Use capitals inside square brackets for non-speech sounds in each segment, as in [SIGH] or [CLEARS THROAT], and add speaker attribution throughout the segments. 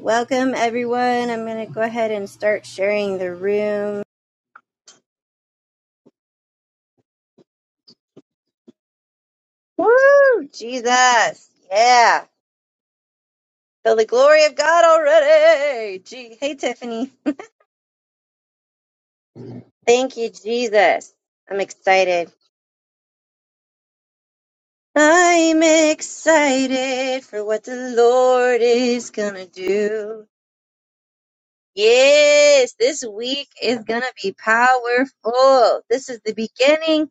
Speaker 1: Welcome, everyone. I'm going to go ahead and start sharing the room. Woo! Jesus. Yeah. Feel the glory of God already. Gee. Hey, Tiffany. Thank you, Jesus. I'm excited. I'm excited for what the Lord is going to do. Yes, this week is going to be powerful. This is the beginning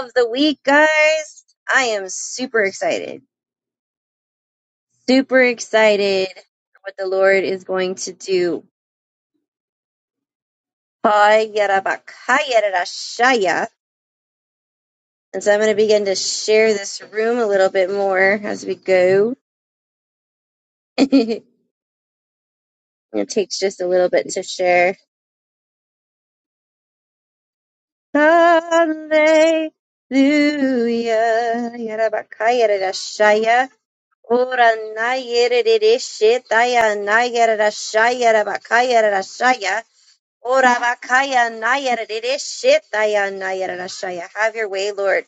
Speaker 1: of the week, guys. I am super excited. super excited for what the Lord is going to do. And so I'm going to begin to share this room a little bit more as we go. [LAUGHS] it takes just a little bit to share. Hallelujah. Yarabakayarashaya. Ora nayeredeshetaya nayarashayarabakayarashaya. Ora vakaya nayara dede shitaya nayara rashaya. Have your way, Lord.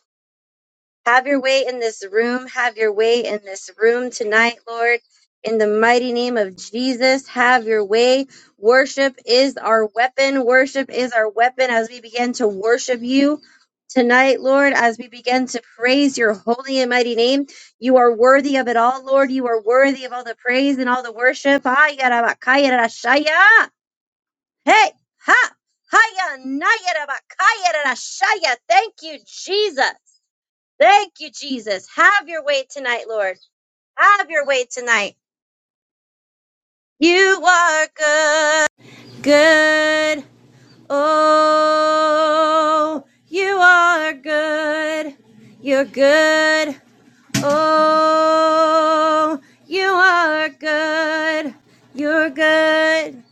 Speaker 1: Have your way in this room. Have your way in this room tonight, Lord. In the mighty name of Jesus, have your way. Worship is our weapon. Worship is our weapon as we begin to worship you tonight, Lord, as we begin to praise your holy and mighty name. You are worthy of it all, Lord. You are worthy of all the praise and all the worship. Ayara vakaya rashaya. Hey, ha, haya, naya, raba, kaya, rara, shaya. Thank you, Jesus. Thank you, Jesus. Have your way tonight, Lord. Have your way tonight. You are good, good. Oh, you are good. You're good. Oh, you are good. You're good.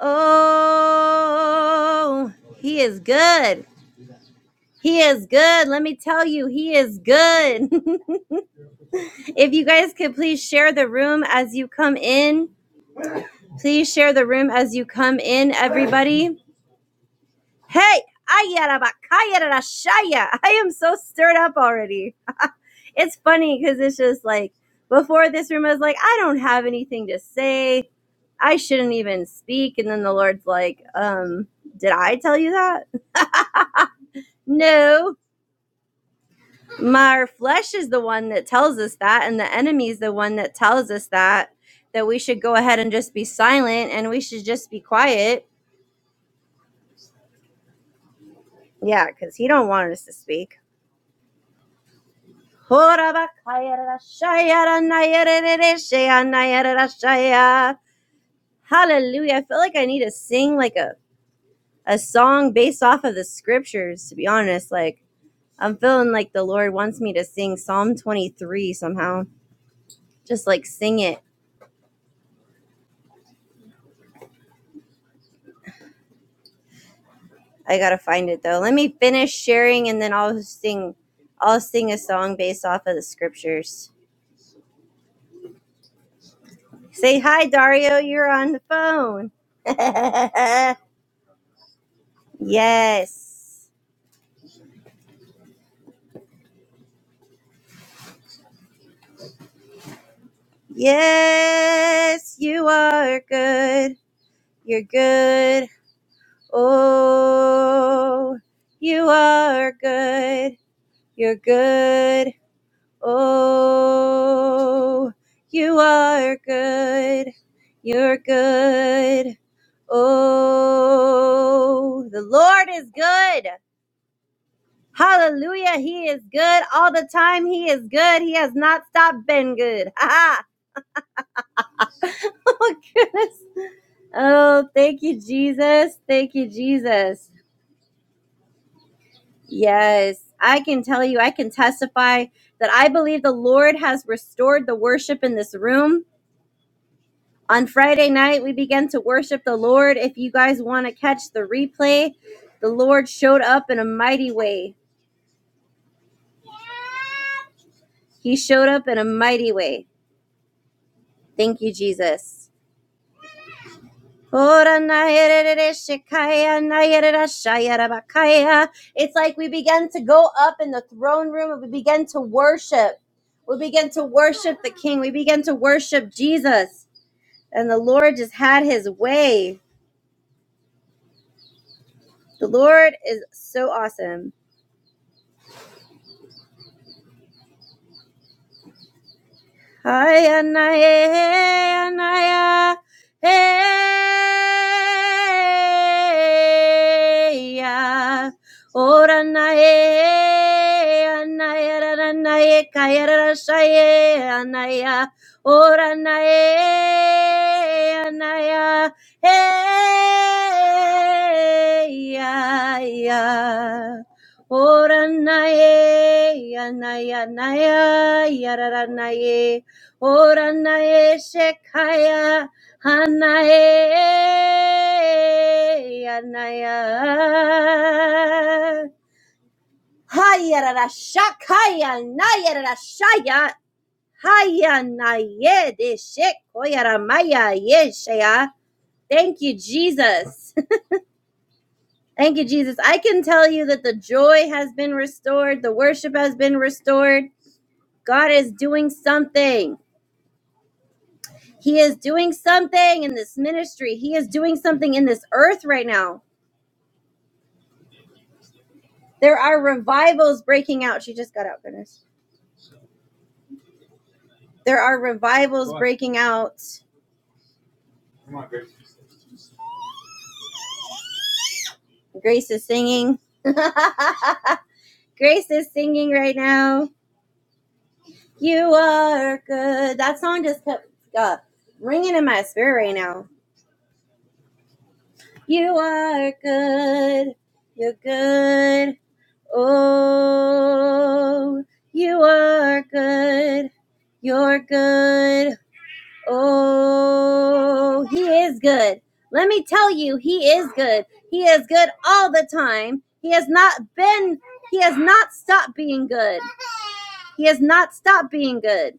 Speaker 1: Oh, he is good. He is good. Let me tell you, he is good. [LAUGHS] if you guys could please share the room as you come in, please share the room as you come in, everybody. Hey, ayarabakayarashaya. I am so stirred up already. It's funny because it's just like before this room, I was like, I don't have anything to say. I shouldn't even speak. And then the Lord's like, um, did I tell you that? [LAUGHS] no. My our flesh is the one that tells us that, and the enemy is the one that tells us that that we should go ahead and just be silent and we should just be quiet. Yeah, because he don't want us to speak. Hallelujah. I feel like I need to sing like a, a song based off of the scriptures, to be honest. Like I'm feeling like the Lord wants me to sing Psalm 23 somehow. Just like sing it I gotta find it though. Let me finish sharing and then I'll sing I'll sing a song based off of the scriptures. Say hi Dario, you're on the phone. [LAUGHS] yes. Yes, you are good. You're good. Oh, you are good. You're good. Oh, you are good. You're good. Oh, the Lord is good. Hallelujah. He is good all the time. He is good. He has not stopped being good. Ha ha. [LAUGHS] Oh, goodness. Oh, thank you, Jesus. Thank you, Jesus. Yes, I can tell you, I can testify that I believe the Lord has restored the worship in this room. On Friday night, we began to worship the Lord. If you guys want to catch the replay, the Lord showed up in a mighty way. He showed up in a mighty way. Thank you, Jesus. It's like we began to go up in the throne room and we began to worship. We began to worship the King. We began to worship Jesus. And the Lord just had his way. The Lord is so awesome. Hi, Anaya, Anaya, hey, yeah. Ora nae, anaya, rara nae, kaya rara shaye, anaya. Ora nae, anaya, hey, yeah, yeah. Ora nae, anaya, anaya, yarara nae. Ora Oranae Shekaya Hanae Anaya Hayarara Shakaya Nayarara Shaya Hayanaye de Shekoyara Maya Yeshaya Thank you, Jesus. [LAUGHS] Thank you, Jesus. I can tell you that the joy has been restored, the worship has been restored. God is doing something. He is doing something in this ministry. He is doing something in this earth right now. There are revivals breaking out. She just got out, goodness. There are revivals What? breaking out. Grace is singing. [LAUGHS] Grace is singing right now. You are good. That song just kept uh, ringing in my spirit right now. You are good. You're good. Oh, you are good. You're good. Oh, he is good. Let me tell you, he is good. He is good all the time. He has not been, he has not stopped being good. He has not stopped being good.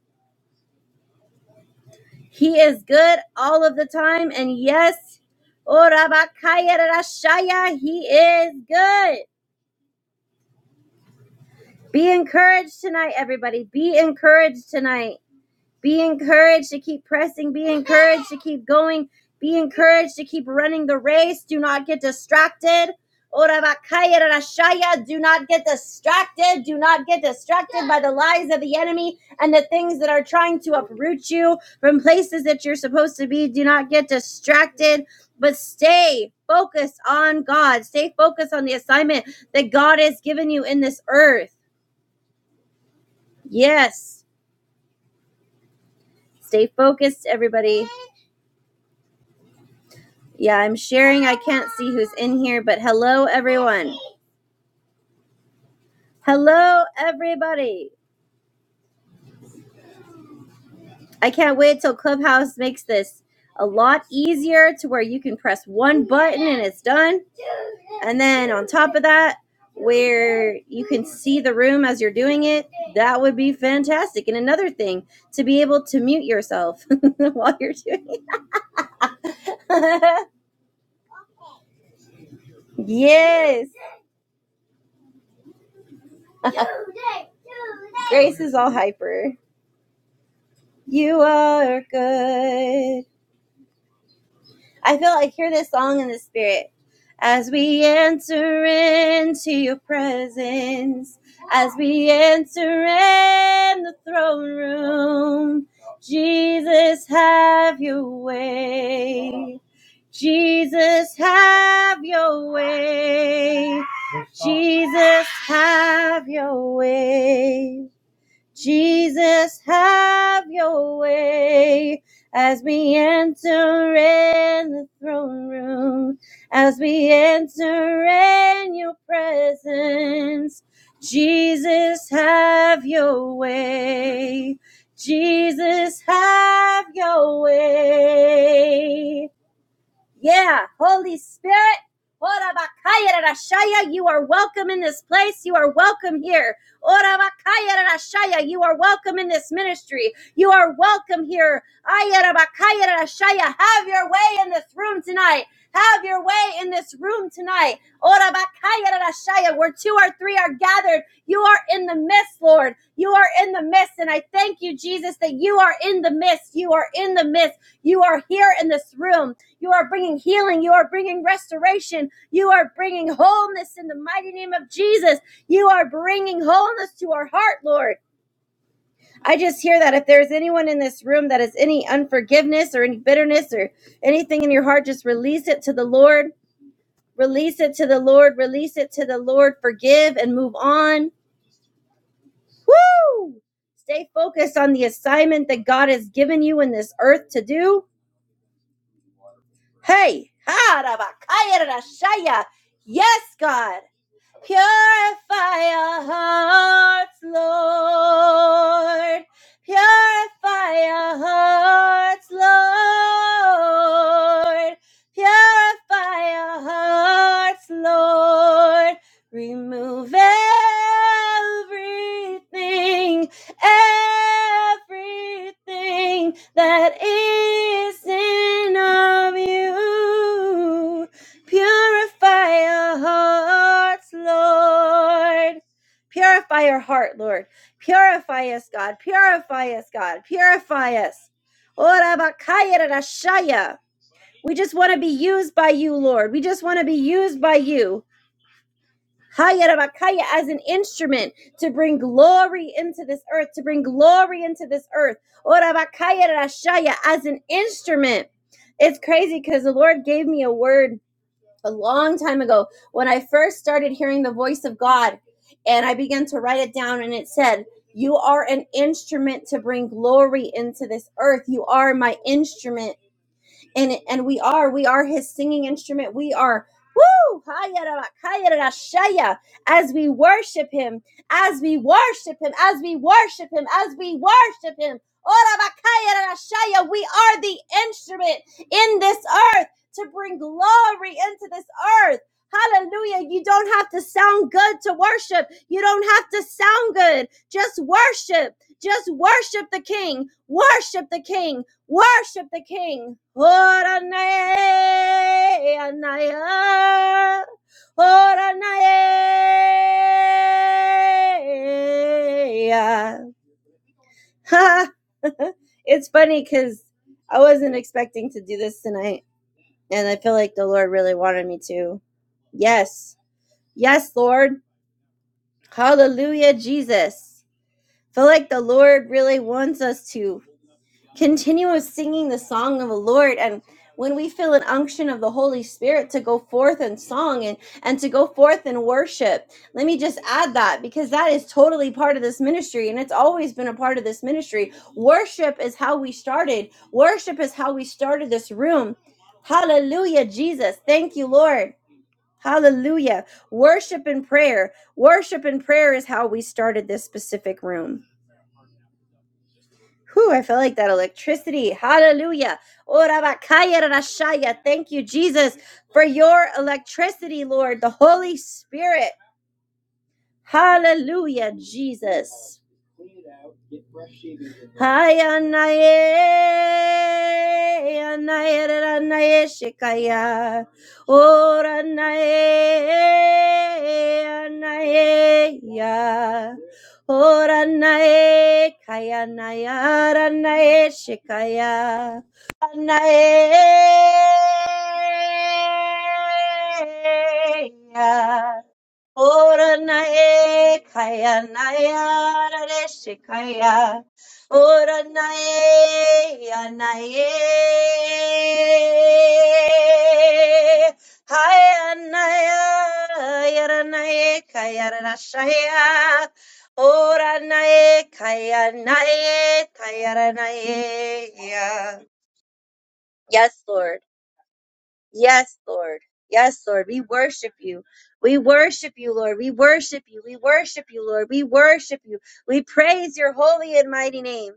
Speaker 1: He is good all of the time. And yes, oh, Rabakaya Rashaya, he is good. Be encouraged tonight, everybody. Be encouraged tonight Be encouraged to keep pressing. Be encouraged to keep going. Be encouraged to keep running the race. Do not get distracted. Do not get distracted. Do not get distracted by the lies of the enemy and the things that are trying to uproot you from places that you're supposed to be. Do not get distracted, but stay focused on God. Stay focused on the assignment that God has given you in this earth. Yes. Stay focused, everybody. Yeah, I'm sharing. I can't see who's in here, but hello, everyone. Hello, everybody. I can't wait till Clubhouse makes this a lot easier to where you can press one button and it's done. And then on top of that, where you can see the room as you're doing it, that would be fantastic. And another thing, to be able to mute yourself [LAUGHS] while you're doing it. [LAUGHS] yes. [LAUGHS] Grace is all hyper. You are good. I feel like hear this song in the spirit. As we enter into your presence, as we enter in the throne room, Jesus, have your way. Jesus, have your way. Jesus, have your way. Jesus, have your way as we enter in the throne room, as we enter in your presence. Jesus, have your way. Jesus, have your way. Yeah, Holy Spirit. Ora You are welcome in this place. You are welcome here. Ora You are welcome in this ministry. You are welcome here. Ayara Have your way in this room tonight. Have your way in this room tonight. Ora Where two or three are gathered, you are in the midst, Lord. You are in the midst. And I thank you, Jesus, that you are in the midst. You are in the midst. You are here in this room. You are bringing healing. You are bringing restoration. You are bringing wholeness in the mighty name of Jesus. You are bringing wholeness to our heart, Lord. I just hear that if there's anyone in this room that has any unforgiveness or any bitterness or anything in your heart, just release it to the Lord. Release it to the Lord. Release it to the Lord. Forgive and move on. Woo! Stay focused on the assignment that God has given you in this earth to do. Hey, ha, rabakaya, yes, God. Purify our hearts, Lord. Purify our hearts, Lord. Purify our hearts, Lord. Remove everything, everything that isn't of you. Purify our hearts, Lord. Purify our heart, Lord. Purify us, God. Purify us, God. Purify us. We just want to be used by you, Lord. We just want to be used by you. Haya As an instrument to bring glory into this earth, to bring glory into this earth. Ora bakaya As an instrument. It's crazy because the Lord gave me a word a long time ago when I first started hearing the voice of God and I began to write it down and it said, You are an instrument to bring glory into this earth. You are my instrument. And and we are, we are his singing instrument. We are Woo! Hayarabakayarashaya. As we worship him, as we worship him, as we worship him, as we worship him. Orabakayarashaya. We are the instrument in this earth to bring glory into this earth. Hallelujah. You don't have to sound good to worship. You don't have to sound good. Just worship. Just worship the King. Worship the King. Worship the King. [LAUGHS] Horanai, anai, horanai. Ha! [LAUGHS] it's funny because I wasn't expecting to do this tonight, and I feel like the Lord really wanted me to. Yes, yes, Lord. Hallelujah, Jesus. Feel like the Lord really wants us to. continuous singing the song of the Lord and when we feel an unction of the Holy Spirit to go forth in song and, and to go forth in worship. Let me just add that because that is totally part of this ministry and it's always been a part of this ministry. Worship is how we started, worship is how we started this room. Hallelujah, Jesus. Thank you, Lord. Hallelujah. Worship and prayer. Worship and prayer is how we started this specific room. Whew, I felt like that electricity. Hallelujah. Ora bakaya rashaya. Thank you, Jesus, for your electricity, Lord, the Holy Spirit. Hallelujah, Jesus. Hai anaye, anaye ranaye shikaya. O ranaye, anaye ya. O ranaye, kaya naya ranaye shikaya. Anaye ya. Ora nae kaya nae ara re shikaya. Ora nae, anae, hai anaya, yara nae, kayara rashaya, ora nae, kaya nae, kayara nae, ya. Yes, Lord. Yes, Lord. Yes, Lord. We worship you. We worship you, Lord. We worship you. We worship you, Lord. We worship you. We praise your holy and mighty name.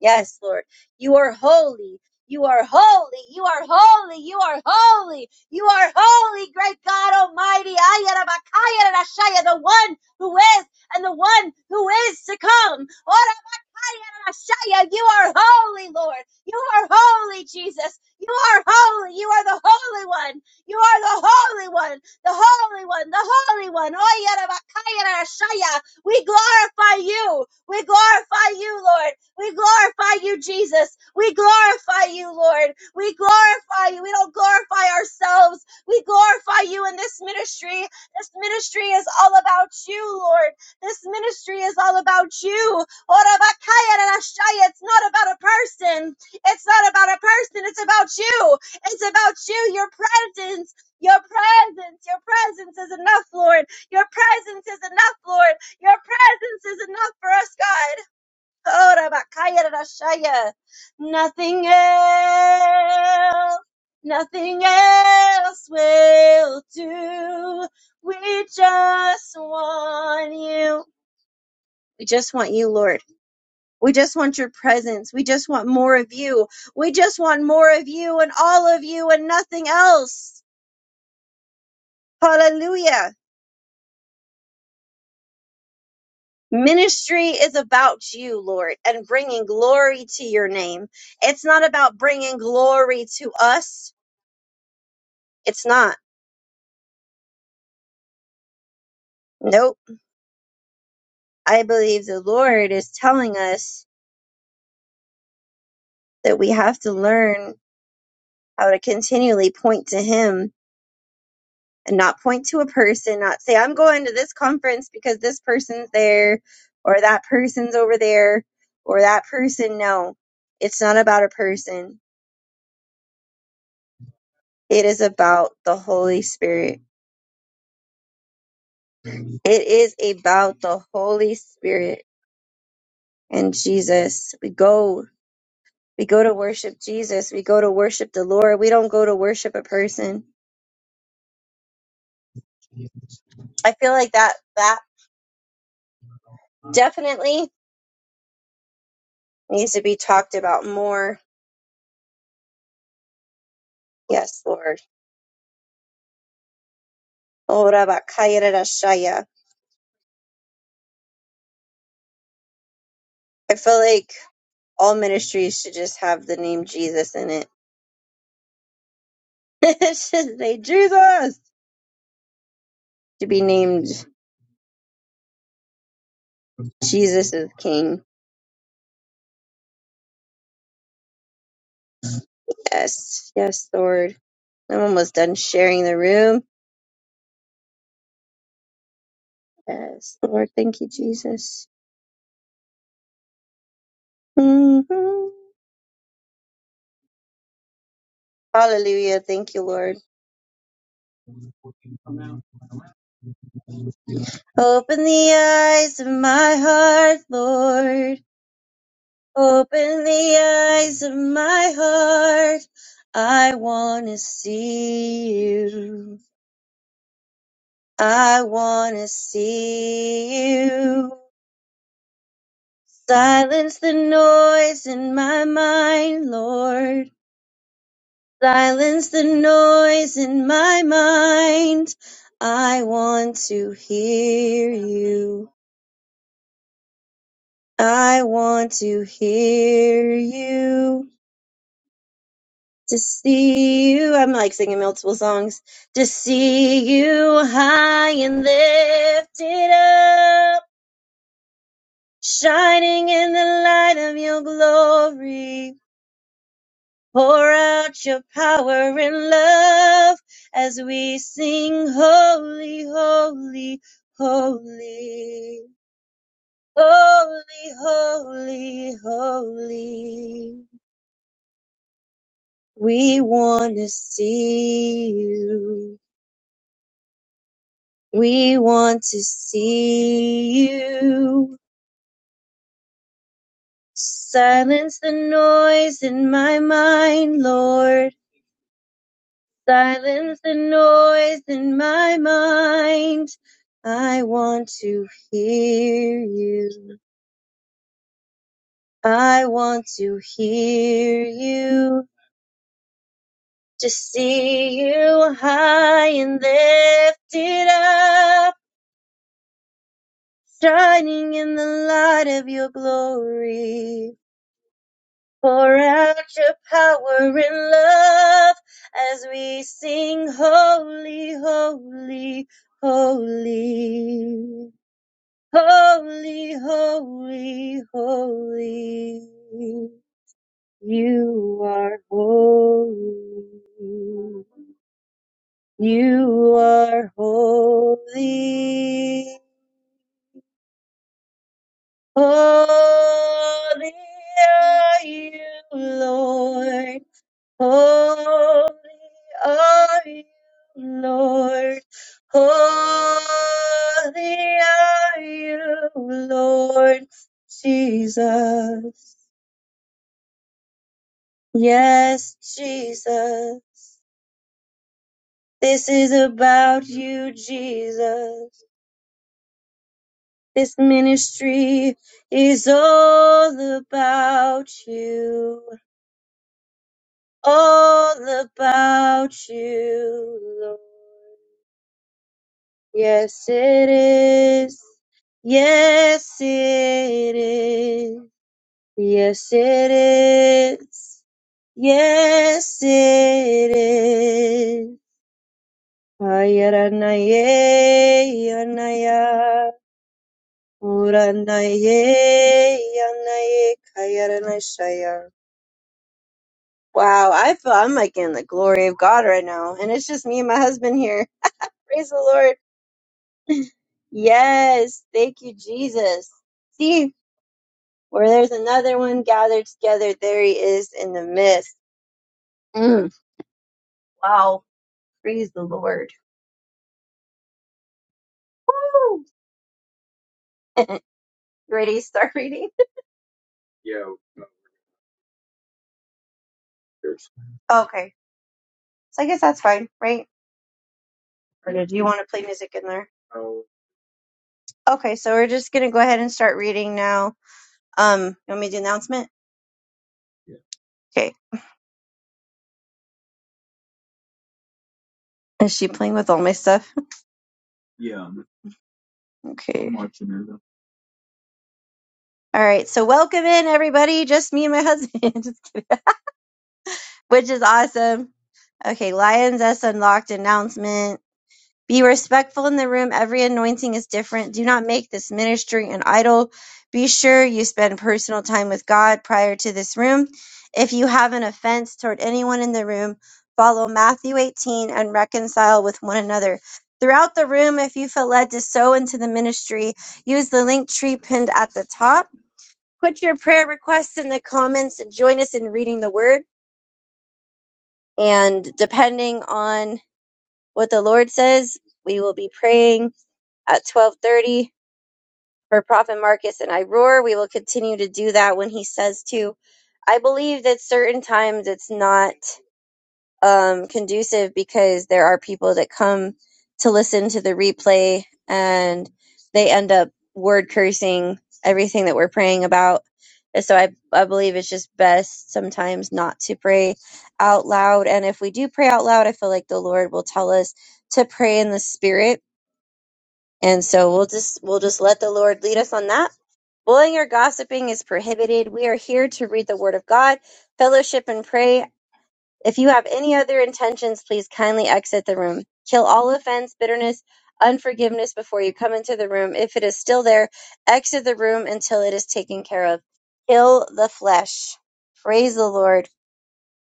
Speaker 1: Yes, Lord. You are holy. You are holy. You are holy. You are holy. You are holy, great God Almighty. Ayarabakayarashaya, The one who is and the one who is to come. Orabakayarashaya, You are holy, Lord. You are holy, Jesus. You are holy. You are the Holy One. You are the Holy One. The Holy One. The Holy One. Ayarabakayarashaya. We glorify you. We glorify you, Lord. We glorify you, Jesus. We glorify you, Lord. We glorify you. We don't glorify ourselves. We glorify you in this ministry. This ministry is all about you, Lord. This ministry is all about you. It's not about a person. It's not about a person. It's about you. It's about you, your presence. Your presence, your presence is enough, Lord. Your presence is enough, Lord. Your presence is enough for us, God. Nothing else, nothing else will do. We just want you. We just want you, Lord. We just want your presence. We just want more of you. We just want more of you and all of you and nothing else. Hallelujah. Ministry is about you, Lord, and bringing glory to your name. It's not about bringing glory to us. It's not. Nope. I believe the Lord is telling us that we have to learn how to continually point to Him and not point to a person, not say, I'm going to this conference because this person's there or that person's over there or that person. No, it's not about a person. It is about the Holy Spirit. It is about the Holy Spirit and Jesus. We go. We go to worship Jesus. We go to worship the Lord. We don't go to worship a person I feel like that that definitely needs to be talked about more. Yes, Lord. Ora bakaya rarashaya. I feel like all ministries should just have the name Jesus in it. [LAUGHS] it should say Jesus to be named Jesus is King. Yes, yes, Lord. I'm almost done sharing the room. Yes, Lord. Thank you, Jesus. Mhm. Hallelujah. Thank you, Lord. Open the eyes of my heart, Lord Open the eyes of my heart. I want to see you. I want to see you. Silence the noise in my mind, Lord. Silence the noise in my mind. I want to hear you. I want to hear you. to see you. I'm like singing multiple songs. To see you high and lifted up, shining in the light of your glory. Pour out your power and love as we sing holy, holy, holy. Holy, holy, holy, we want to see you. We want to see you. Silence the noise in my mind, Lord. Silence the noise in my mind. I want to hear you. I want to hear you. To see you high and lifted up, shining in the light of your glory. Pour out your power and love as we sing holy, holy, holy. Holy, holy, holy. You are holy. You are holy. Holy are you, Lord. Holy are you, Lord. Holy are you, Lord Jesus. Yes, Jesus. This is about you, Jesus. This ministry is all about you. All about you, Lord. Yes, it is. Yes, it is. Yes, it is. Yes, it is. Ayaranaye, yanaya. Uranaye, yanaye, kayaranashaya. Wow, I feel I'm like in the glory of God right now. And it's just me and my husband here. [LAUGHS] Praise the Lord. [LAUGHS] Yes, thank you, Jesus. See, Where there's another one gathered together, there he is in the midst. Mm. Wow. Praise the Lord. Woo! [LAUGHS] Ready to start reading? Okay. So I guess that's fine, right? Or did you want to play music in there? Okay, so we're just gonna go ahead and start reading now. Um, you want me to do announcement? Okay. Is she playing with all my stuff? Okay. I'm watching her, though. All right, so welcome in everybody. Just me and my husband, [LAUGHS] Just kidding. which is awesome. Okay, Lions S unlocked announcement. Be respectful in the room. Every anointing is different. Do not make this ministry an idol. Be sure you spend personal time with God prior to this room. If you have an offense toward anyone in the room, follow Matthew 18 and reconcile with one another. Throughout the room, if you feel led to sow into the ministry, use the link tree pinned at the top. Put your prayer requests in the comments and join us in reading the word. And depending on what the Lord says, we will be praying at 12:30 for Prophet Marcus and I roar. We will continue to do that when he says to. I believe that certain times it's not um, conducive because there are people that come to listen to the replay and they end up word cursing everything that we're praying about. And so I, I believe it's just best sometimes not to pray out loud. And if we do pray out loud, I feel like the Lord will tell us to pray in the spirit and so we'll just we'll just let the Lord lead us on that. Bullying or gossiping is prohibited. We are here to read the word of God, fellowship and pray. If you have any other intentions, please kindly exit the room. Kill all offense, bitterness, unforgiveness before you come into the room. If it is still there, exit the room until it is taken care of. Kill the flesh. Praise the Lord.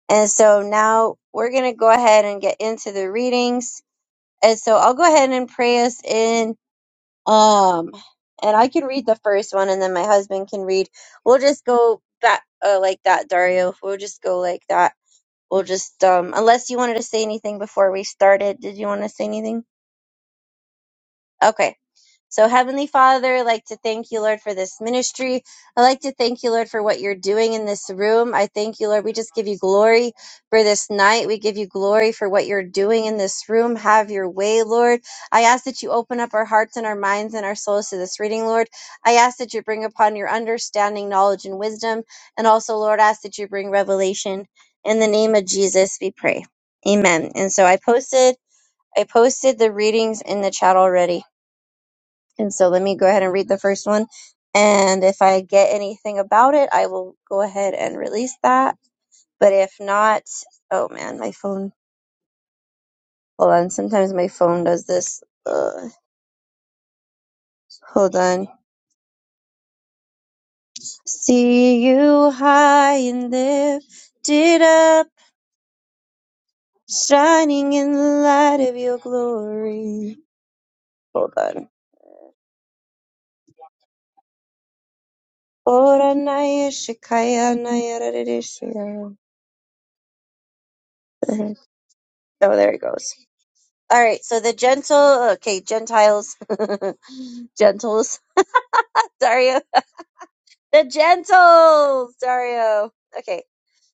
Speaker 1: And so now we're going to go ahead and get into the readings. And so I'll go ahead and pray us in um, and I can read the first one, and then my husband can read. We'll just go back uh, like that, Dario. We'll just go like that. We'll just um, unless you wanted to say anything before we started. Did you want to say anything? Okay. So, Heavenly Father, I'd like to thank you, Lord, for this ministry. I'd like to thank you, Lord, for what you're doing in this room. I thank you, Lord. We just give you glory for this night. We give you glory for what you're doing in this room. Have your way, Lord. I ask that you open up our hearts and our minds and our souls to this reading, Lord. I ask that you bring upon your understanding, knowledge, and wisdom. And also, Lord, I ask that you bring revelation. In the name of Jesus, we pray. Amen. And so I posted I posted the readings in the chat already. And so let me go ahead and read the first one. And if I get anything about it, I will go ahead and release that. But if not, oh man, my phone. Hold on. Sometimes my phone does this. Ugh. Hold on. See you high and lifted up, shining in the light of your glory. Hold on. Ora naya shikaya naya rarishya. [LAUGHS] Oh, there it goes. All right, so the gentle, okay, Gentiles, [LAUGHS] gentles, [LAUGHS] Dario, the gentles, Dario. Okay,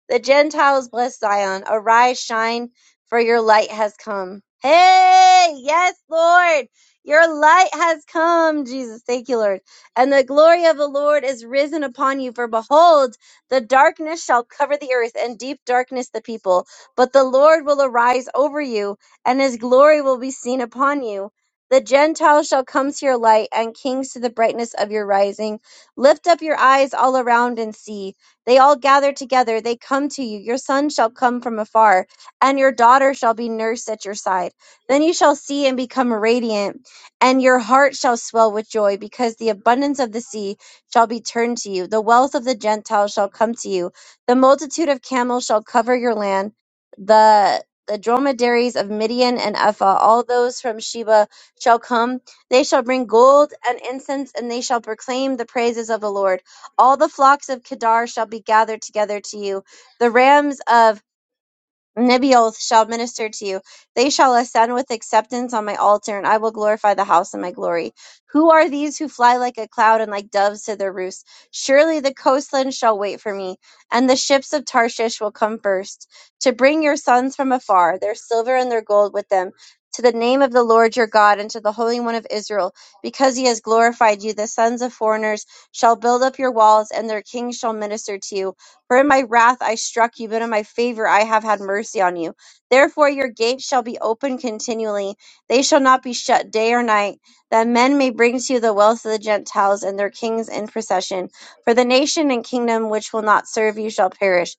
Speaker 1: the Gentiles bless Zion. Arise, shine, for your light has come. Hey, yes, Lord. Your light has come, Jesus. Thank you, Lord. And the glory of the Lord is risen upon you. For behold, the darkness shall cover the earth, and deep darkness the people. But the Lord will arise over you, and his glory will be seen upon you. The Gentiles shall come to your light, and kings to the brightness of your rising. Lift up your eyes all around and see. They all gather together. They come to you. Your son shall come from afar, and your daughter shall be nursed at your side. Then you shall see and become radiant, and your heart shall swell with joy, because the abundance of the sea shall be turned to you. The wealth of the Gentiles shall come to you. The multitude of camels shall cover your land. The the dromedaries of Midian and Ephah, all those from Sheba shall come. They shall bring gold and incense, and they shall proclaim the praises of the Lord. All the flocks of Kedar shall be gathered together to you. The rams of Nibioth shall minister to you. They shall ascend with acceptance on my altar, and I will glorify the house in my glory. Who are these who fly like a cloud and like doves to their roost? Surely the coastland shall wait for me, and the ships of Tarshish will come first to bring your sons from afar, their silver and their gold with them, to the name of the Lord your God and to the Holy One of Israel, because he has glorified you. The sons of foreigners shall build up your walls, and their kings shall minister to you. For in my wrath I struck you, but in my favor I have had mercy on you. Therefore your gates shall be open continually, they shall not be shut day or night, that men may bring to you the wealth of the Gentiles and their kings in procession. For the nation and kingdom which will not serve you shall perish,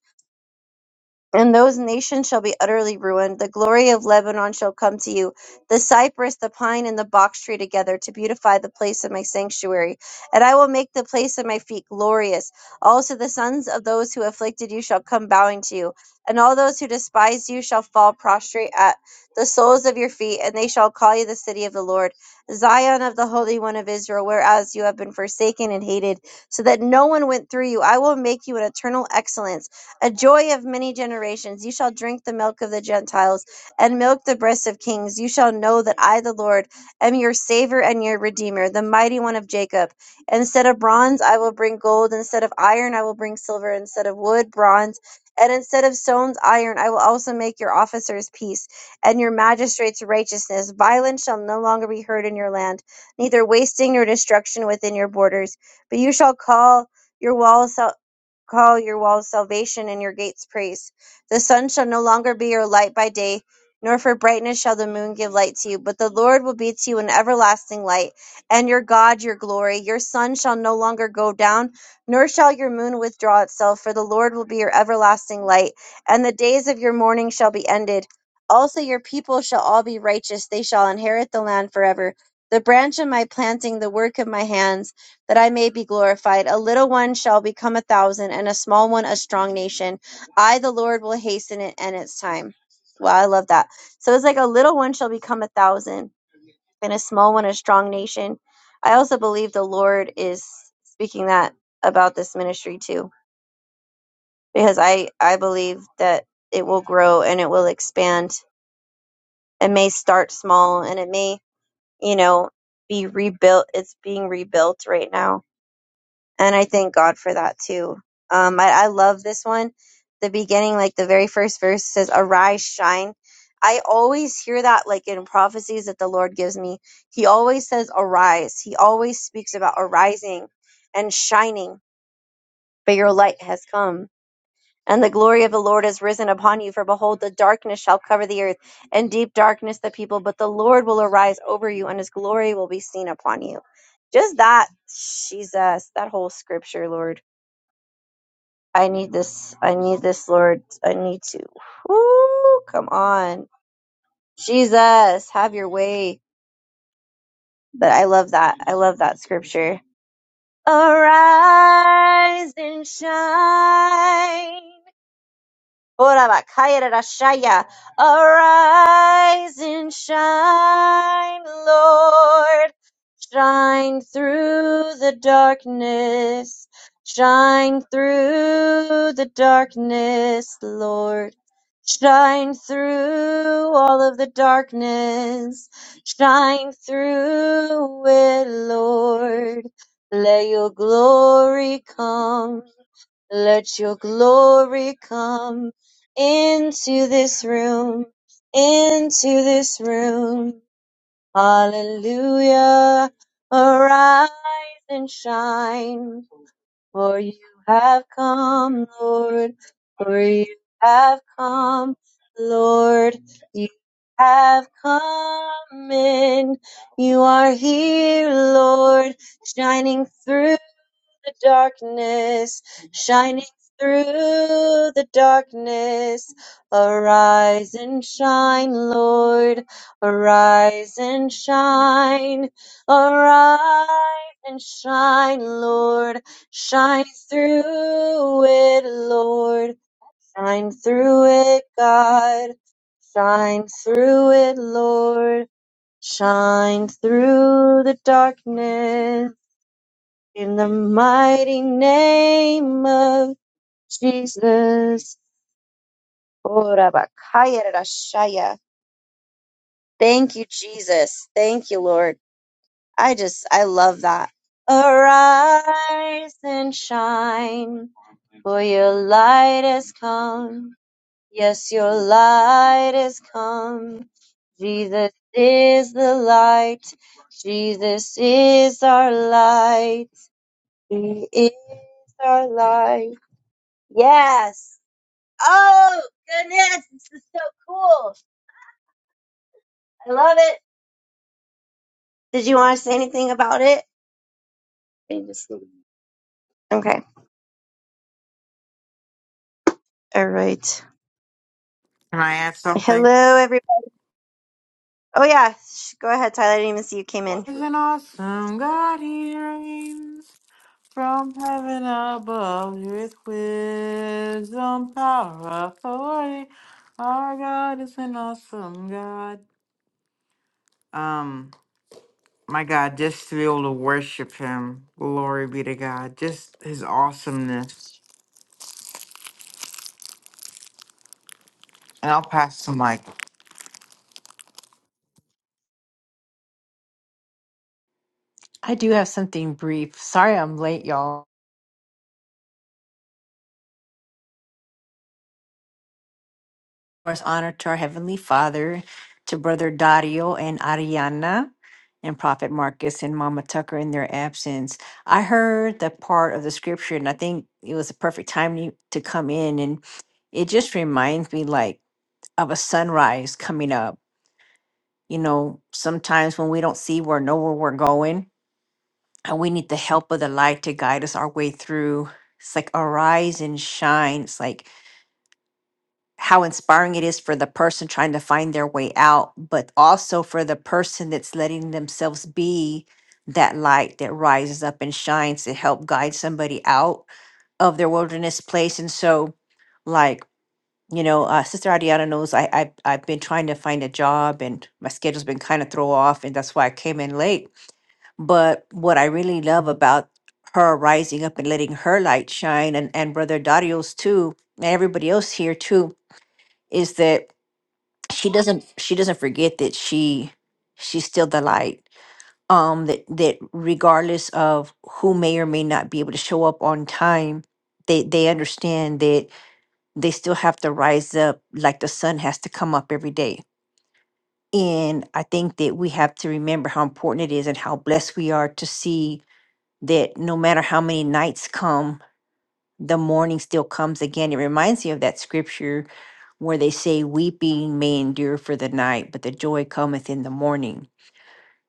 Speaker 1: and those nations shall be utterly ruined. The glory of Lebanon shall come to you, the cypress, the pine, and the box tree together to beautify the place of my sanctuary. And I will make the place of my feet glorious. Also, the sons of those who afflicted you shall come bowing to you, and all those who despise you shall fall prostrate at the soles of your feet, and they shall call you the city of the Lord, Zion of the Holy One of Israel, whereas you have been forsaken and hated, so that no one went through you. I will make you an eternal excellence a joy of many generations. You shall drink the milk of the Gentiles and milk the breasts of kings. You shall know that I, the Lord, am your Savior and your Redeemer, the mighty one of Jacob. Instead of bronze, I will bring gold. Instead of iron, I will bring silver. Instead of wood, bronze. And instead of stones, iron, I will also make your officers peace and your magistrates righteousness. Violence shall no longer be heard in your land, neither wasting nor destruction within your borders. But you shall call your walls call your walls salvation and your gates praise. The sun shall no longer be your light by day, nor for brightness shall the moon give light to you, but the Lord will be to you an everlasting light, and your God your glory. Your sun shall no longer go down, nor shall your moon withdraw itself, for the Lord will be your everlasting light, and the days of your mourning shall be ended. Also your people shall all be righteous, they shall inherit the land forever. The branch of my planting, the work of my hands, that I may be glorified. A little one shall become a thousand, and a small one a strong nation. I, the Lord, will hasten it and its time. Wow, I love that. So it's like a little one shall become a thousand, and a small one a strong nation. I also believe the Lord is speaking that about this ministry too, because I I believe that it will grow and it will expand. It may start small and it may, you know, be rebuilt. It's being rebuilt right now and I thank God for that too. Um, I, I love this one. The beginning, like the very first verse says, "Arise, shine." I always hear that, like in prophecies that the Lord gives me. He always says, "Arise." He always speaks about arising and shining, but your light has come. And the glory of the Lord is risen upon you, for behold, the darkness shall cover the earth, and deep darkness the people, but the Lord will arise over you, and his glory will be seen upon you. Just that, Jesus, that whole scripture, Lord. I need this. I need this, Lord. I need to. Woo, come on. Jesus, have your way. But I love that. I love that scripture. Arise and shine. Orabakayarashaya. Arise and shine, Lord. Shine through the darkness. Shine through the darkness, Lord. Shine through all of the darkness. Shine through it, Lord. Let your glory come. Let your glory come into this room, into this room. Hallelujah. Arise and shine, for you have come, Lord, for you have come, Lord, you have come in. You are here, Lord, shining through the darkness, shining through the darkness. Arise and shine, Lord, arise and shine, arise and shine, Lord, shine through it, Lord, shine through it, God, shine through it, Lord, shine through the darkness. In the mighty name of Jesus. Ora bakaya rarashaya. Thank you, Jesus. Thank you, Lord. I just, I love that. Arise and shine, for your light has come. Yes, your light has come. Jesus is the light. Jesus is our light. He is our light. Yes. Oh goodness, this is so cool. I love it. Did you want to say anything about it? Okay. All right.
Speaker 2: Can I add something?
Speaker 1: Hello, everybody. Oh yeah, Sh- go ahead, Tyler. I didn't even see you came in.
Speaker 2: There's an awesome God he reigns from heaven above with wisdom, power, authority. Our God is an awesome God. Um, my God, just to be able to worship him, glory be to God, just his awesomeness. And I'll pass the mic.
Speaker 3: I do have something brief. Sorry I'm late, y'all. Of course, honor to our Heavenly Father, to Brother Dario and Ariana, and Prophet Marcus and Mama Tucker in their absence. I heard the part of the scripture, and I think it was the perfect time you- to come in. And it just reminds me, like, of a sunrise coming up. You know, sometimes when we don't see or know where we're going, and we need the help of the light to guide us our way through. It's like arise and shine. It's like how inspiring it is for the person trying to find their way out, but also for the person that's letting themselves be that light that rises up and shines to help guide somebody out of their wilderness place. And so, like, you know, uh, Sister Adiana knows I, I, I've been trying to find a job and my schedule's been kind of throw off. And that's why I came in late. But what I really love about her rising up and letting her light shine and, and Brother Dario's too, and everybody else here too, is that she doesn't she doesn't forget that she she's still the light um that that regardless of who may or may not be able to show up on time they they understand that they still have to rise up like the sun has to come up every day and i think that we have to remember how important it is and how blessed we are to see that no matter how many nights come the morning still comes again. It reminds me of that scripture where they say, Weeping may endure for the night, but the joy cometh in the morning.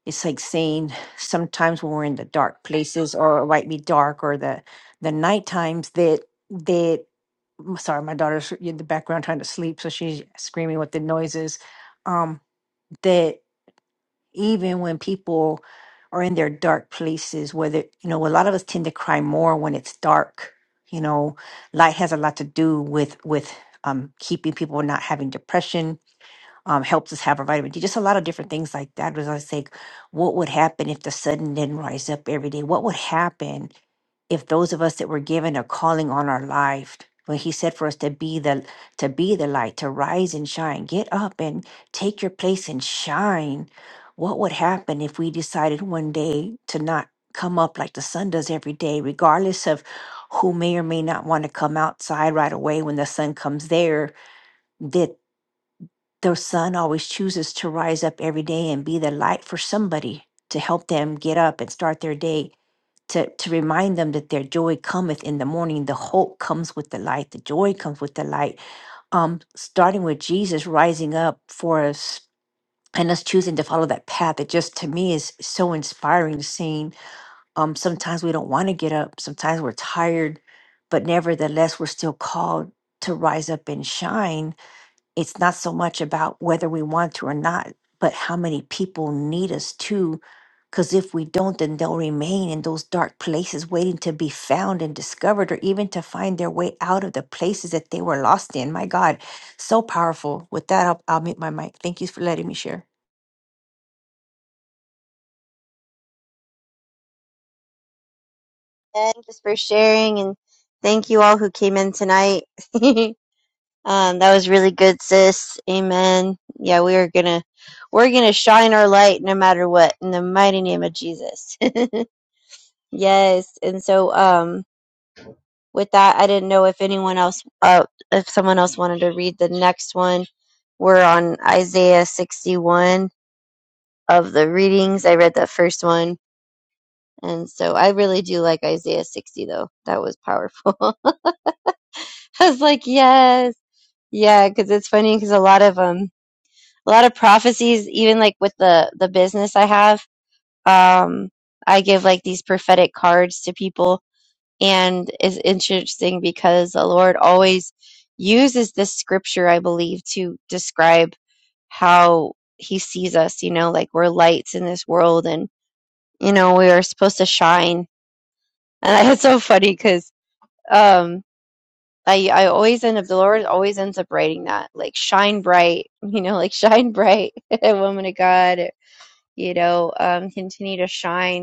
Speaker 3: It's like saying sometimes when we're in the dark places or it might be dark or the the night times that that i sorry, my daughter's in the background trying to sleep, so she's screaming with the noises. Um, that even when people are in their dark places whether you know a lot of us tend to cry more when it's dark you know light has a lot to do with with um, keeping people not having depression um, helps us have our vitamin d just a lot of different things like that was i was like what would happen if the sun didn't rise up every day what would happen if those of us that were given a calling on our life when he said for us to be the to be the light to rise and shine get up and take your place and shine what would happen if we decided one day to not come up like the sun does every day regardless of who may or may not want to come outside right away when the sun comes there that the sun always chooses to rise up every day and be the light for somebody to help them get up and start their day to, to remind them that their joy cometh in the morning. The hope comes with the light. The joy comes with the light. Um, starting with Jesus rising up for us and us choosing to follow that path. It just to me is so inspiring seeing. Um, sometimes we don't want to get up. Sometimes we're tired, but nevertheless, we're still called to rise up and shine it's not so much about whether we want to or not, but how many people need us too. Because if we don't, then they'll remain in those dark places waiting to be found and discovered or even to find their way out of the places that they were lost in. My God, so powerful. With that, I'll, I'll mute my mic. Thank you for letting me share.
Speaker 1: And just for sharing, and thank you all who came in tonight. [LAUGHS] um, that was really good, sis. Amen. Yeah, we are gonna, we're gonna shine our light no matter what, in the mighty name of Jesus. [LAUGHS] yes. And so, um, with that, I didn't know if anyone else, uh, if someone else wanted to read the next one. We're on Isaiah 61 of the readings. I read the first one. And so I really do like Isaiah 60 though. That was powerful. [LAUGHS] I was like, yes. Yeah, because it's funny because a lot of, um, a lot of prophecies, even like with the, the business I have, um, I give like these prophetic cards to people And it's interesting because the Lord always uses this scripture, I believe, to describe how he sees us, you know, like we're lights in this world and, you know, we are supposed to shine. And [LAUGHS] it's so funny because, um, I, I always end up, the Lord always ends up writing that, like, shine bright, [LAUGHS] you know, like, shine bright, [LAUGHS] woman of God, you know, um, continue to shine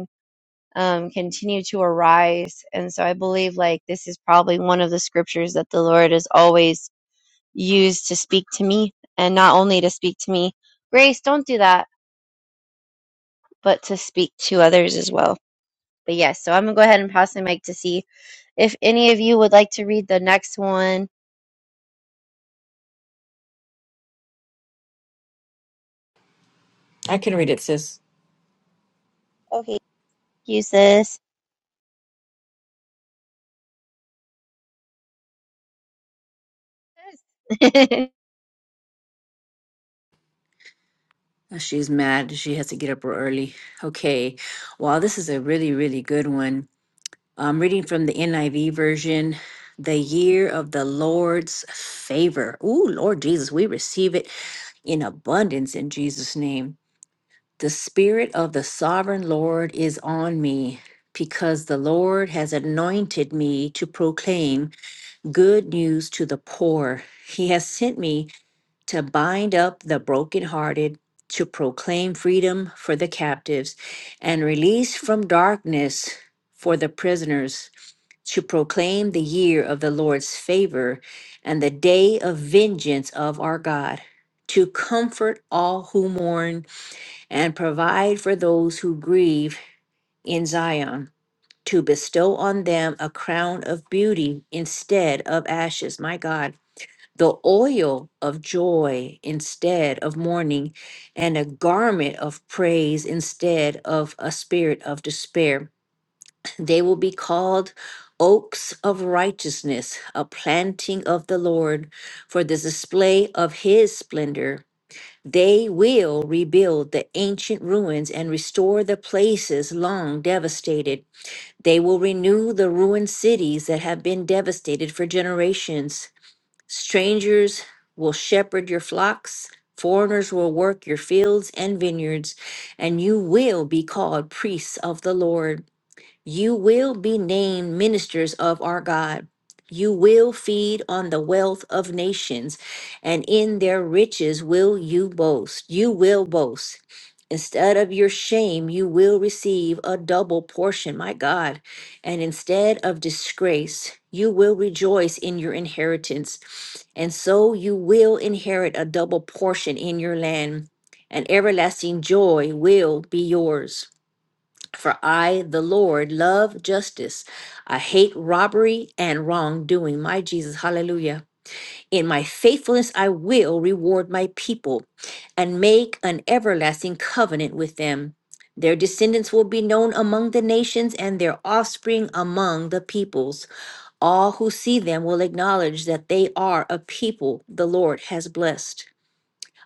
Speaker 1: um, continue to arise. And so I believe like this is probably one of the scriptures that the Lord has always used to speak to me and not only to speak to me, Grace, don't do that, but to speak to others as well. But yes, so I'm gonna go ahead and pass the mic to see if any of you would like to read the next one.
Speaker 3: I can read it, sis.
Speaker 1: Okay, thank you sis. [LAUGHS] that
Speaker 3: She's mad. She has to get up early. Okay. Wow, this is a really, really good one. I'm reading from the NIV version, the year of the Lord's favor. Ooh, Lord Jesus, we receive it in abundance in Jesus' name. The Spirit of the Sovereign Lord is on me because the Lord has anointed me to proclaim good news to the poor. He has sent me to bind up the brokenhearted, to proclaim freedom for the captives, and release from darkness for the prisoners to proclaim the year of the Lord's favor and the day of vengeance of our God, to comfort all who mourn and provide for those who grieve in Zion, to bestow on them a crown of beauty instead of ashes, my God, the oil of joy instead of mourning, and a garment of praise instead of a spirit of despair they will be called oaks of righteousness, a planting of the Lord for the display of his splendor. They will rebuild the ancient ruins and restore the places long devastated. They will renew the ruined cities that have been devastated for generations. Strangers will shepherd your flocks, foreigners will work your fields and vineyards, and you will be called priests of the Lord. You will be named ministers of our God. You will feed on the wealth of nations, and in their riches will you boast. You will boast. Instead of your shame, you will receive a double portion, my God. And instead of disgrace, you will rejoice in your inheritance. And so you will inherit a double portion in your land, and everlasting joy will be yours. For I, the Lord, love justice. I hate robbery and wrongdoing. My Jesus, hallelujah. In my faithfulness, I will reward my people and make an everlasting covenant with them. Their descendants will be known among the nations and their offspring among the peoples. All who see them will acknowledge that they are a people the Lord has blessed.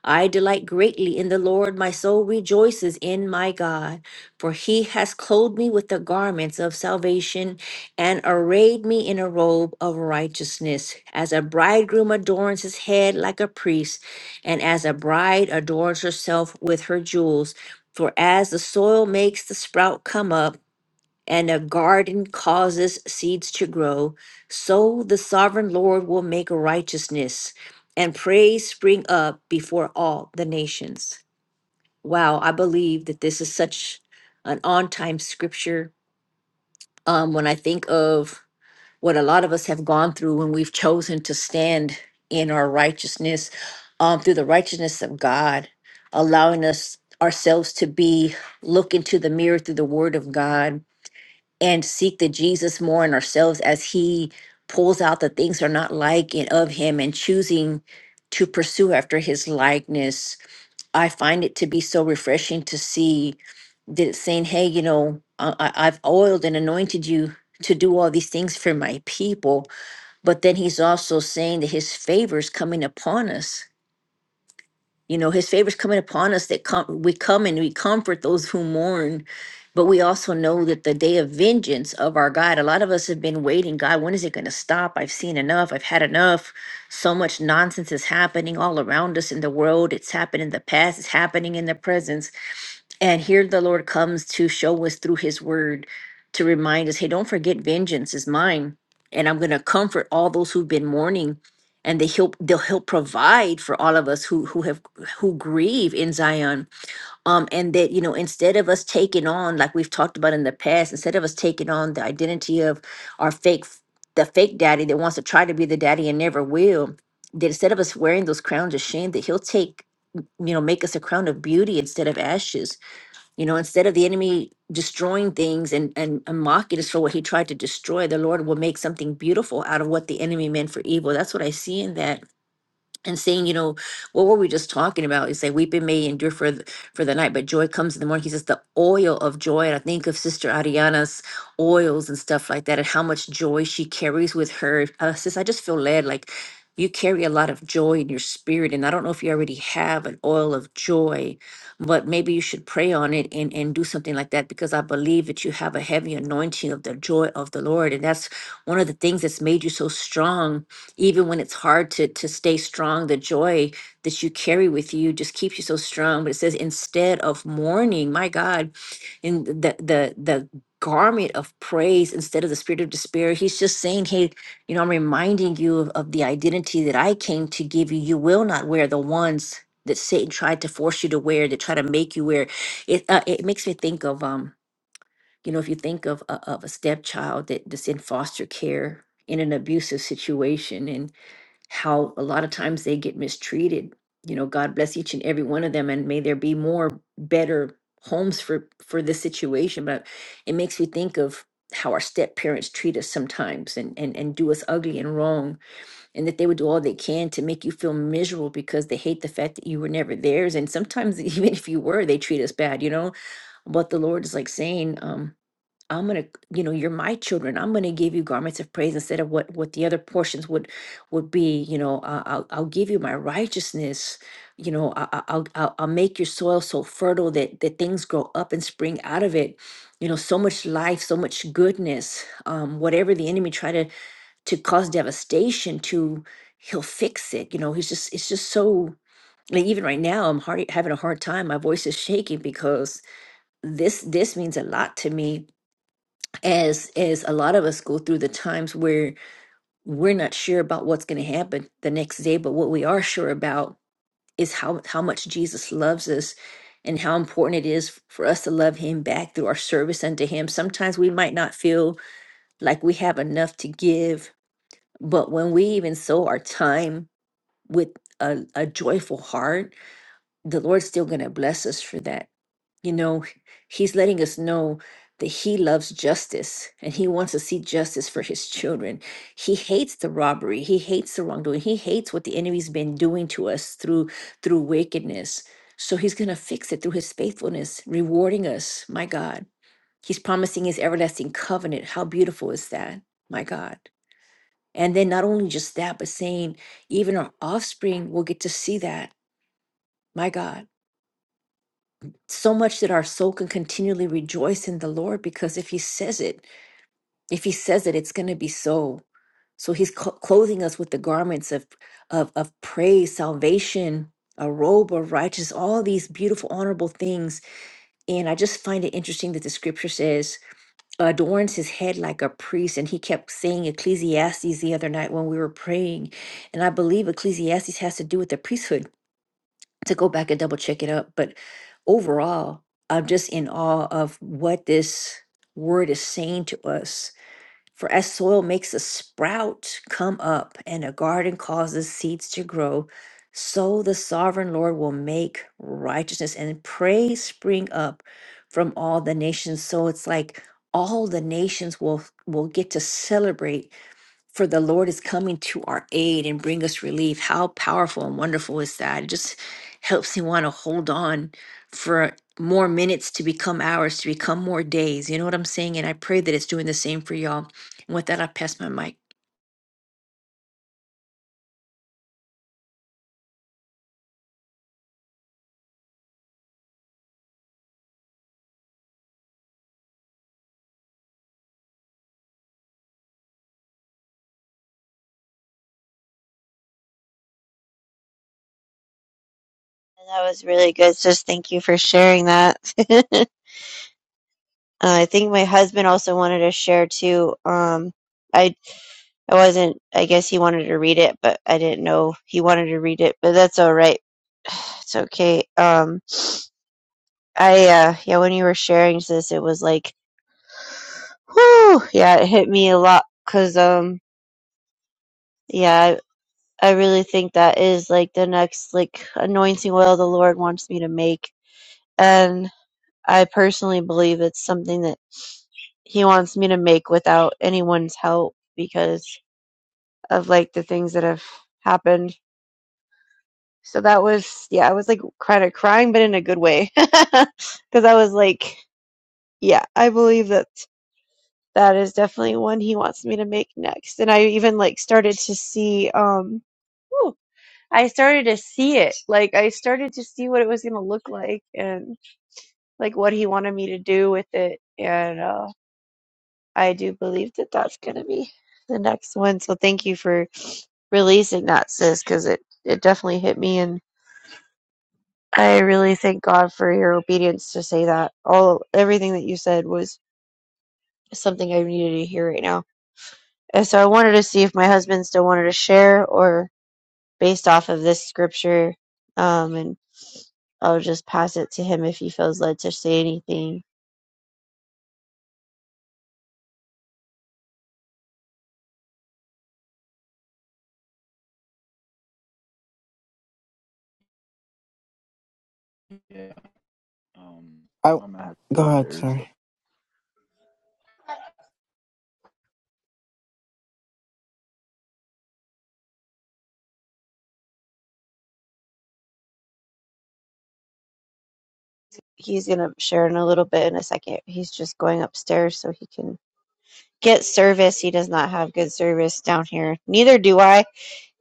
Speaker 3: I delight greatly in the Lord. My soul rejoices in my God, for he has clothed me with the garments of salvation and arrayed me in a robe of righteousness. As a bridegroom adorns his head like a priest, and as a bride adorns herself with her jewels. For as the soil makes the sprout come up, and a garden causes seeds to grow, so the sovereign Lord will make righteousness and praise spring up before all the nations. Wow, I believe that this is such an on time scripture. Um, when I think of what a lot of us have gone through when we've chosen to stand in our righteousness, um, through the righteousness of God, allowing us ourselves to be look into the mirror through the word of God and seek the Jesus more in ourselves as He pulls out the things that are not like and of Him and choosing to pursue after His likeness. I find it to be so refreshing to see that it's saying, hey, you know, I, I- I've oiled and anointed you to do all these things for my people. But then He's also saying that His favor is coming upon us you know, his favor's coming upon us that come we come and we comfort those who mourn. But we also know that the day of vengeance of our God, a lot of us have been waiting. God, when is it going to stop? I've seen enough. I've had enough. So much nonsense is happening all around us in the world. It's happened in the past. It's happening in the present and here the Lord comes to show us through his word to remind us, hey, don't forget vengeance is mine. And I'm gonna comfort all those who've been mourning and they help they'll help provide for all of us who who have who grieve in Zion. Um and that you know instead of us taking on like we've talked about in the past, instead of us taking on the identity of our fake the fake daddy that wants to try to be the daddy and never will, that instead of us wearing those crowns of shame, that he'll take, you know, make us a crown of beauty instead of ashes you know, instead of the enemy destroying things and, and, and mocking us for what he tried to destroy, the Lord will make something beautiful out of what the enemy meant for evil. That's what I see in that and saying, you know, what were we just talking about? You say weeping may endure for the, for the night, but joy comes in the morning. He says the oil of joy, and I think of Sister Ariana's oils and stuff like that, and how much joy she carries with her. Uh, sis, I just feel led like you carry a lot of joy in your spirit, and I don't know if you already have an oil of joy, but maybe you should pray on it and and do something like that because I believe that you have a heavy anointing of the joy of the Lord, and that's one of the things that's made you so strong even when it's hard to to stay strong the joy that you carry with you just keeps you so strong but it says instead of mourning my god in the the the garment of praise instead of the spirit of despair he's just saying hey you know i'm reminding you of, of the identity that i came to give you you will not wear the ones that satan tried to force you to wear that try to make you wear it uh, it makes me think of um you know if you think of a- of a stepchild that that's in foster care in an abusive situation and how a lot of times they get mistreated. You know, God bless each and every one of them, and may there be more better homes for for this situation. But it makes me think of how our step parents treat us sometimes and, and and do us ugly and wrong and that they would do all they can to make you feel miserable because they hate the fact that you were never theirs and sometimes [LAUGHS] even if you were they treat us bad you know but the lord is like saying um I'm gonna, you know, you're my children. I'm gonna give you garments of praise instead of what what the other portions would would be. You know, uh, I'll I'll give you my righteousness. You know, I, I- I'll, I'll I'll make your soil so fertile that that things grow up and spring out of it. You know, so much life, so much goodness. Um, whatever the enemy try to to cause devastation to, he'll fix it. You know, he's just it's just so. Like even right now, I'm hard, having a hard time. My voice is shaking because this this means a lot to me as as a lot of us go through the times where we're not sure about what's going to happen the next day but what we are sure about is how how much Jesus loves us and how important it is for us to love him back through our service unto him sometimes we might not feel like we have enough to give but when we even sow our time with a, a joyful heart the lord's still going to bless us for that you know, he's letting us know that he loves justice and he wants to see justice for his children. He hates the robbery, he hates the wrongdoing, he hates what the enemy's been doing to us through through wickedness. So he's going to fix it through his faithfulness, rewarding us. My God. He's promising his everlasting covenant. How beautiful is that? My God. And then not only just that, but saying even our offspring will get to see that. My God. so much that our soul can continually rejoice in the Lord because if He says it, if He says it, it's going to be so. So He's cl- clothing us with the garments of, of of praise, salvation, a robe of righteousness, all these beautiful, honorable things. And I just find it interesting that the Scripture says adorns His head like a priest, and He kept saying Ecclesiastes the other night when we were praying, and I believe Ecclesiastes has to do with the priesthood to go back and double check it up. But overall, I'm just in awe of what this word is saying to us. For as soil makes a sprout come up and a garden causes seeds to grow, so the sovereign Lord will make righteousness and praise spring up from all the nations. So it's like all the nations will will get to celebrate for the Lord is coming to our aid and bring us relief. How powerful and wonderful is that? It just helps me want to hold on for more minutes to become hours, to become more days. You know what I'm saying? And I pray that it's doing the same for y'all. And with that, I pass my mic.
Speaker 1: was really good, sis. Thank you for sharing that. [LAUGHS] Uh, I think my husband also wanted to share too. Um, I I wasn't, I guess he wanted to read it, but I didn't know he wanted to read it, but that's all right. It's okay. Um, I, uh, yeah, when you were sharing this, it was like, whoo, yeah, it hit me a lot because, um, yeah, I, I really think that is like the next, like, anointing oil the Lord wants me to make. And I personally believe it's something that he wants me to make without anyone's help because of like the things that have happened So that was, yeah, I was like kind of crying, but in a good way. [LAUGHS] Because I was like, yeah, I believe that that is definitely one he wants me to make next. And I even like started to see, um, whew, I started to see it. Like I started to see what it was going to look like and like what he wanted me to do with it. And, uh, I do believe that that's going to be the next one. So thank you for releasing that, sis, because it, it definitely hit me in I really thank God for your obedience to say that. All everything that you said was something I needed to hear right now. And so I wanted to see if my husband still wanted to share or based off of this scripture. Um and I'll just pass it to him if he feels led to say anything.
Speaker 4: Yeah, um,
Speaker 2: Oh,
Speaker 4: I'm gonna have to go
Speaker 2: go ahead,
Speaker 4: upstairs. So.
Speaker 2: sorry.
Speaker 1: He's gonna share in a little bit in a second. He's just going upstairs so he can get service. He does not have good service down here. Neither do I.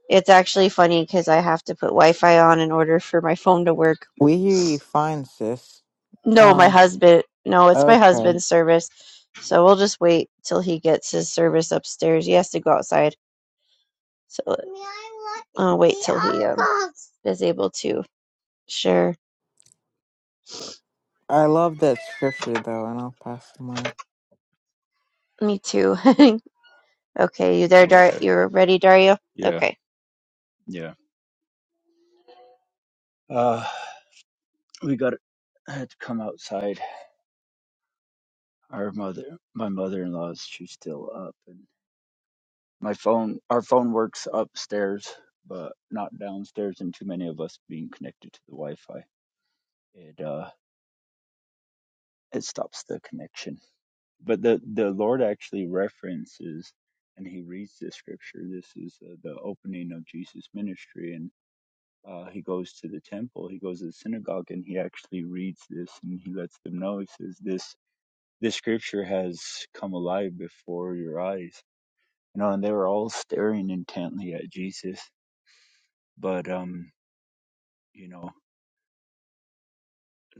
Speaker 1: It's actually funny because I have to put Wi-Fi on in order for my phone to work
Speaker 2: We hear you fine, sis.
Speaker 1: No, my
Speaker 2: Um,
Speaker 1: husband. No, it's my
Speaker 2: okay.
Speaker 1: husband's service. So we'll just wait till he gets his service upstairs. He has to go outside. So I'll wait till he um, is able to. Sure.
Speaker 2: I love that scripture though, and I'll pass the mic.
Speaker 1: Me too. [LAUGHS] okay, you there, Dar?
Speaker 4: Okay.
Speaker 1: You're ready, Dario?
Speaker 4: Yeah.
Speaker 1: Okay.
Speaker 4: Yeah. Uh, we got. I had to come outside. Our mother, my mother-in-law's, she's still up, and my phone. Our phone works upstairs, but not downstairs, and too many of us being connected to the Wi-Fi, it uh, it stops the connection. But the the Lord actually references, and He reads the scripture. This is uh, the opening of Jesus' ministry, and. uh, he goes to the temple, he goes to the synagogue, and he actually reads this and he lets them know. He says, "This this scripture has come alive before your eyes." You know, and they were all staring intently at Jesus. But um, you know,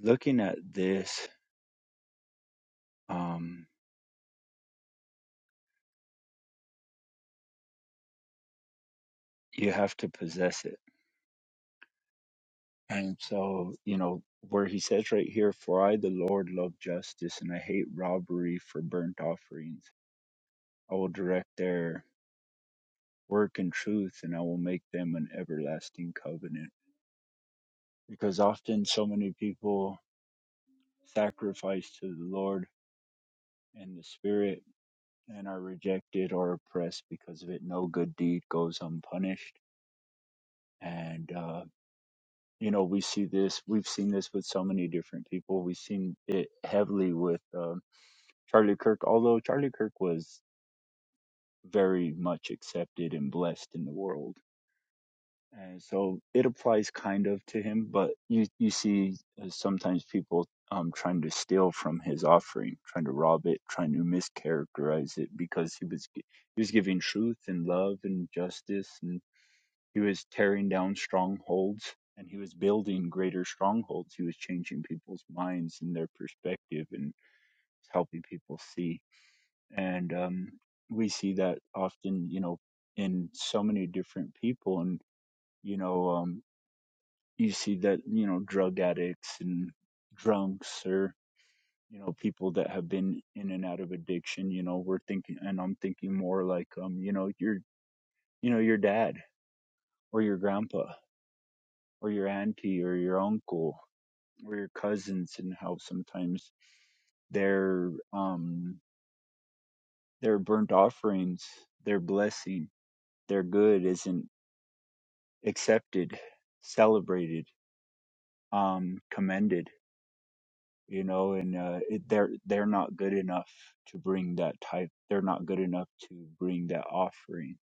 Speaker 4: looking at this, um, you have to possess it. And so, you know, where he says right here, "For I, the Lord, love justice, and I hate robbery for burnt offerings. I will direct their." work and truth, and I will make them an everlasting covenant. Because often so many people sacrifice to the Lord and the Spirit and are rejected or oppressed because of it. No good deed goes unpunished. And, uh, you know, we see this, we've seen this with so many different people. We've seen it heavily with um, Charlie Kirk, although Charlie Kirk was very much accepted and blessed in the world And so it applies kind of to him, but you you see uh, sometimes people um, trying to steal from his offering, trying to rob it, trying to mischaracterize it because he was gi- he was giving truth and love and justice, and he was tearing down strongholds and he was building greater strongholds. He was changing people's minds and their perspective and helping people see. And um, we see that often, you know, in so many different people and you know um, you see that you know drug addicts and drunks or you know people that have been in and out of addiction you know we're thinking and i'm thinking more like um you know your you know your dad or your grandpa or your auntie or your uncle or your cousins and how sometimes their um their burnt offerings their blessing their good isn't accepted celebrated um commended you know, and uh, it, they're they're not good enough to bring that type. They're not good enough to bring that offering.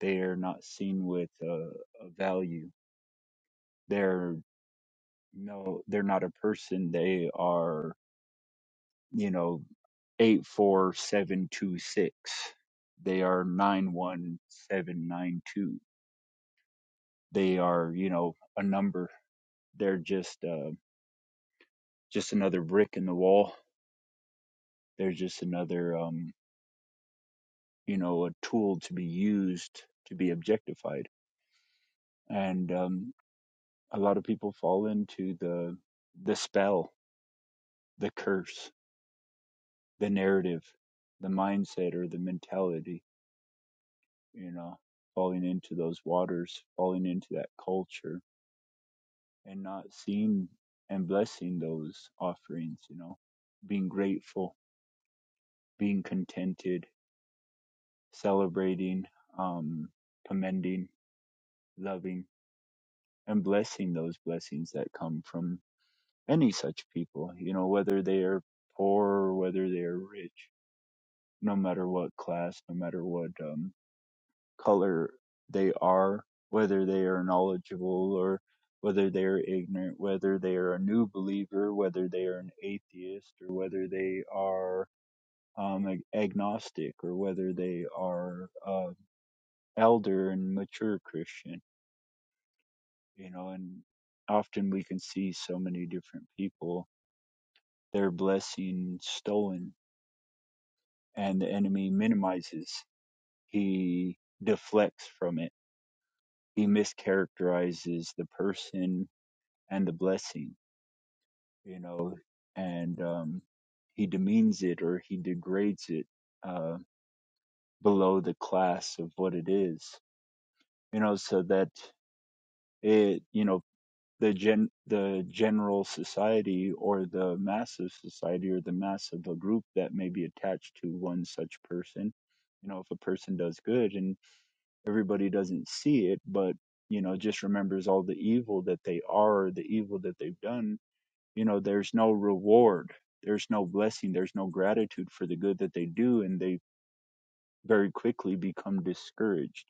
Speaker 4: They are not seen with uh, a value. They're no, they're not a person. They are, you know, eight four seven two six. They are nine one seven nine two. They are, you know, a number. They're just uh, just another brick in the wall. They're just another. Um, you know, a tool to be used to be objectified. And um, a lot of people fall into the the spell, the curse, the narrative, the mindset or the mentality, you know, falling into those waters, falling into that culture and not seeing and blessing those offerings, you know, being grateful, being contented, celebrating, um, commending, loving, and blessing those blessings that come from any such people, you know, whether they are poor or whether they are rich, no matter what class, no matter what um, color they are, whether they are knowledgeable or whether they are ignorant, whether they are a new believer, whether they are an atheist, or whether they are um, ag- agnostic, or whether they are uh, elder and mature Christian, you know, and often we can see so many different people, their blessing stolen and the enemy minimizes, he deflects from it, he mischaracterizes the person and the blessing, you know, and um, he demeans it or he degrades it uh, below the class of what it is, you know, so that it, you know, the gen the general society or the mass of society or the mass of a group that may be attached to one such person you know if a person does good and everybody doesn't see it but you know just remembers all the evil that they are the evil that they've done you know there's no reward there's no blessing there's no gratitude for the good that they do and they very quickly become discouraged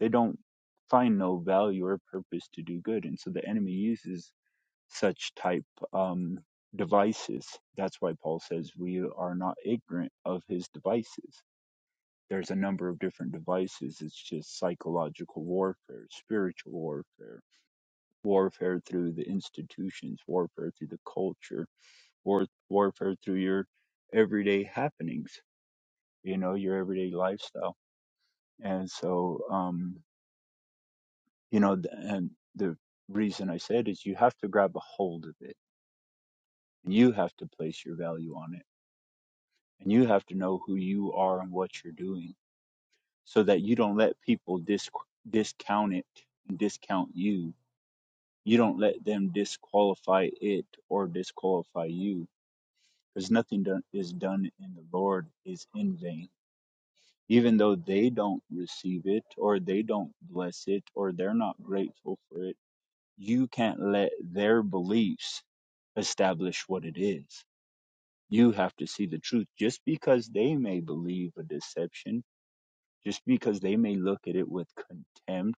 Speaker 4: they don't find no value or purpose to do good and so the enemy uses such type um devices that's why paul says we are not ignorant of his devices there's a number of different devices. It's just psychological warfare, spiritual warfare, warfare through the institutions, warfare through the culture, war, warfare through your everyday happenings, you know, your everyday lifestyle. And so, um, you know, th- and the reason I said is you have to grab a hold of it and you have to place your value on it and you have to know who you are and what you're doing so that you don't let people dis- discount it and discount you You don't let them disqualify it or disqualify you, because nothing done, is done in the Lord is in vain. Even though they don't receive it, or they don't bless it, or they're not grateful for it, you can't let their beliefs establish what it is. You have to see the truth. Just because they may believe a deception, just because they may look at it with contempt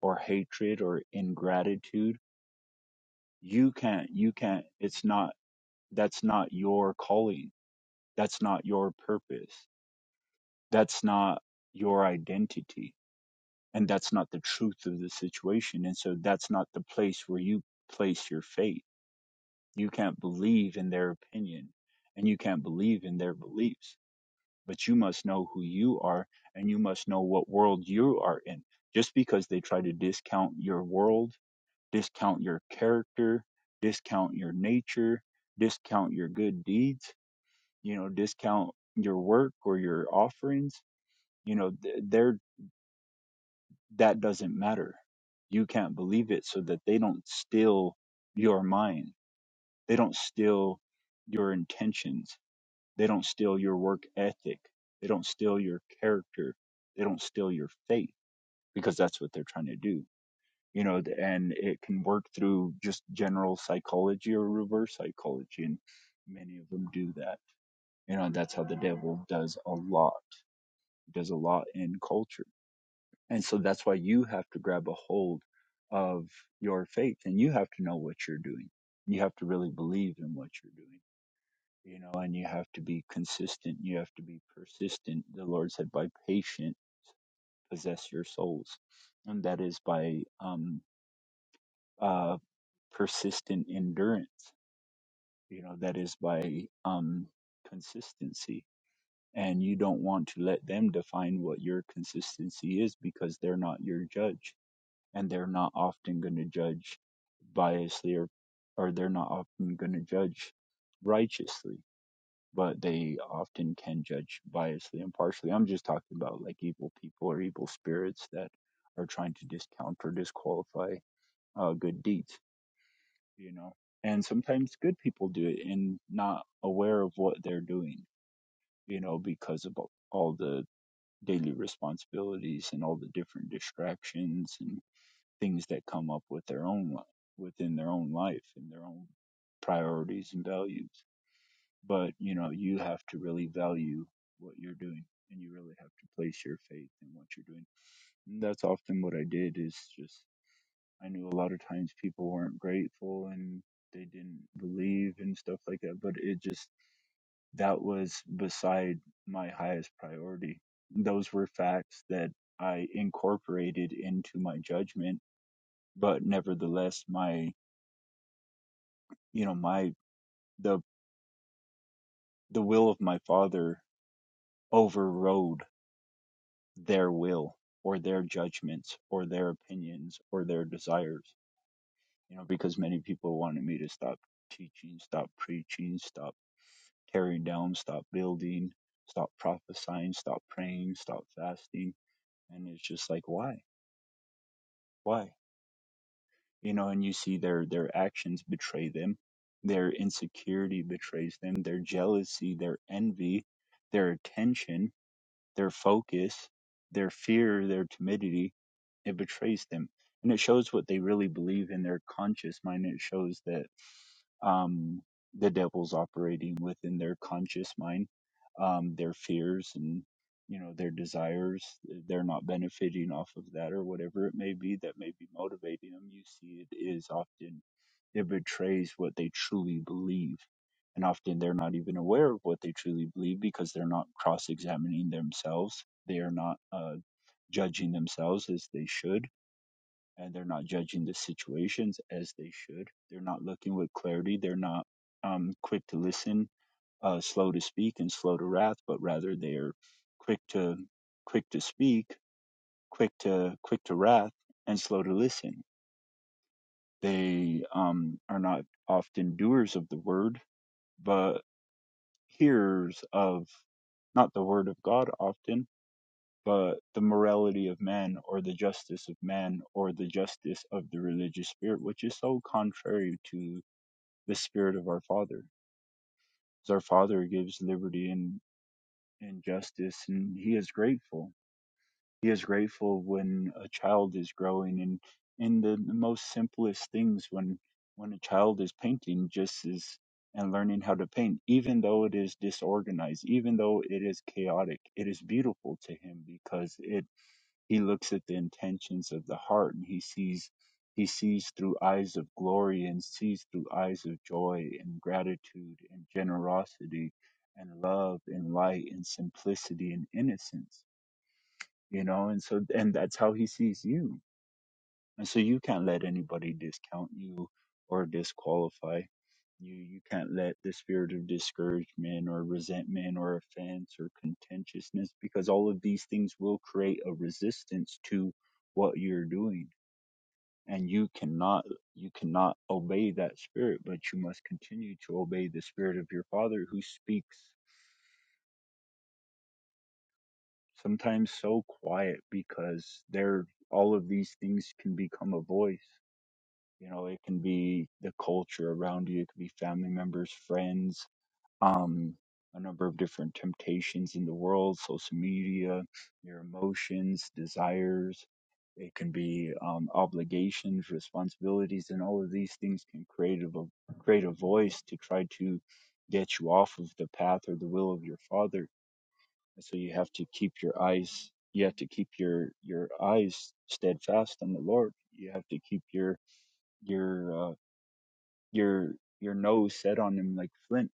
Speaker 4: or hatred or ingratitude, you can't, you can't, it's not that's not your calling. That's not your purpose. That's not your identity. And that's not the truth of the situation. And so that's not the place where you place your faith. You can't believe in their opinion and you can't believe in their beliefs, but you must know who you are and you must know what world you are in. Just because they try to discount your world, discount your character, discount your nature, discount your good deeds you know discount your work or your offerings you know th- they're that doesn't matter you can't believe it so that they don't steal your mind they don't steal your intentions they don't steal your work ethic they don't steal your character they don't steal your faith because that's what they're trying to do you know th- and it can work through just general psychology or reverse psychology and many of them do that you know that's how the devil does a lot There's a lot in culture. And so that's why you have to grab a hold of your faith and you have to know what you're doing. You have to really believe in what you're doing, you know, and you have to be consistent. You have to be persistent. The Lord said, by patient, possess your souls. And that is by um, uh, persistent endurance, you know, that is by um, consistency and you don't want to let them define what your consistency is because they're not your judge and they're not often going to judge biasly or or they're not often going to judge righteously but they often can judge biasly and partially i'm just talking about like evil people or evil spirits that are trying to discount or disqualify uh, good deeds you know and sometimes good people do it and not aware of what they're doing you know because of all the daily responsibilities and all the different distractions and things that come up with their own life, within their own life and their own priorities and values. But you know, you have to really value what you're doing, and you really have to place your faith in what you're doing. And that's often what I did. Is just I knew a lot of times people weren't grateful and they didn't believe and stuff like that. But it just that was beside my highest priority. Those were facts that I incorporated into my judgment, but nevertheless, my you know my the the will of my father overrode their will or their judgments or their opinions or their desires you know because many people wanted me to stop teaching stop preaching stop tearing down stop building stop prophesying stop praying stop fasting and it's just like why why you know and you see their their actions betray them their insecurity betrays them their jealousy their envy their attention their focus, their fear, their timidity, it betrays them, and it shows what they really believe in their conscious mind. It shows that um, the devil's operating within their conscious mind, um, their fears and you know their desires. They're not benefiting off of that or whatever it may be that may be motivating them. You see, it is often it betrays what they truly believe. And often they're not even aware of what they truly believe because they're not cross examining themselves. They are not. Uh, judging themselves as they should and they're not judging the situations as they should they're not looking with clarity they're not um, quick to listen uh, slow to speak and slow to wrath but rather they're quick to quick to speak quick to quick to wrath and slow to listen they um, are not often doers of the word but hearers of not the word of god often but the morality of man or the justice of man or the justice of the religious spirit, which is so contrary to the spirit of our Father. 'Cause Our Father gives liberty and, and justice, and He is grateful. He is grateful when a child is growing, and in the, the most simplest things, when when a child is painting, just as and learning how to paint, even though it is disorganized, even though it is chaotic, it is beautiful to Him because it he looks at the intentions of the heart and he sees he sees through eyes of glory and sees through eyes of joy and gratitude and generosity and love and light and simplicity and innocence. You know, and so and that's how he sees you and so you can't let anybody discount you or disqualify you. You can't let the spirit of discouragement or resentment or offense or contentiousness, because all of these things will create a resistance to what you're doing. And you cannot, you cannot obey that spirit, but you must continue to obey the spirit of your father who speaks sometimes so quiet because there all of these things can become a voice you know it can be the culture around you it could be family members friends um a number of different temptations in the world social media your emotions desires it can be um, obligations responsibilities and all of these things can create a vo- create a voice to try to get you off of the path or the will of your father and so you have to keep your eyes you have to keep your your eyes steadfast on the lord you have to keep your your uh, your your nose set on him like flint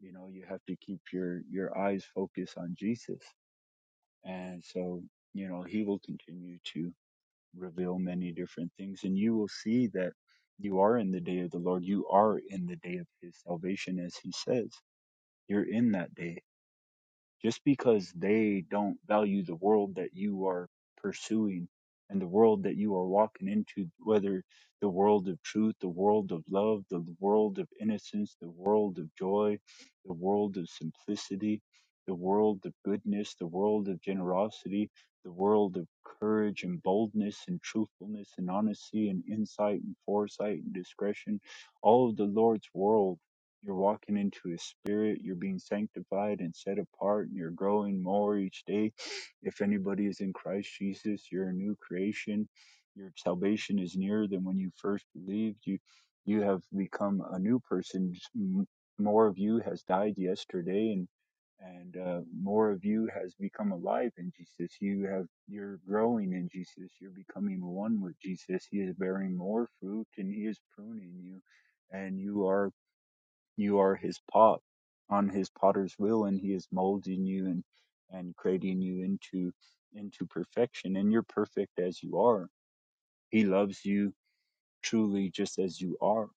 Speaker 4: you know you have to keep your your eyes focused on jesus and so you know he will continue to reveal many different things and you will see that you are in the day of the lord you are in the day of his salvation as he says you're in that day just because they don't value the world that you are pursuing and the world that you are walking into, whether the world of truth, the world of love, the world of innocence, the world of joy, the world of simplicity, the world of goodness, the world of generosity, the world of courage and boldness and truthfulness and honesty and insight and foresight and discretion, all of the Lord's world you're walking into His Spirit. You're being sanctified and set apart, and you're growing more each day. If anybody is in Christ Jesus, you're a new creation. Your salvation is nearer than when you first believed. You you have become a new person. Just m- More of you has died yesterday, and and uh, more of you has become alive in Jesus. You have you're growing in Jesus. You're becoming one with Jesus. He is bearing more fruit, and He is pruning you, and you are you are his pot on his potter's wheel and he is molding you and and creating you into into perfection and you're perfect as you are he loves you truly just as you are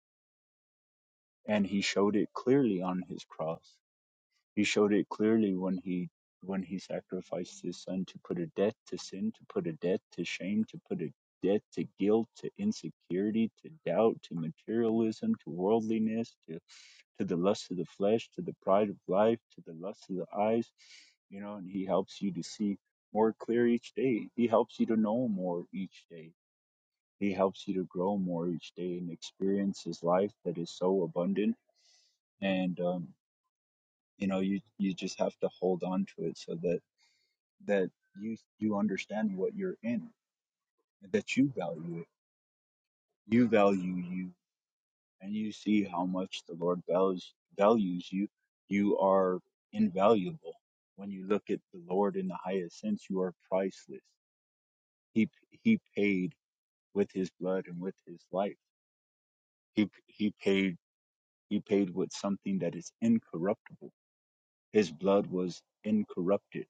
Speaker 4: and he showed it clearly on his cross he showed it clearly when he when he sacrificed his son to put a death to sin, to put a death to shame, to put a death to guilt, to insecurity, to doubt, to materialism, to worldliness, to to the lust of the flesh, to the pride of life, to the lust of the eyes, you know, and he helps you to see more clear each day. He helps you to know more each day. He helps you to grow more each day and experience his life that is so abundant. And um, you know you you just have to hold on to it so that that you you understand what you're in that you value it you value you and you see how much the lord values values you you are invaluable when you look at the lord in the highest sense you are priceless he he paid with his blood and with his life he he paid he paid with something that is incorruptible his blood was incorrupted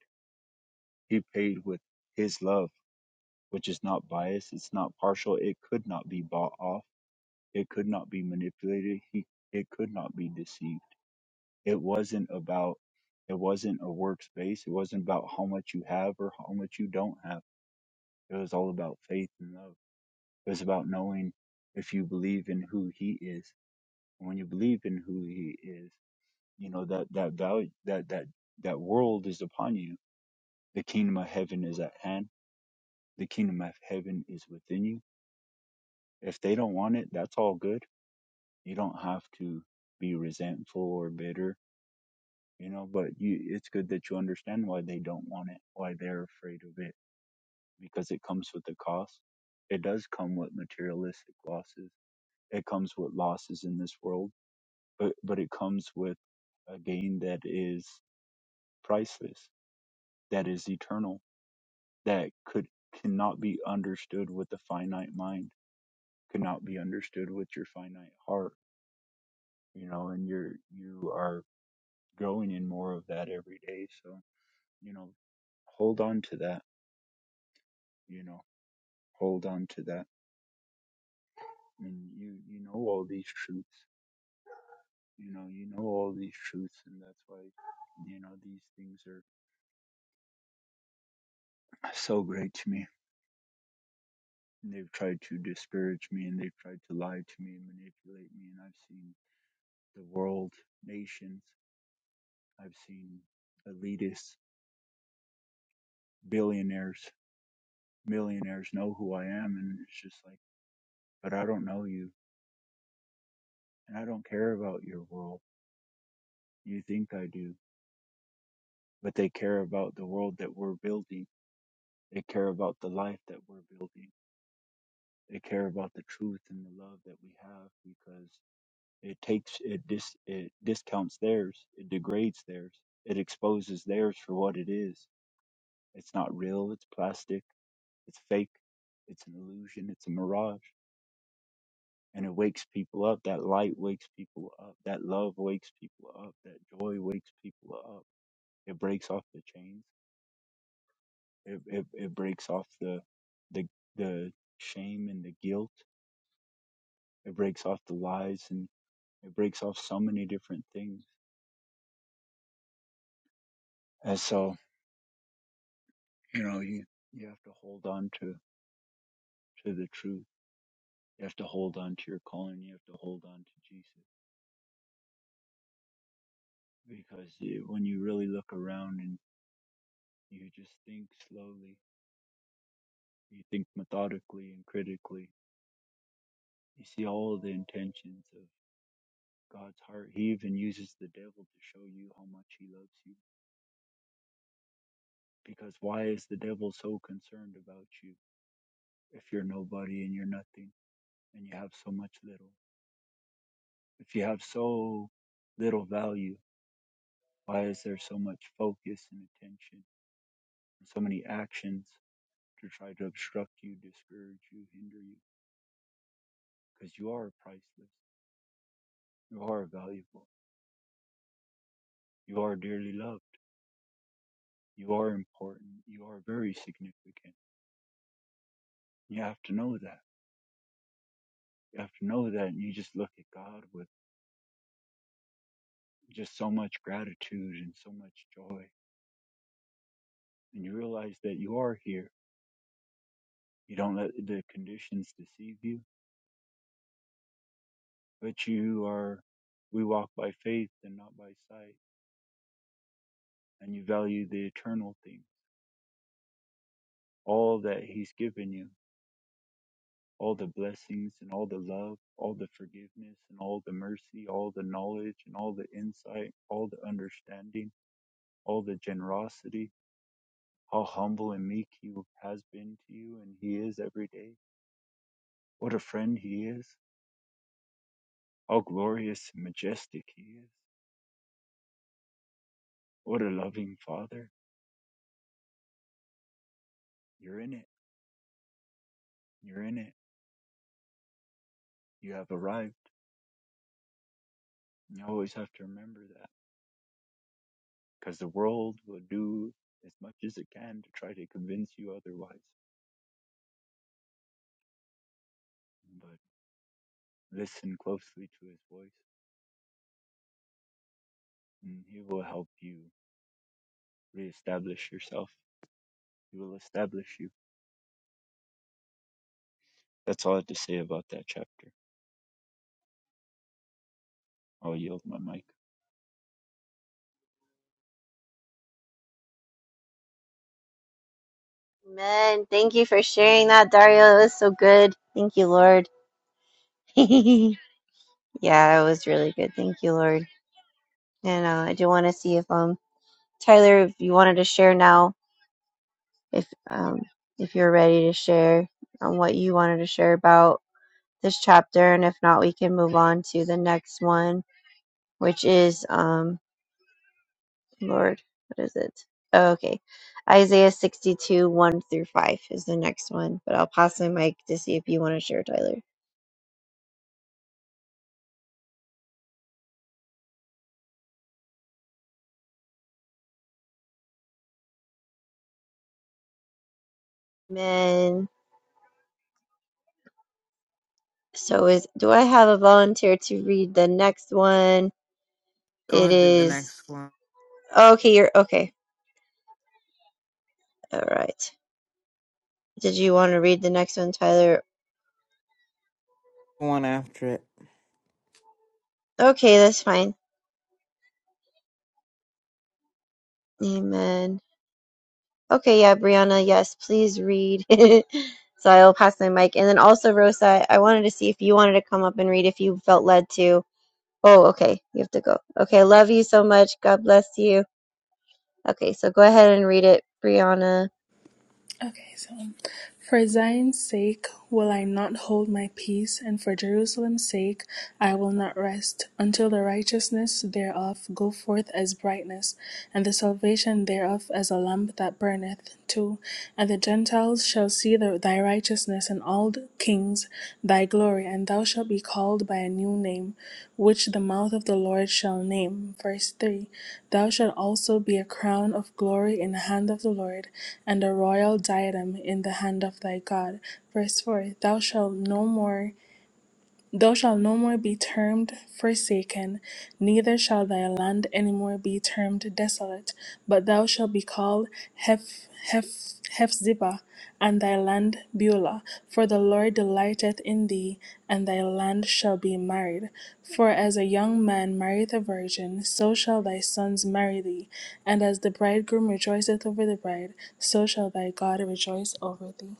Speaker 4: he paid with his love which is not biased, it's not partial, it could not be bought off, it could not be manipulated, he, it could not be deceived. It wasn't about it wasn't a workspace, it wasn't about how much you have or how much you don't have. It was all about faith and love. It was about knowing if you believe in who he is. And when you believe in who he is, you know that that value that that that world is upon you. The kingdom of heaven is at hand. The kingdom of heaven is within you. If they don't want it, that's all good You don't have to be resentful or bitter, you know, but you, it's good that you understand why they don't want it, why they're afraid of it, because it comes with a cost. It does come with materialistic losses. It comes with losses in this world, but, but it comes with a gain that is priceless, that is eternal, that could, cannot be understood with the finite mind, cannot be understood with your finite heart, you know, and you're, you are growing in more of that every day. So, you know, hold on to that, you know, hold on to that. I mean, you, you know, all these truths, you know, you know, all these truths. And that's why, you know, these things are so great to me. And they've tried to disparage me and they've tried to lie to me and manipulate me. And I've seen the world, nations, I've seen elitists, billionaires, millionaires know who I am. And it's just like, but I don't know you and I don't care about your world You think I do, but they care about the world that we're building. They care about the life that we're building. They care about the truth and the love that we have because it takes it dis it discounts theirs, it degrades theirs, it exposes theirs for what it is. It's not real. It's plastic. It's fake. It's an illusion. It's a mirage. And it wakes people up. That light wakes people up. That love wakes people up. That joy wakes people up. It breaks off the chains It, it it breaks off the the the shame and the guilt. It breaks off the lies and it breaks off so many different things. And so you know you you have to hold on to to the truth. You have to hold on to your calling. You have to hold on to Jesus because you, when you really look around and you just think slowly, you think methodically and critically. You see all the intentions of God's heart. He even uses the devil to show you how much he loves you Because why is the devil so concerned about you if you're nobody and you're nothing and you have so much little? If you have so little value, why is there so much focus and attention and so many actions to try to obstruct you, discourage you, hinder you? Because you are priceless. You are valuable. You are dearly loved. You are important. You are very significant. You have to know that. You have to know that and you just look at God with just so much gratitude and so much joy and you realize that you are here. You don't let the conditions deceive you, but you are, we walk by faith and not by sight, and you value the eternal things, all that He's given you, all the blessings and all the love, all the forgiveness and all the mercy, all the knowledge and all the insight, all the understanding, all the generosity, how humble and meek He has been to you and He is every day. What a friend He is, how glorious and majestic He is What a loving father. You're in it. You're in it. You have arrived. And you always have to remember that because the world will do as much as it can to try to convince you otherwise. But listen closely to his voice and he will help you reestablish yourself. He will establish you. That's all I have to say about that chapter. I'll yield my mic.
Speaker 1: Amen. Thank you for sharing that, Dario. It was so good. Thank you, Lord. [LAUGHS] yeah, it was really good. Thank you, Lord. And uh, I do want to see if um Tyler, if you wanted to share now, if um, if you're ready to share on what you wanted to share about this chapter, and if not, we can move on to the next one, which is um, Lord, what is it? Oh, okay, Isaiah 62 1 through 5 is the next one, but I'll pass my mic to see if you want to share, Tyler. Amen. So is do I have a volunteer to read the next one?
Speaker 2: Go
Speaker 1: It
Speaker 2: ahead to the
Speaker 1: is
Speaker 2: next one.
Speaker 1: okay. You're okay. All right. Did you want to read the next one, Tyler?
Speaker 2: One after it.
Speaker 1: Okay, that's fine. Amen. Okay, yeah, Brianna, yes, please read. [LAUGHS] so I'll pass my mic. And then also, Rosa, I wanted to see if you wanted to come up and read if you felt led to. Oh, okay, you have to go. Okay, love you so much. God bless you. Okay, so go ahead and read it, Brianna.
Speaker 5: Okay, so um, for Zion's sake will I not hold my peace, and for Jerusalem's sake I will not rest, until the righteousness thereof go forth as brightness, and the salvation thereof as a lamp that burneth too. And the Gentiles shall see the, thy righteousness righteousness in all the kings thy glory, and thou shalt be called by a new name, which the mouth of the Lord shall name. Verse 3 Thou shalt also be a crown of glory in the hand of the Lord, and a royal diadem in the hand of thy God. Verse 4 Thou shalt no more Thou shalt no more be termed forsaken, neither shall thy land any more be termed desolate, but thou shalt be called Heph- Heph- Hephzibah, and thy land Beulah. For the Lord delighteth in thee, and thy land shall be married. For as a young man marrieth a virgin, so shall thy sons marry thee. And as the bridegroom rejoiceth over the bride, so shall thy God rejoice over thee.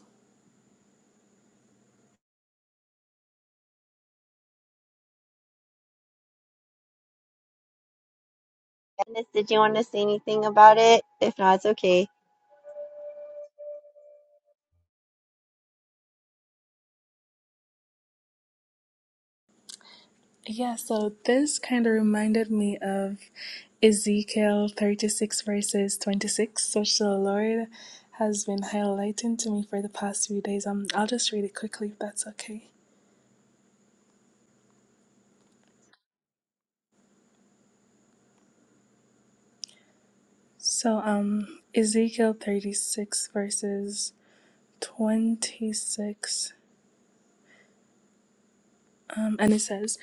Speaker 1: Dennis, did you want to say anything about it? If not, it's okay.
Speaker 5: Yeah, so this kind of reminded me of Ezekiel 36, verses 26, which the Lord has been highlighting to me for the past few days. Um, I'll just read it quickly if that's okay. So, um, Ezekiel 36, verses 26, um, and it says,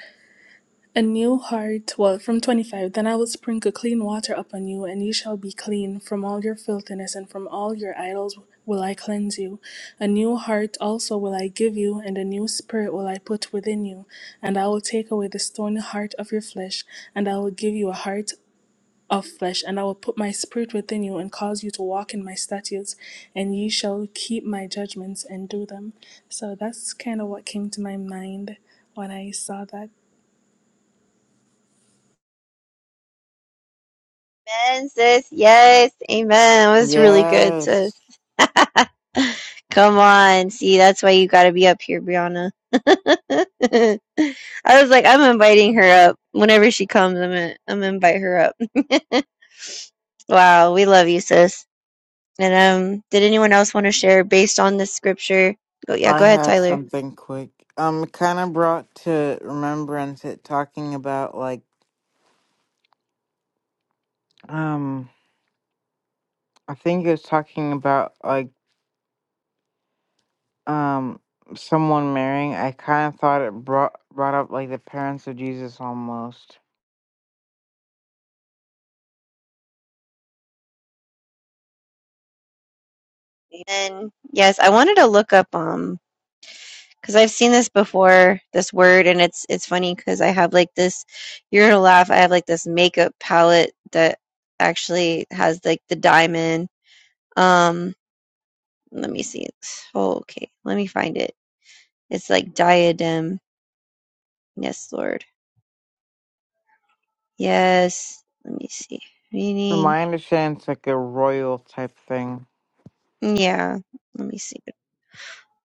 Speaker 5: And new heart, well, from 25, then I will sprinkle clean water upon you, and ye shall be clean. From all your filthiness and from all your idols will I cleanse you. A new heart also will I give you, and a new spirit will I put within you. And I will take away the stony heart of your flesh, and I will give you a heart of flesh, and I will put my spirit within you, and cause you to walk in my statutes, and ye shall keep my judgments and do them. So that's kind of what came to my mind when I saw that.
Speaker 1: Amen, sis. Yes. Amen. It was really good, sis.
Speaker 2: Yes.
Speaker 1: [LAUGHS] Come on. See, that's why you got to be up here, Brianna. [LAUGHS] I was like, I'm inviting her up. Whenever she comes, I'm going I'm to invite her up. [LAUGHS] wow. We love you, sis. And um, did anyone else want to share based on this scripture? Go, yeah,
Speaker 2: I
Speaker 1: go ahead,
Speaker 2: had
Speaker 1: Tyler.
Speaker 2: something quick. Um kind of brought to remembrance it talking about like um I think it was talking about like um someone marrying. I kind of thought it brought brought up like the parents of Jesus almost.
Speaker 1: And Yes, I wanted to look up um because I've seen this before, this word, and it's it's funny because I have like this. You're gonna laugh. I have like this makeup palette that actually has like the diamond. Um, let me see. Oh, okay, let me find it. It's like diadem. Yes, Lord. Yes. Let me see.
Speaker 2: From
Speaker 1: Meaning.
Speaker 2: my understanding it's like a royal type thing.
Speaker 1: Yeah. Let me see.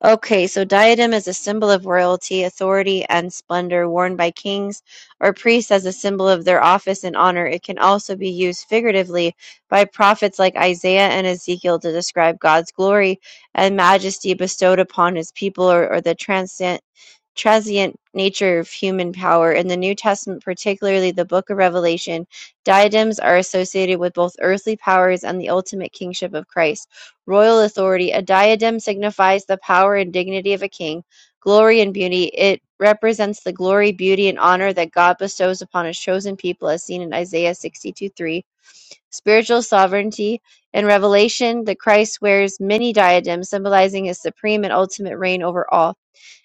Speaker 1: Okay, so diadem is a symbol of royalty, authority, and splendor worn by kings or priests as a symbol of their office and honor. It can also be used figuratively by prophets like Isaiah and Ezekiel to describe God's glory and majesty bestowed upon his people or, or the transcend, transient nature of human power. In the New Testament, particularly the book of Revelation, diadems are associated with both earthly powers and the ultimate kingship of Christ royal authority. A diadem signifies the power and dignity of a king, glory and beauty. It represents the glory, beauty, and honor that God bestows upon his chosen people, as seen in Isaiah 62 3 spiritual sovereignty. In Revelation, the Christ wears many diadems, symbolizing his supreme and ultimate reign over all.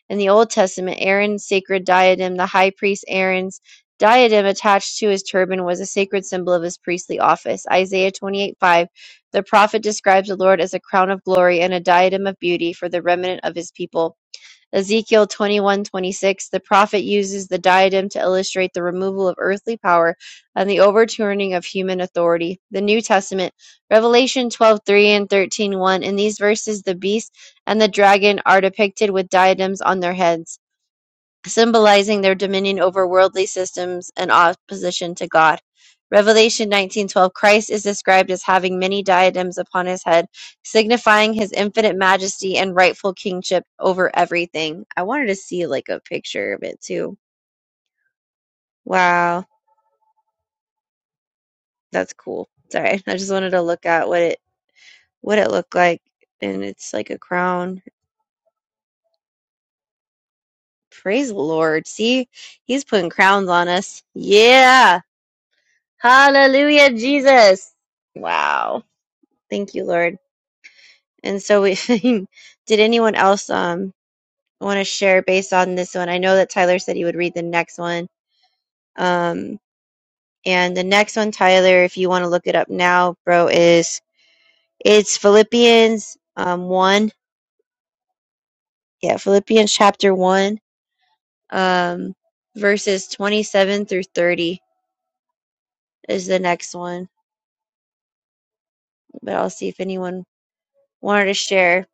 Speaker 1: In the Old Testament, Aaron's sacred diadem, the high priest Aaron's diadem attached to his turban, was a sacred symbol of his priestly office. Isaiah 28 5, the prophet describes the Lord as a crown of glory and a diadem of beauty for the remnant of his people. Ezekiel 21:26, the prophet uses the diadem to illustrate the removal of earthly power and the overturning of human authority. The New Testament, Revelation 12:3 and 13:1. In these verses, the beast and the dragon are depicted with diadems on their heads symbolizing their dominion over worldly systems and opposition to God. Revelation 19:12 Christ is described as having many diadems upon his head, signifying his infinite majesty and rightful kingship over everything. I wanted to see like a picture of it too. Wow, that's cool. Sorry, [LAUGHS] I just wanted to look at what it what it looked like and it's like a crown. Praise the Lord. See, he's putting crowns on us. Yeah. Hallelujah, Jesus. Wow. Thank you, Lord. And so we [LAUGHS] did anyone else um want to share based on this one? I know that Tyler said he would read the next one. Um and the next one, Tyler, if you want to look it up now, bro, is it's Philippians um one. Yeah, Philippians chapter one, um verses twenty seven through thirty is the next one. But I'll see if anyone wanted to share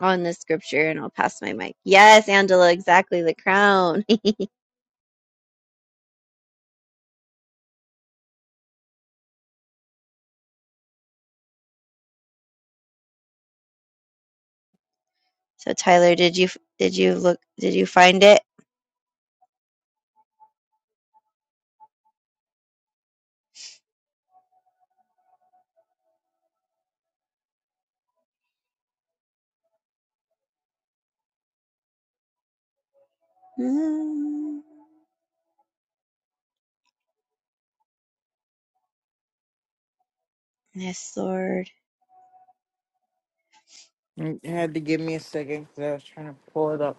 Speaker 1: on this scripture and I'll pass my mic. Yes, Angela, exactly the crown. So Tyler, did you did you look did you find it? Mm, Yes, Lord.
Speaker 2: You had to give me a second cuz I was trying to pull it up.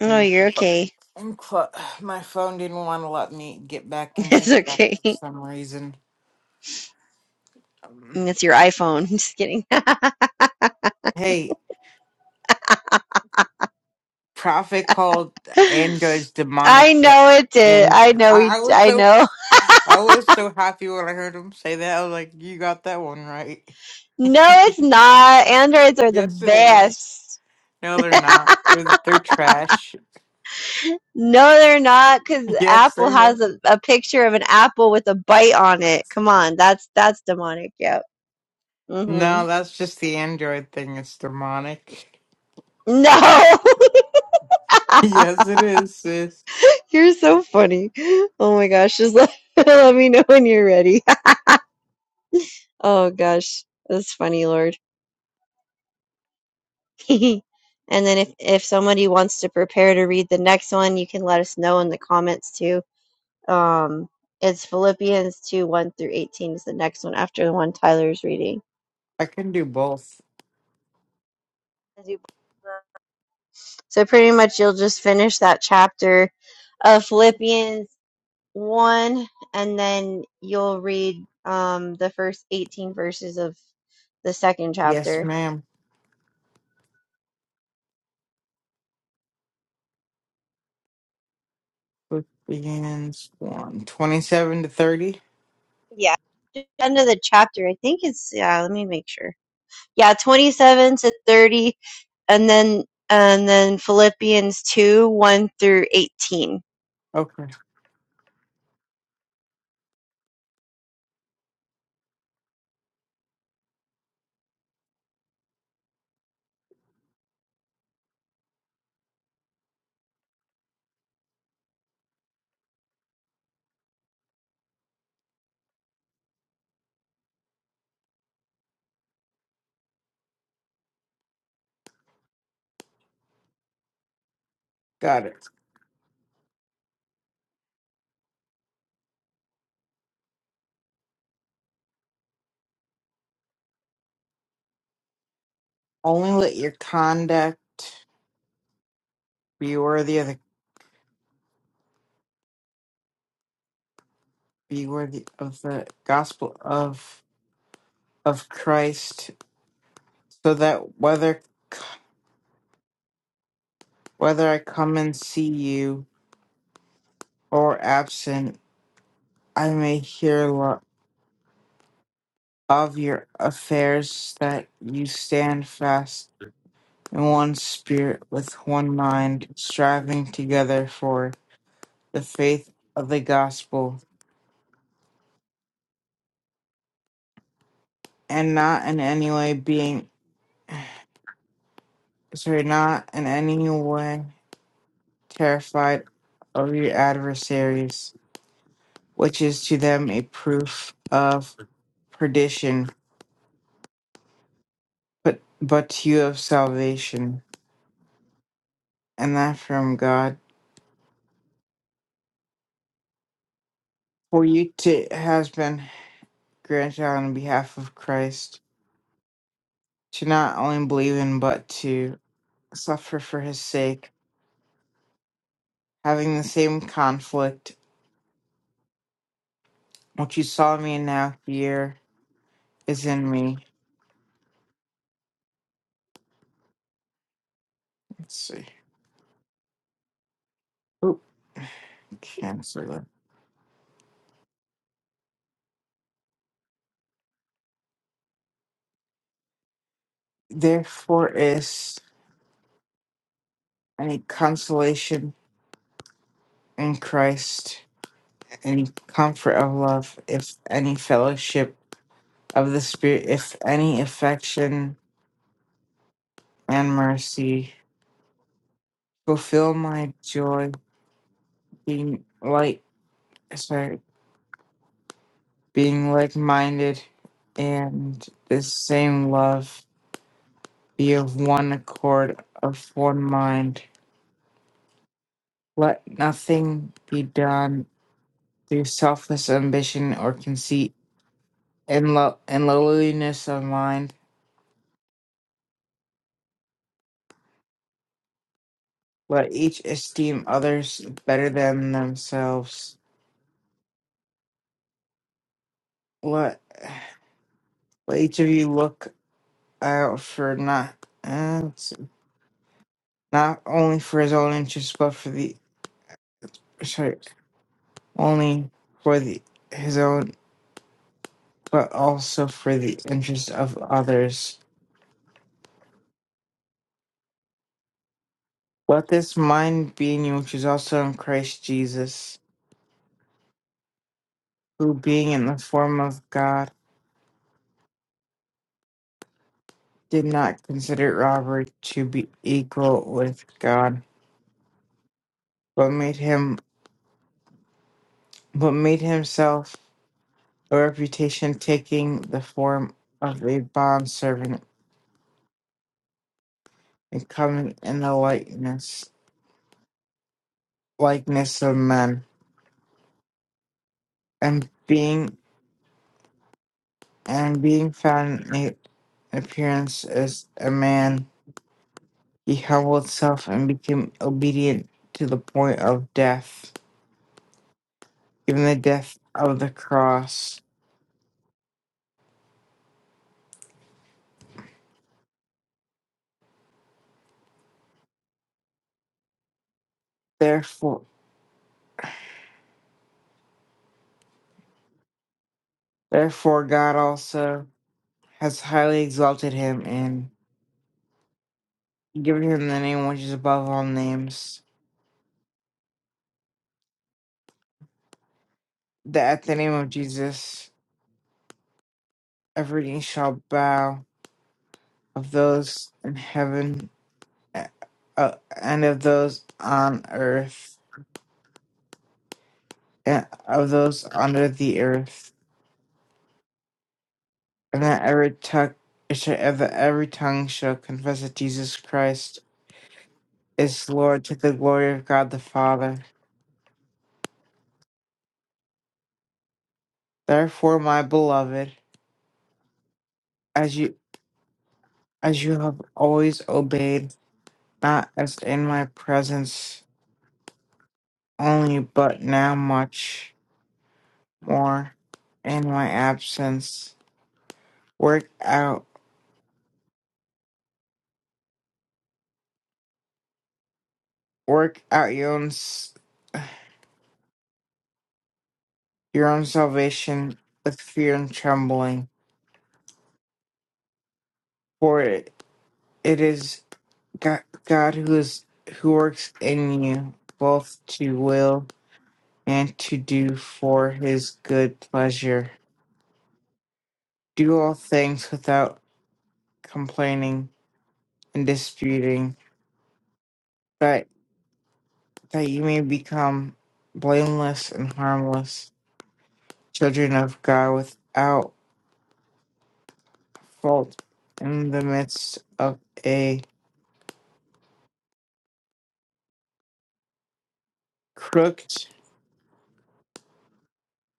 Speaker 1: No, you're okay. [LAUGHS]
Speaker 2: i clo- [SIGHS] my phone didn't want to let me get back into
Speaker 1: It's
Speaker 2: the app
Speaker 1: okay.
Speaker 2: for some reason. Um,
Speaker 1: And It's your iPhone. [LAUGHS] Just kidding. [LAUGHS]
Speaker 2: hey, Prophet called androids demonic,
Speaker 1: I
Speaker 2: a-
Speaker 1: know it did.
Speaker 2: and
Speaker 1: I know we.
Speaker 2: I, I was
Speaker 1: I
Speaker 2: so
Speaker 1: know.
Speaker 2: I was so happy when I heard him say that. I was like, "You got that one right."
Speaker 1: No,
Speaker 2: [LAUGHS]
Speaker 1: it's not. Androids are the
Speaker 2: yes, it is.
Speaker 1: best.
Speaker 2: No, they're not. They're they're trash. [LAUGHS]
Speaker 1: No, they're not. Because
Speaker 2: Yes,
Speaker 1: Apple
Speaker 2: they are.
Speaker 1: has a, a picture of an apple with a bite on it. Come on, that's that's demonic. Yep. hmm
Speaker 2: No, that's just the android thing. It's demonic.
Speaker 1: No. [LAUGHS]
Speaker 2: [LAUGHS] Yes, it is, sis.
Speaker 1: You're so funny. Oh my gosh, just let, [LAUGHS] let me know when you're ready. [LAUGHS] Oh gosh, that's funny, Lord. [LAUGHS] And then if if somebody wants to prepare to read the next one, you can let us know in the comments too. Um, it's Philippians 2, 1 through 18 is the next one after the one Tyler's reading.
Speaker 2: I can do both.
Speaker 1: As you- So pretty much you'll just finish that chapter of Philippians 1 and then you'll read um the first 18 verses of the second
Speaker 2: Yes,
Speaker 1: chapter.
Speaker 2: ma'am. Philippians one 27 to 30.
Speaker 1: Yeah. End of the chapter. I think it's yeah, let me make sure. Yeah, 27 to 30 and then and then Philippians 2, 1 through 18.
Speaker 2: Okay, got it. Only let your conduct be worthy of the be worthy of the gospel of of Christ, so that whether whether I come and see you or absent, I may hear lo- of your affairs, that you stand fast in one spirit, with one mind, striving together for the faith of the gospel and not in any way being sorry, not in any way terrified of your adversaries, which is to them a proof of perdition, but but to you of salvation, and that from God. For you to has been granted on behalf of Christ to not only believe in but to suffer for his sake, having the same conflict which you saw in me and now here is in me. Let's see. Cancel Therefore is any consolation in Christ, any comfort of love, if any fellowship of the Spirit, if any affection and mercy. Fulfill my joy, being like sorry, being like minded and the same love, be of one accord, of one mind. Let nothing be done through selfless ambition or conceit and, lo- and lowliness of mind. Let each esteem others better than themselves. Let, let each of you look out for not uh, it's not only for his own interests, but for the sorry, only for the his own, but also for the interests of others. Let this mind be in you, which is also in Christ Jesus, who being in the form of God. did not consider Robert to be equal with God, but made him but made himself a reputation taking the form of a bond servant and coming in the likeness likeness of men and being and being found in a- appearance as a man he humbled himself and became obedient to the point of death even the death of the cross therefore therefore God also has highly exalted him and given him the name which is above all names, that at the name of Jesus every knee shall bow of those in heaven uh, uh, and of those on earth and of those under the earth, and that every tongue that every tongue shall confess that Jesus Christ is Lord to the glory of God the Father. Therefore, my beloved, as you as you have always obeyed not as in my presence only, but now much more in my absence. Work out, work out your own s- your own salvation with fear and trembling, for it, it is God, God who is who works in you both to will and to do for His good pleasure. Do all things without complaining and disputing, that you may become blameless and harmless, children of God without fault in the midst of a crooked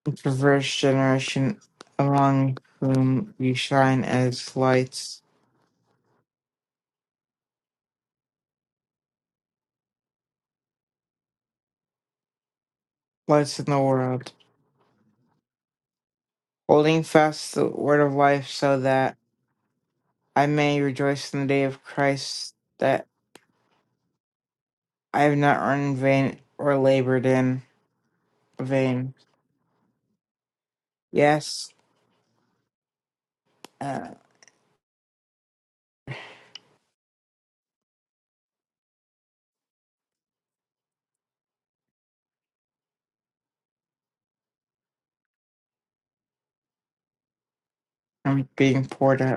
Speaker 2: and perverse generation among whom you shine as lights, lights in the world, holding fast the word of life so that I may rejoice in the day of Christ that I have not run in vain or labored in vain. Yes, uh, I'm being poured out.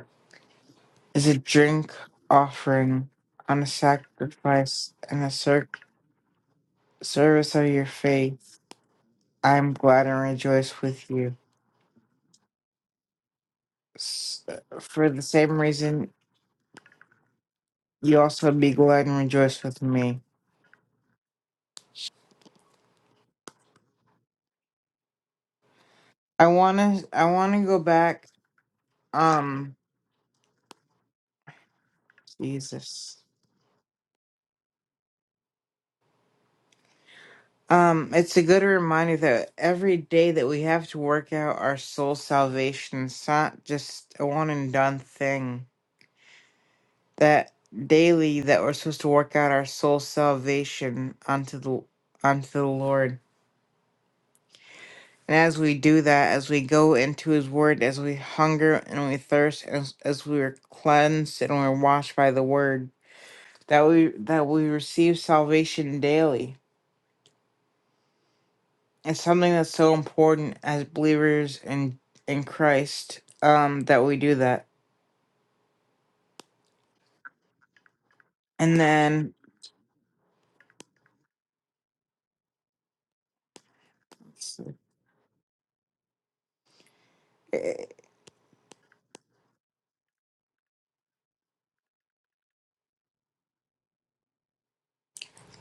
Speaker 2: is a drink offering on a sacrifice and a ser- service of your faith. I am glad and rejoice with you. S- for the same reason, you also be glad and rejoice with me. I wanna, I wanna go back. Um, Jesus. Um, it's a good reminder that every day that we have to work out our soul salvation, it's not just a one and done thing that daily that we're supposed to work out our soul salvation unto the unto the Lord. And as we do that, as we go into His Word, as we hunger and we thirst, as as we are cleansed and we're washed by the Word, that we that we receive salvation daily. It's something that's so important as believers in in Christ um, that we do that. And then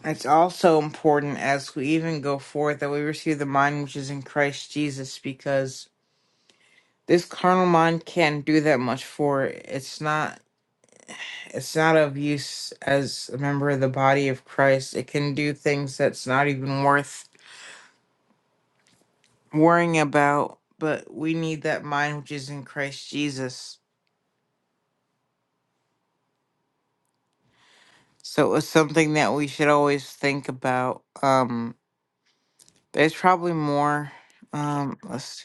Speaker 2: It's also important as we even go forth that we receive the mind which is in Christ Jesus because this carnal mind can't do that much for it. It's not it's not of use as a member of the body of Christ. It can do things that's not even worth worrying about, but we need that mind which is in Christ Jesus. So it's something that we should always think about. Um there's probably more. Um let's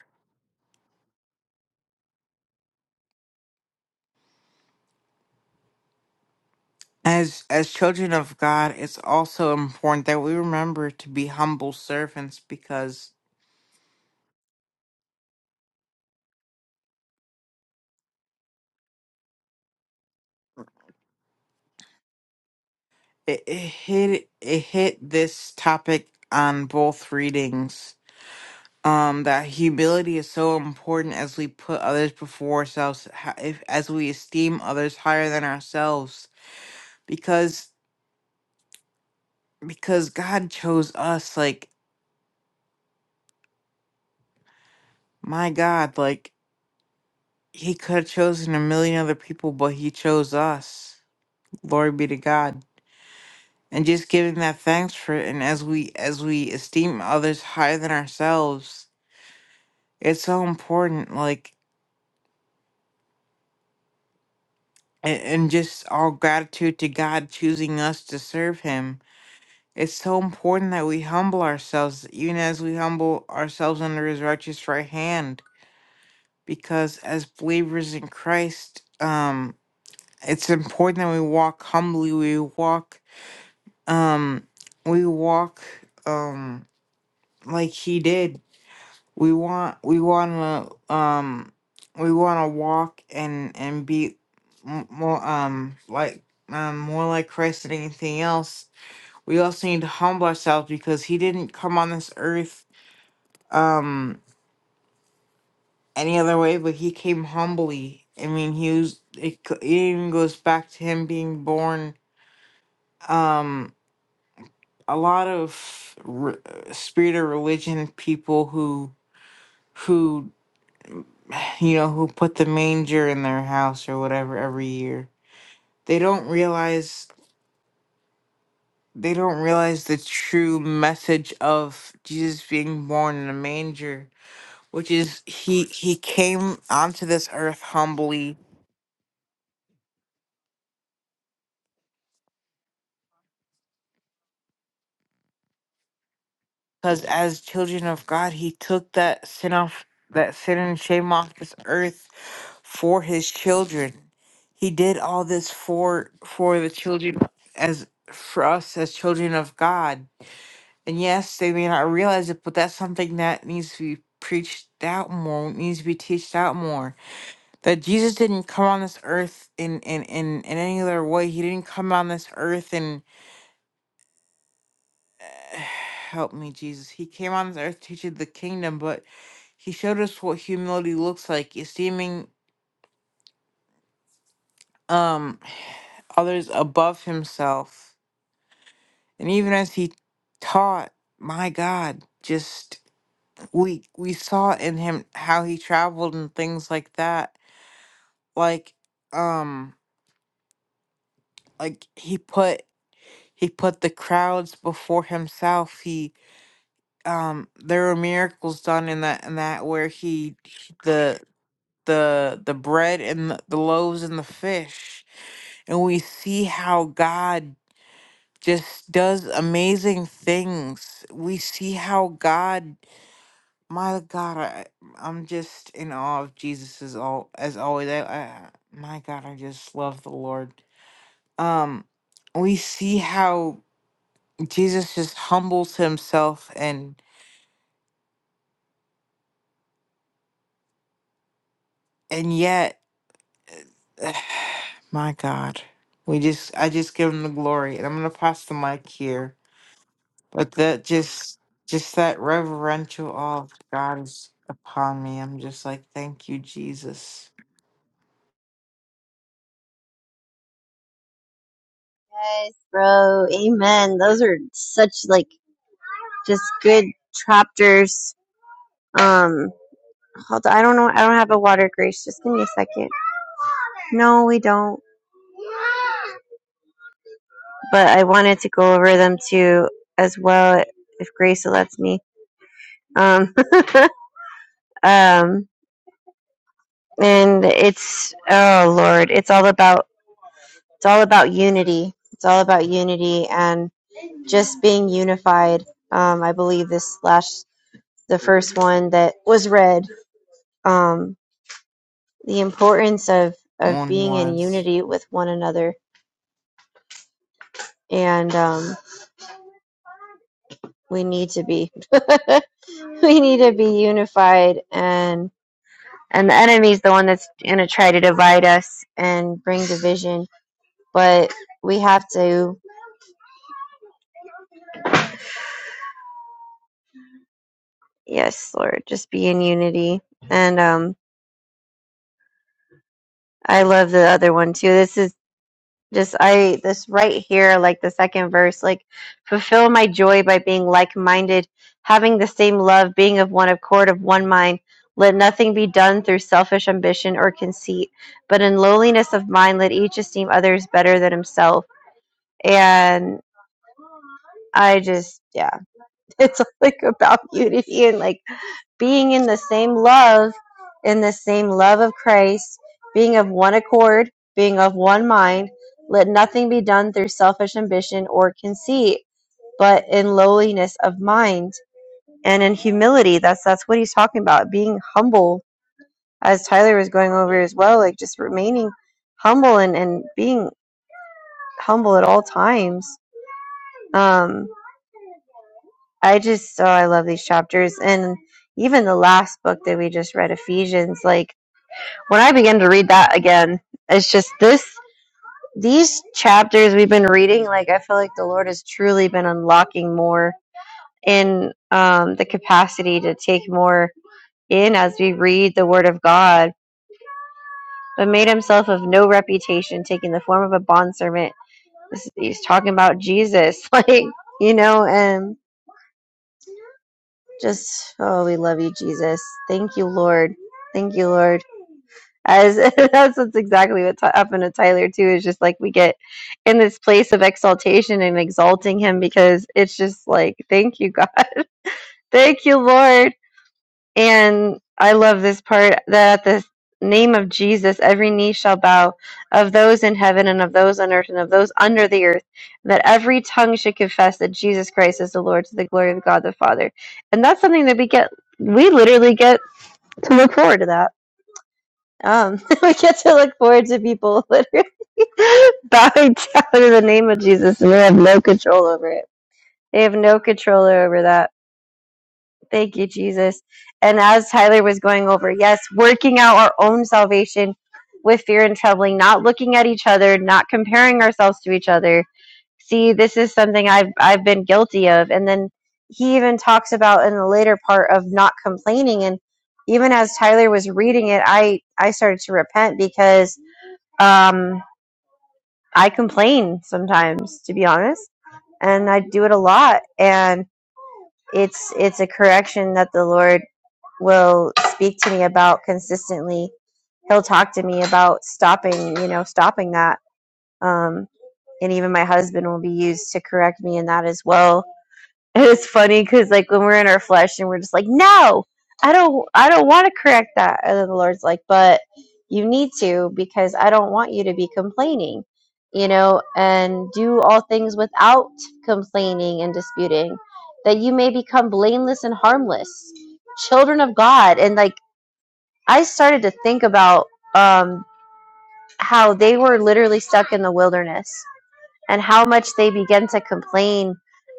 Speaker 2: As as children of God, it's also important that we remember to be humble servants because it, it hit it hit this topic on both readings. Um, that humility is so important as we put others before ourselves, ha- if, as we esteem others higher than ourselves, because because God chose us. Like my God, like He could have chosen a million other people, but He chose us. Glory be to God and just giving that thanks for it and as we as we esteem others higher than ourselves it's so important like and, and just our gratitude to god choosing us to serve him it's so important that we humble ourselves even as we humble ourselves under his righteous right hand because as believers in christ um it's important that we walk humbly we walk um we walk um like he did we want we want to um we want to walk and and be m- more um like um more like Christ than anything else. We also need to humble ourselves because he didn't come on this earth um any other way, but he came humbly. I mean, he was it, c- it even goes back to him being born um a lot of re- spirit of religion people who who [SIGHS] you know, who put the manger in their house or whatever every year. They don't realize they don't realize the true message of Jesus being born in a manger, which is he he came onto this earth humbly because as children of God, he took that sin off that sin and shame off this earth for his children. He did all this for for the children as for us as children of God And yes, they may not realize it, but that's something that needs to be preached out more, needs to be teached out more. That Jesus didn't come on this earth in in in, in any other way. He didn't come on this earth and [SIGHS] help me, Jesus. He came on this earth to teach you the kingdom, but he showed us what humility looks like, esteeming um [SIGHS] others above himself. And even as he taught, my God, just we we saw in him how he traveled and things like that like um like he put he put the crowds before himself he um there were miracles done in that in that where he the the the bread and the, the loaves and the fish and we see how god just does amazing things we see how god My God, I, I'm just in awe of Jesus as all as always. I, I my God, I just love the Lord. Um, we see how Jesus just humbles himself, and and yet, [SIGHS] my God, we just I just give him the glory, and I'm gonna pass the mic here. But that just just that reverential awe of God is upon me. I'm just like, thank you, Jesus.
Speaker 1: Yes, bro. Amen. Those are such like just good chapters. Um hold on, I don't know I don't have a water grace. Just give me a second. No, we don't. But I wanted to go over them too as well if Grace lets me. Um [LAUGHS] um and it's oh lord it's all about it's all about unity it's all about unity and just being unified um, i believe this last the first one that was read um, the importance of of
Speaker 2: One
Speaker 1: being in
Speaker 2: was.
Speaker 1: unity with one another and um, we need to be [LAUGHS] we need to be unified and and the enemy's the one that's going to try to divide us and bring division but we have to Yes, Lord, just be in unity. And um I love the other one too. This is just I this right here, like the second verse, like fulfill my joy by being like minded, having the same love, being of one accord, of one mind. Let nothing be done through selfish ambition or conceit, but in lowliness of mind let each esteem others better than himself. And I just yeah, [LAUGHS] it's like about unity and like being in the same love, in the same love of Christ, being of one accord, being of one mind. Let nothing be done through selfish ambition or conceit, but in lowliness of mind and in humility. That's that's what he's talking about. Being humble, as Tyler was going over as well, like just remaining humble and, and being humble at all times. Um, I just oh I love these chapters and even the last book that we just read, Ephesians, like when I began to read that again, it's just this these chapters we've been reading, like I feel like the Lord has truly been unlocking more in um the capacity to take more in as we read the word of God, but made himself of no reputation, taking the form of a bondservant. This, he's talking about Jesus, [LAUGHS] like, you know, and just oh we love you, Jesus. Thank you, Lord. Thank you, Lord. as [LAUGHS] that's what's exactly what t- happened to Tyler too. Is just like we get in this place of exaltation and exalting him because it's just like, thank you, God, [LAUGHS] thank you, Lord. And I love this part that at the name of Jesus, every knee shall bow of those in heaven and of those on earth and of those under the earth, that every tongue should confess that Jesus Christ is the Lord to the glory of God the Father. And that's something that we get, we literally get to look forward to that um, [LAUGHS] we get to look forward to people literally [LAUGHS] bowing down in the name of Jesus, and they have no control over it. They have no control over that. Thank you, Jesus. And as Tyler was going over, yes, working out our own salvation with fear and trembling, not looking at each other, not comparing ourselves to each other. See, this is something I've I've been guilty of. And then he even talks about in the later part of not complaining. And even as Tyler was reading it, I I started to repent because um, I complain sometimes, to be honest, and I do it a lot. And it's it's a correction that the Lord will speak to me about consistently. He'll talk to me about stopping, you know, stopping that. Um, and even my husband will be used to correct me in that as well And it's funny because like when we're in our flesh and we're just like, no, I don't, I don't want to correct that. And then the Lord's like, but you need to because I don't want you to be complaining, you know, and do all things without complaining and disputing, that you may become blameless and harmless, children of God. And like I started to think about um, how they were literally stuck in the wilderness and how much they begin to complain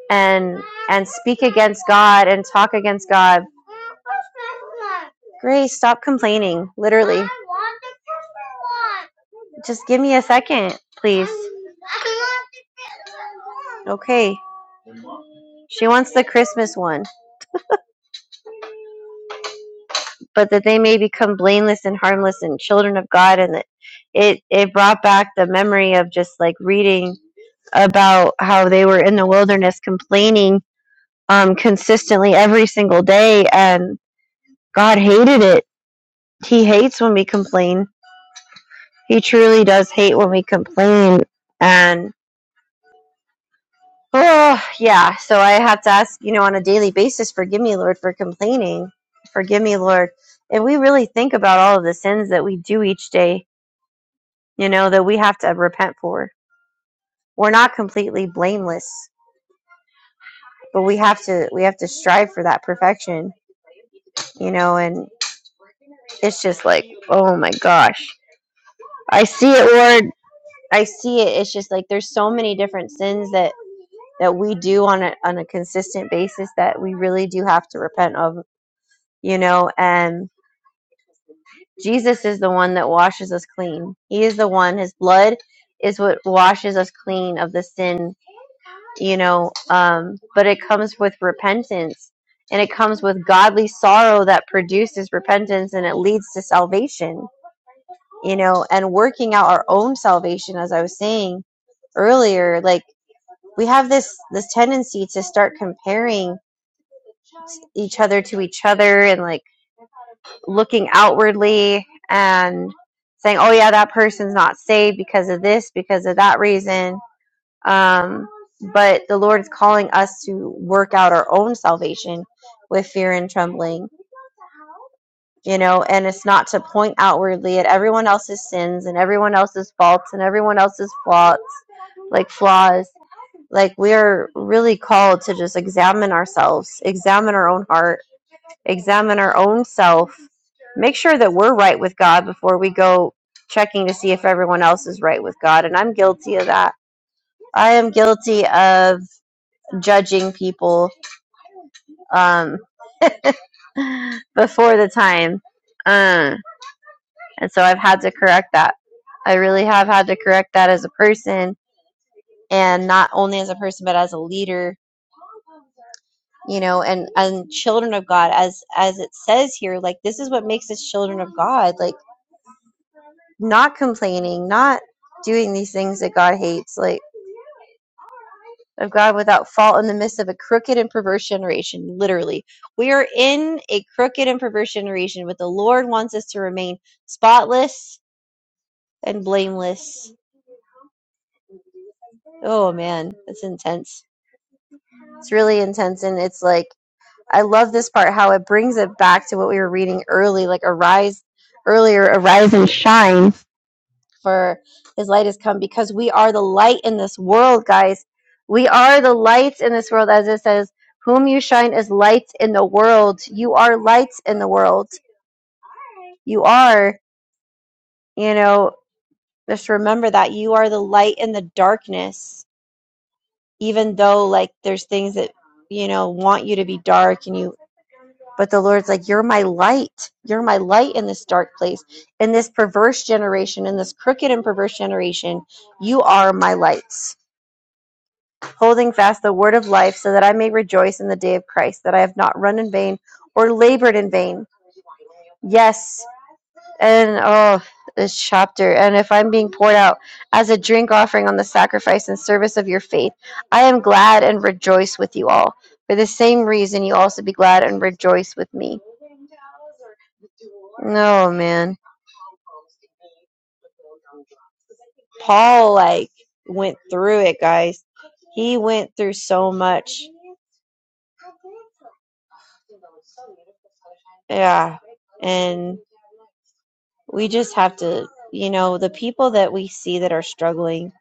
Speaker 1: and and speak against God and talk against God. Grace, stop complaining, literally. Just give me a second, please. Okay. She wants the Christmas one, but that they may become blameless and harmless and children of God and that it it brought back the memory of just like reading about how they were in the wilderness complaining um, consistently every single day, and God hated it. He hates when we complain. He truly does hate when we complain. And oh, yeah, so I have to ask, you know, on a daily basis, forgive me, Lord, for complaining. Forgive me, Lord. And we really think about all of the sins that we do each day, you know, that we have to repent for. We're not completely blameless, but we have to we have to strive for that perfection, you know, and it's just like, oh my gosh I see it, Lord. I see it. It's just like there's so many different sins that that we do on a on a consistent basis that we really do have to repent of, you know. And Jesus is the one that washes us clean. He is the one. His blood is what washes us clean of the sin, you know. Um, but it comes with repentance, and it comes with godly sorrow that produces repentance, and it leads to salvation, you know. And working out our own salvation, as I was saying earlier, like we have this this tendency to start comparing each other to each other and like looking outwardly and saying oh yeah that person's not saved because of this because of that reason um but the lord is calling us to work out our own salvation with fear and trembling you know and it's not to point outwardly at everyone else's sins and everyone else's faults and everyone else's flaws like flaws Like we are really called to just examine ourselves, examine our own heart, examine our own self, make sure that we're right with God before we go checking to see if everyone else is right with God. And I'm guilty of that. I am guilty of judging people um, [LAUGHS] before the time. Uh, and so I've had to correct that. I really have had to correct that as a person and not only as a person, but as a leader you know and and children of god as as it says here like this is what makes us children of god like not complaining not doing these things that god hates like of god without fault in the midst of a crooked and perverse generation literally we are in a crooked and perverse generation but the lord wants us to remain spotless and blameless oh man that's intense it's really intense and it's like I love this part how it brings it back to what we were reading early, like arise earlier, arise and shine for his light has come because we are the light in this world, guys. We are the lights in this world, as it says, whom you shine as lights in the world. You are lights in the world. You are, you know, just remember that you are the light in the darkness, even though like there's things that, you know, want you to be dark and you But the Lord's like, You're my light. You're my light in this dark place, in this perverse generation, in this crooked and perverse generation. You are my lights, holding fast the word of life, so that I may rejoice in the day of Christ, that I have not run in vain or labored in vain. Yes and oh this chapter and if i'm being poured out as a drink offering on the sacrifice and service of your faith i am glad and rejoice with you all for the same reason you also be glad and rejoice with me no man paul like went through it guys he went through so much yeah and we just have to you know the people that we see that are struggling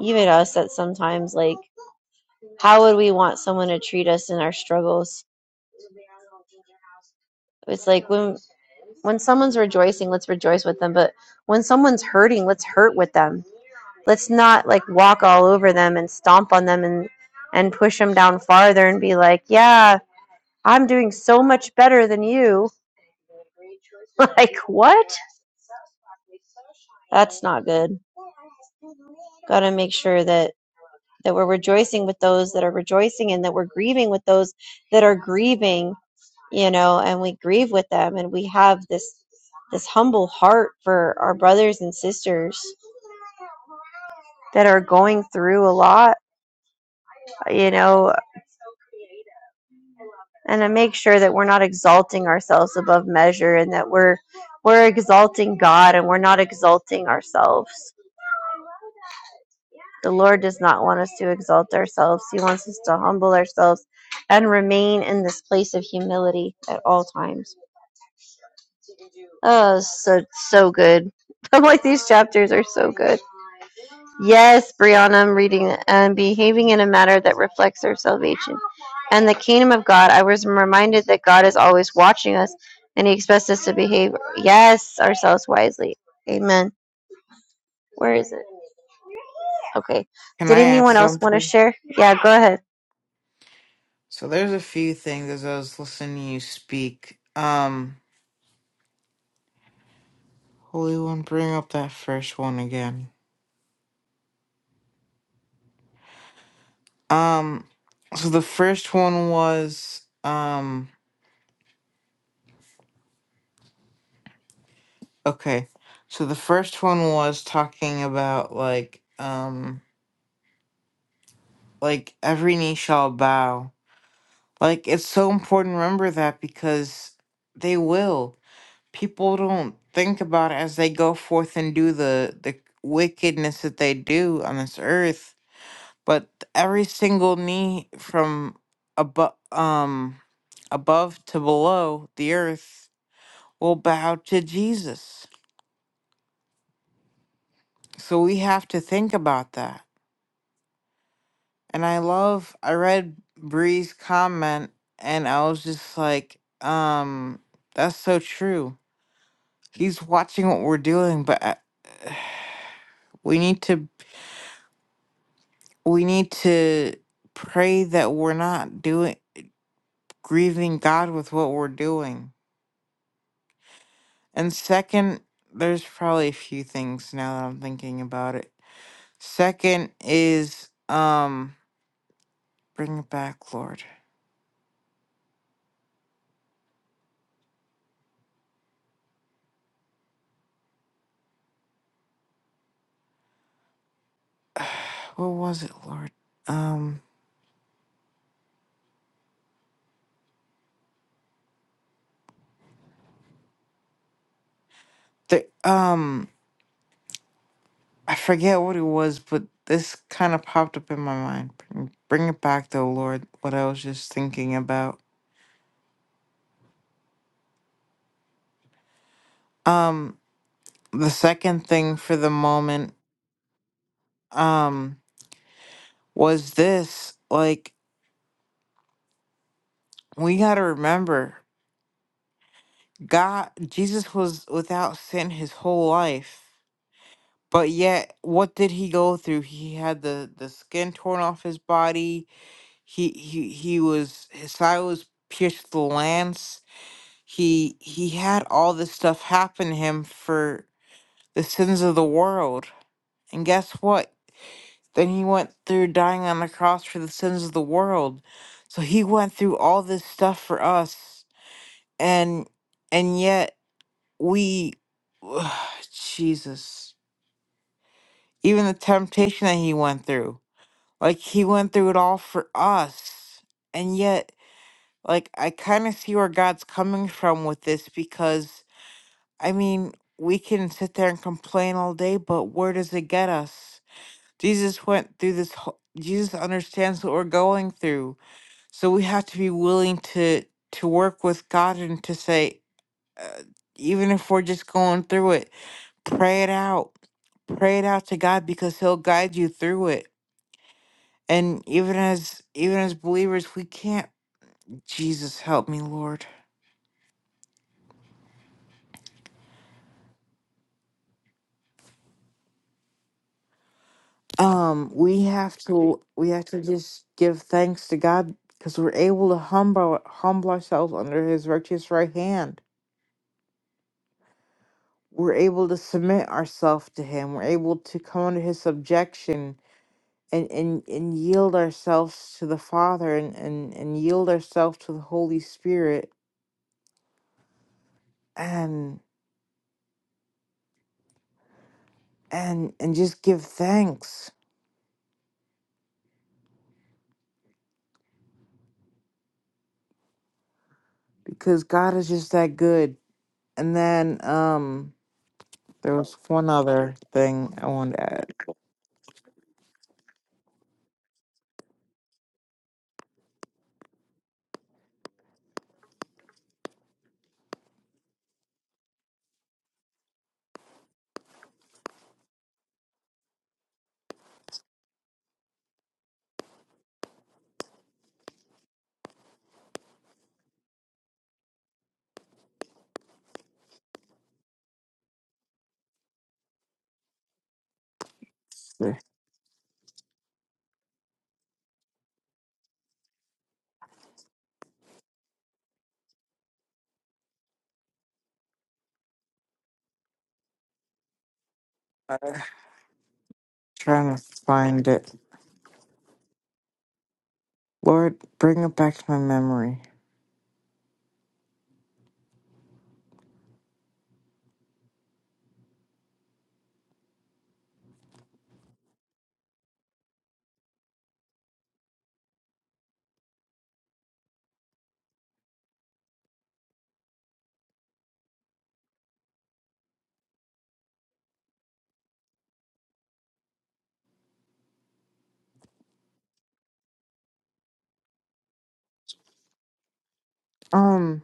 Speaker 1: even us that sometimes like How would we want someone to treat us in our struggles? It's like when when someone's rejoicing, let's rejoice with them, but when someone's hurting, let's hurt with them. Let's not like walk all over them and stomp on them and and push them down farther and be like, "Yeah, I'm doing so much better than you." [LAUGHS] like, what? That's not good. Got to make sure that that we're rejoicing with those that are rejoicing and that we're grieving with those that are grieving you know and we grieve with them and we have this this humble heart for our brothers and sisters that are going through a lot you know and to make sure that we're not exalting ourselves above measure and that we're we're exalting god and we're not exalting ourselves the lord does not want us to exalt ourselves he wants us to humble ourselves and remain in this place of humility at all times Oh, so so good. [LAUGHS] I'm like these chapters are so good. Yes, Brianna, I'm reading and behaving in a manner that reflects our salvation and the kingdom of God. I was reminded that God is always watching us, and He expects us to behave yes ourselves wisely. Amen. Where is it? Okay.
Speaker 2: Can
Speaker 1: Did
Speaker 2: I add
Speaker 1: anyone else want to
Speaker 2: something?
Speaker 1: share? Yeah, go ahead.
Speaker 2: So there's a few things as I was listening to you speak. Um, Holy One, bring up that first one again. Um, so the first one was, um, okay. So the first one was talking about like, um, like every knee shall bow. Like it's so important to remember that because they will. People don't think about it as they go forth and do the the wickedness that they do on this earth but every single knee from above um above to below the earth will bow to Jesus. So we have to think about that. And I love I read Bree's comment and I was just like, um, that's so true. He's watching what we're doing, but I, we need to we need to pray that we're not doing grieving God with what we're doing And second, there's probably a few things now that I'm thinking about it. Second is um bring it back, Lord. [SIGHS] what was it, Lord? Um the um I forget what it was, but this kind of popped up in my mind. Bring, bring it back though, Lord, what I was just thinking about. Um the second thing for the moment um was this like we got to remember God, Jesus was without sin his whole life, but yet what did he go through? He had the the skin torn off his body. He he he was his side was pierced with a lance. He he had all this stuff happen to him for the sins of the world. And guess what? Then he went through dying on the cross for the sins of the world. So he went through all this stuff for us. And and yet we [SIGHS] Jesus. Even the temptation that he went through. Like he went through it all for us. And yet, like I kind of see where God's coming from with this because I mean, we can sit there and complain all day, but where does it get us? Jesus went through this whole Jesus understands what we're going through. So we have to be willing to to work with God and to say uh, even if we're just going through it Pray it out. Pray it out to God because he'll guide you through it. And even as even as believers, we can't Jesus help me, Lord. Um, we have to we have to just give thanks to God because we're able to humble humble ourselves under his righteous right hand. We're able to submit ourselves to him. We're able to come under his subjection and, and, and yield ourselves to the Father and, and, and yield ourselves to the Holy Spirit. and and just give thanks because God is just that good. And then um there was one other thing I wanted to add. to- Uh, trying to find it. Lord, bring it back to my memory. Um,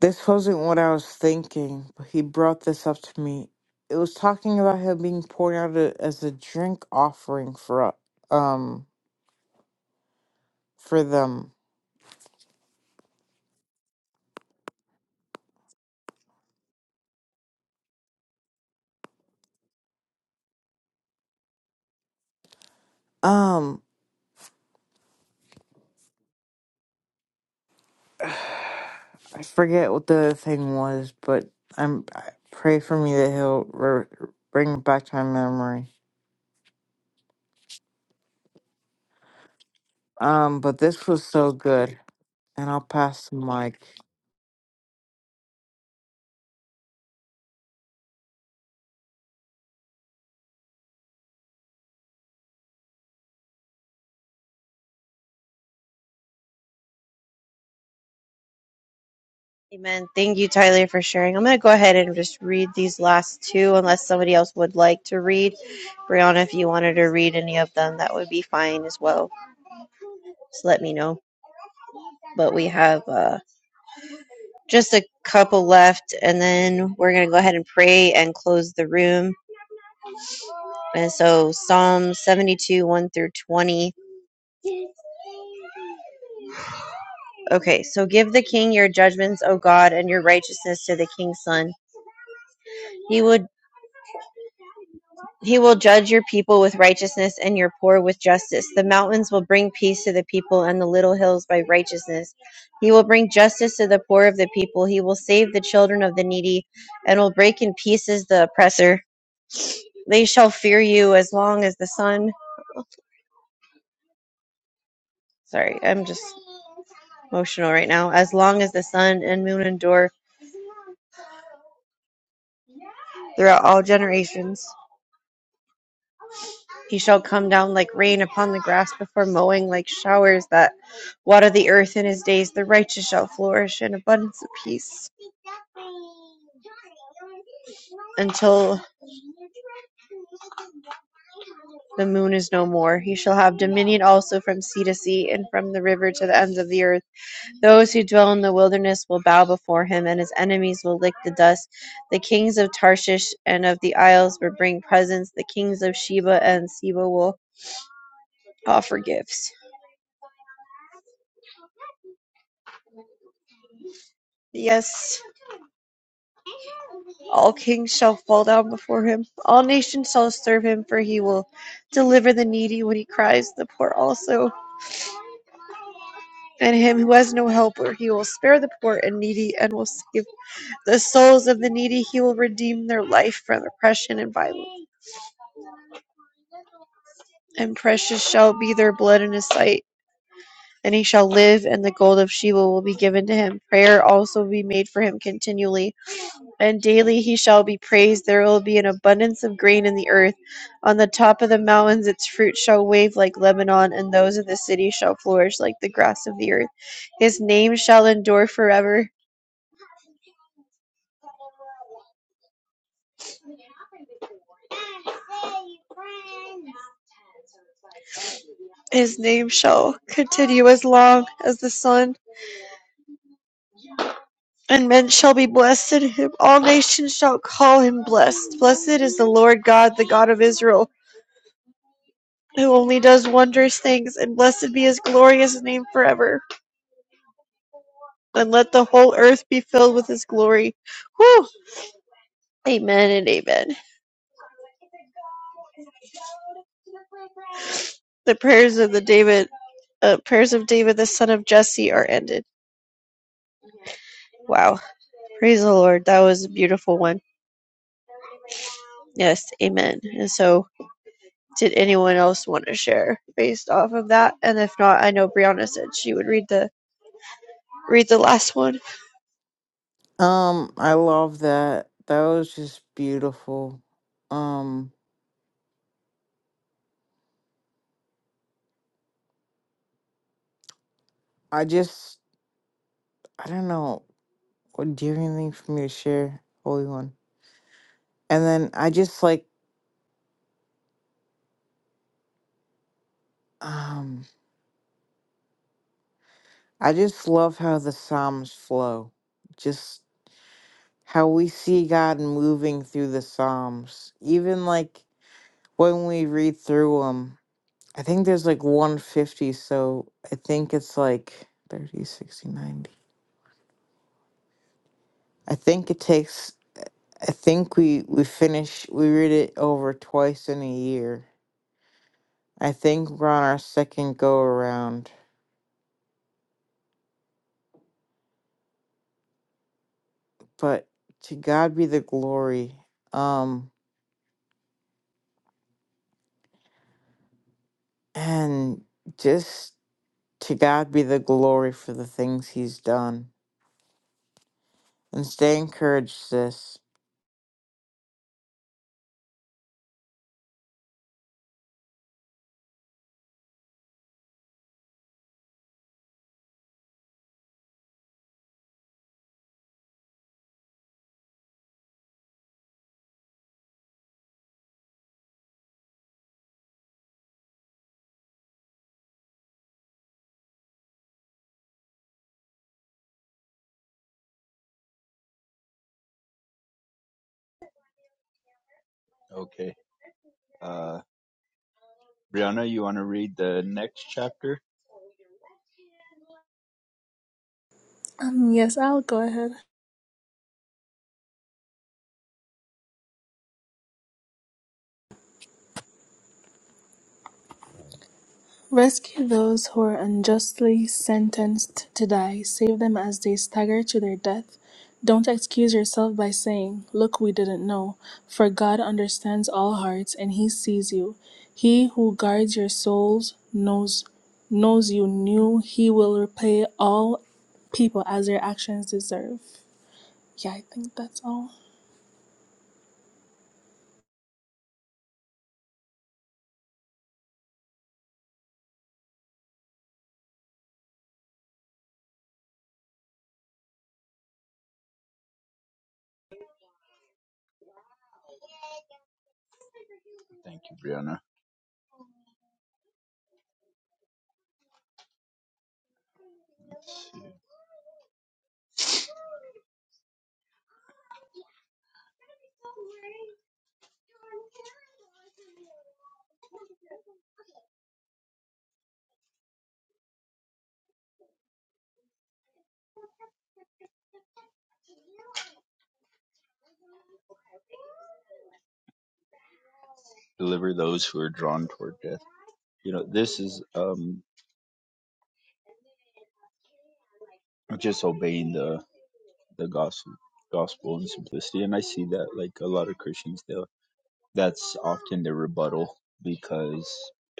Speaker 2: this wasn't what I was thinking, but he brought this up to me. It was talking about him being poured out a, as a drink offering for uh, um for them. Um, [SIGHS] I forget what the thing was, but I'm I pray for me that he'll re- bring it back to my memory. Um, but this was so good, and I'll pass the mic.
Speaker 1: Amen. Thank you, Tyler, for sharing. I'm going to go ahead and just read these last two, unless somebody else would like to read. Brianna, if you wanted to read any of them, that would be fine as well. Just let me know. But we have uh, just a couple left, and then we're going to go ahead and pray and close the room. And so, Psalm 72, 1 through 20. Okay, so give the king your judgments, O God, and your righteousness to the king's son. He will He will judge your people with righteousness and your poor with justice. The mountains will bring peace to the people and the little hills by righteousness. He will bring justice to the poor of the people. He will save the children of the needy and will break in pieces the oppressor. They shall fear you as long as the sun. Sorry, I'm just emotional right now. As long as the sun and moon endure throughout all generations. He shall come down like rain upon the grass before mowing, like showers that water the earth in his days. The righteous shall flourish in abundance of peace until the moon is no more. He shall have dominion also from sea to sea and from the river to the ends of the earth. Those who dwell in the wilderness will bow before him, and his enemies will lick the dust. The kings of Tarshish and of the isles will bring presents. The kings of Sheba and Seba will offer gifts. Yes, all kings shall fall down before him. All nations shall serve him, for he will deliver the needy when he cries, the poor also, and him who has no helper. He will spare the poor and needy, and will save the souls of the needy. He will redeem their life from oppression and violence. And precious shall be their blood in his sight, and he shall live, and the gold of Sheba will be given to him. Prayer also will be made for him continually. and daily he shall be praised. There will be an abundance of grain in the earth. On the top of the mountains, its fruit shall wave like Lebanon, and those of the city shall flourish like the grass of the earth. His name shall endure forever. His name shall continue as long as the sun, and men shall be blessed in him. All nations shall call him blessed. Blessed is the Lord God, the God of Israel. who only does wondrous things, and blessed be his glorious name forever. And let the whole earth be filled with his glory. Whew! Amen and amen. The prayers of the David, uh, prayers of David the son of Jesse are ended. Wow. Praise the Lord. That was a beautiful one. Yes, amen. And so, did anyone else want to share based off of that? And if not, I know Brianna said she would read the read the last one.
Speaker 2: Um, I love that. That was just beautiful. Um, I just I don't know. What- Do you have anything for me to share, Holy One? And then I just like um, I just love how the psalms flow. Just how we see God moving through the Psalms. Even like when we read through them, I think there's like 150, so I think it's like 30, 60, 90. I think it takes, I think we, we finish, we read it over twice in a year. I think we're on our second go around, but to God be the glory. Um, and just to God be the glory for the things he's done And stay encouraged, sis.
Speaker 4: Okay. Uh, Brianna, you want to read the next chapter?
Speaker 5: Um, yes, I'll go ahead. Rescue those who are unjustly sentenced to die. Save them as they stagger to their death. Don't excuse yourself by saying, Look, we didn't know, for God understands all hearts and He sees you. He who guards your souls knows knows you knew He will repay all people as their actions deserve. Yeah, I think that's all.
Speaker 4: Thank you, Brianna. deliver those who are drawn toward death. You know, this is um, just obeying the the gospel gospel in simplicity, and I see that like a lot of Christians they'll That's often their rebuttal because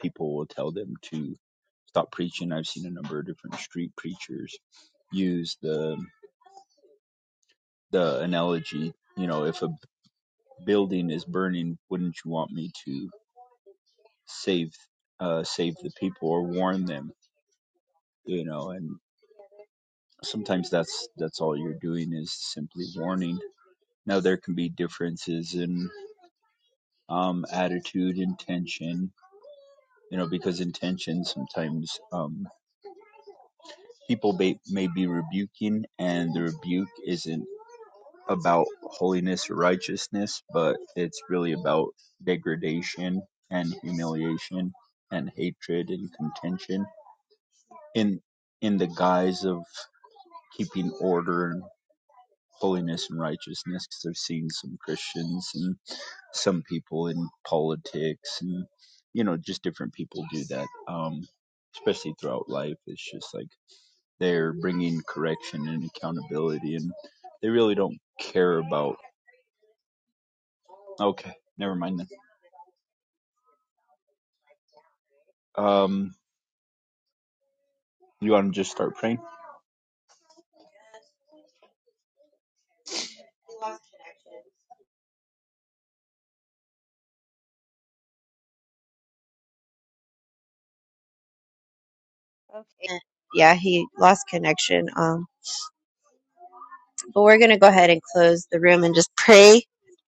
Speaker 4: people will tell them to stop preaching. I've seen a number of different street preachers use the the analogy. You know, if a building is burning, wouldn't you want me to save uh, save the people or warn them? You know, and Sometimes that's that's all you're doing is simply warning. Now there can be differences in um, attitude, intention, you know, because intention sometimes um, people may, may be rebuking, and the rebuke isn't about holiness or righteousness, but it's really about degradation and humiliation and hatred and contention in in the guise of keeping order holiness and righteousness because I've seen some Christians and some people in politics and you know just different people do that um especially throughout life it's just like they're bringing correction and accountability and they really don't care about okay never mind then um you want to just start praying
Speaker 1: Okay. Yeah, he lost connection. Um, But we're going to go ahead and close the room and just pray.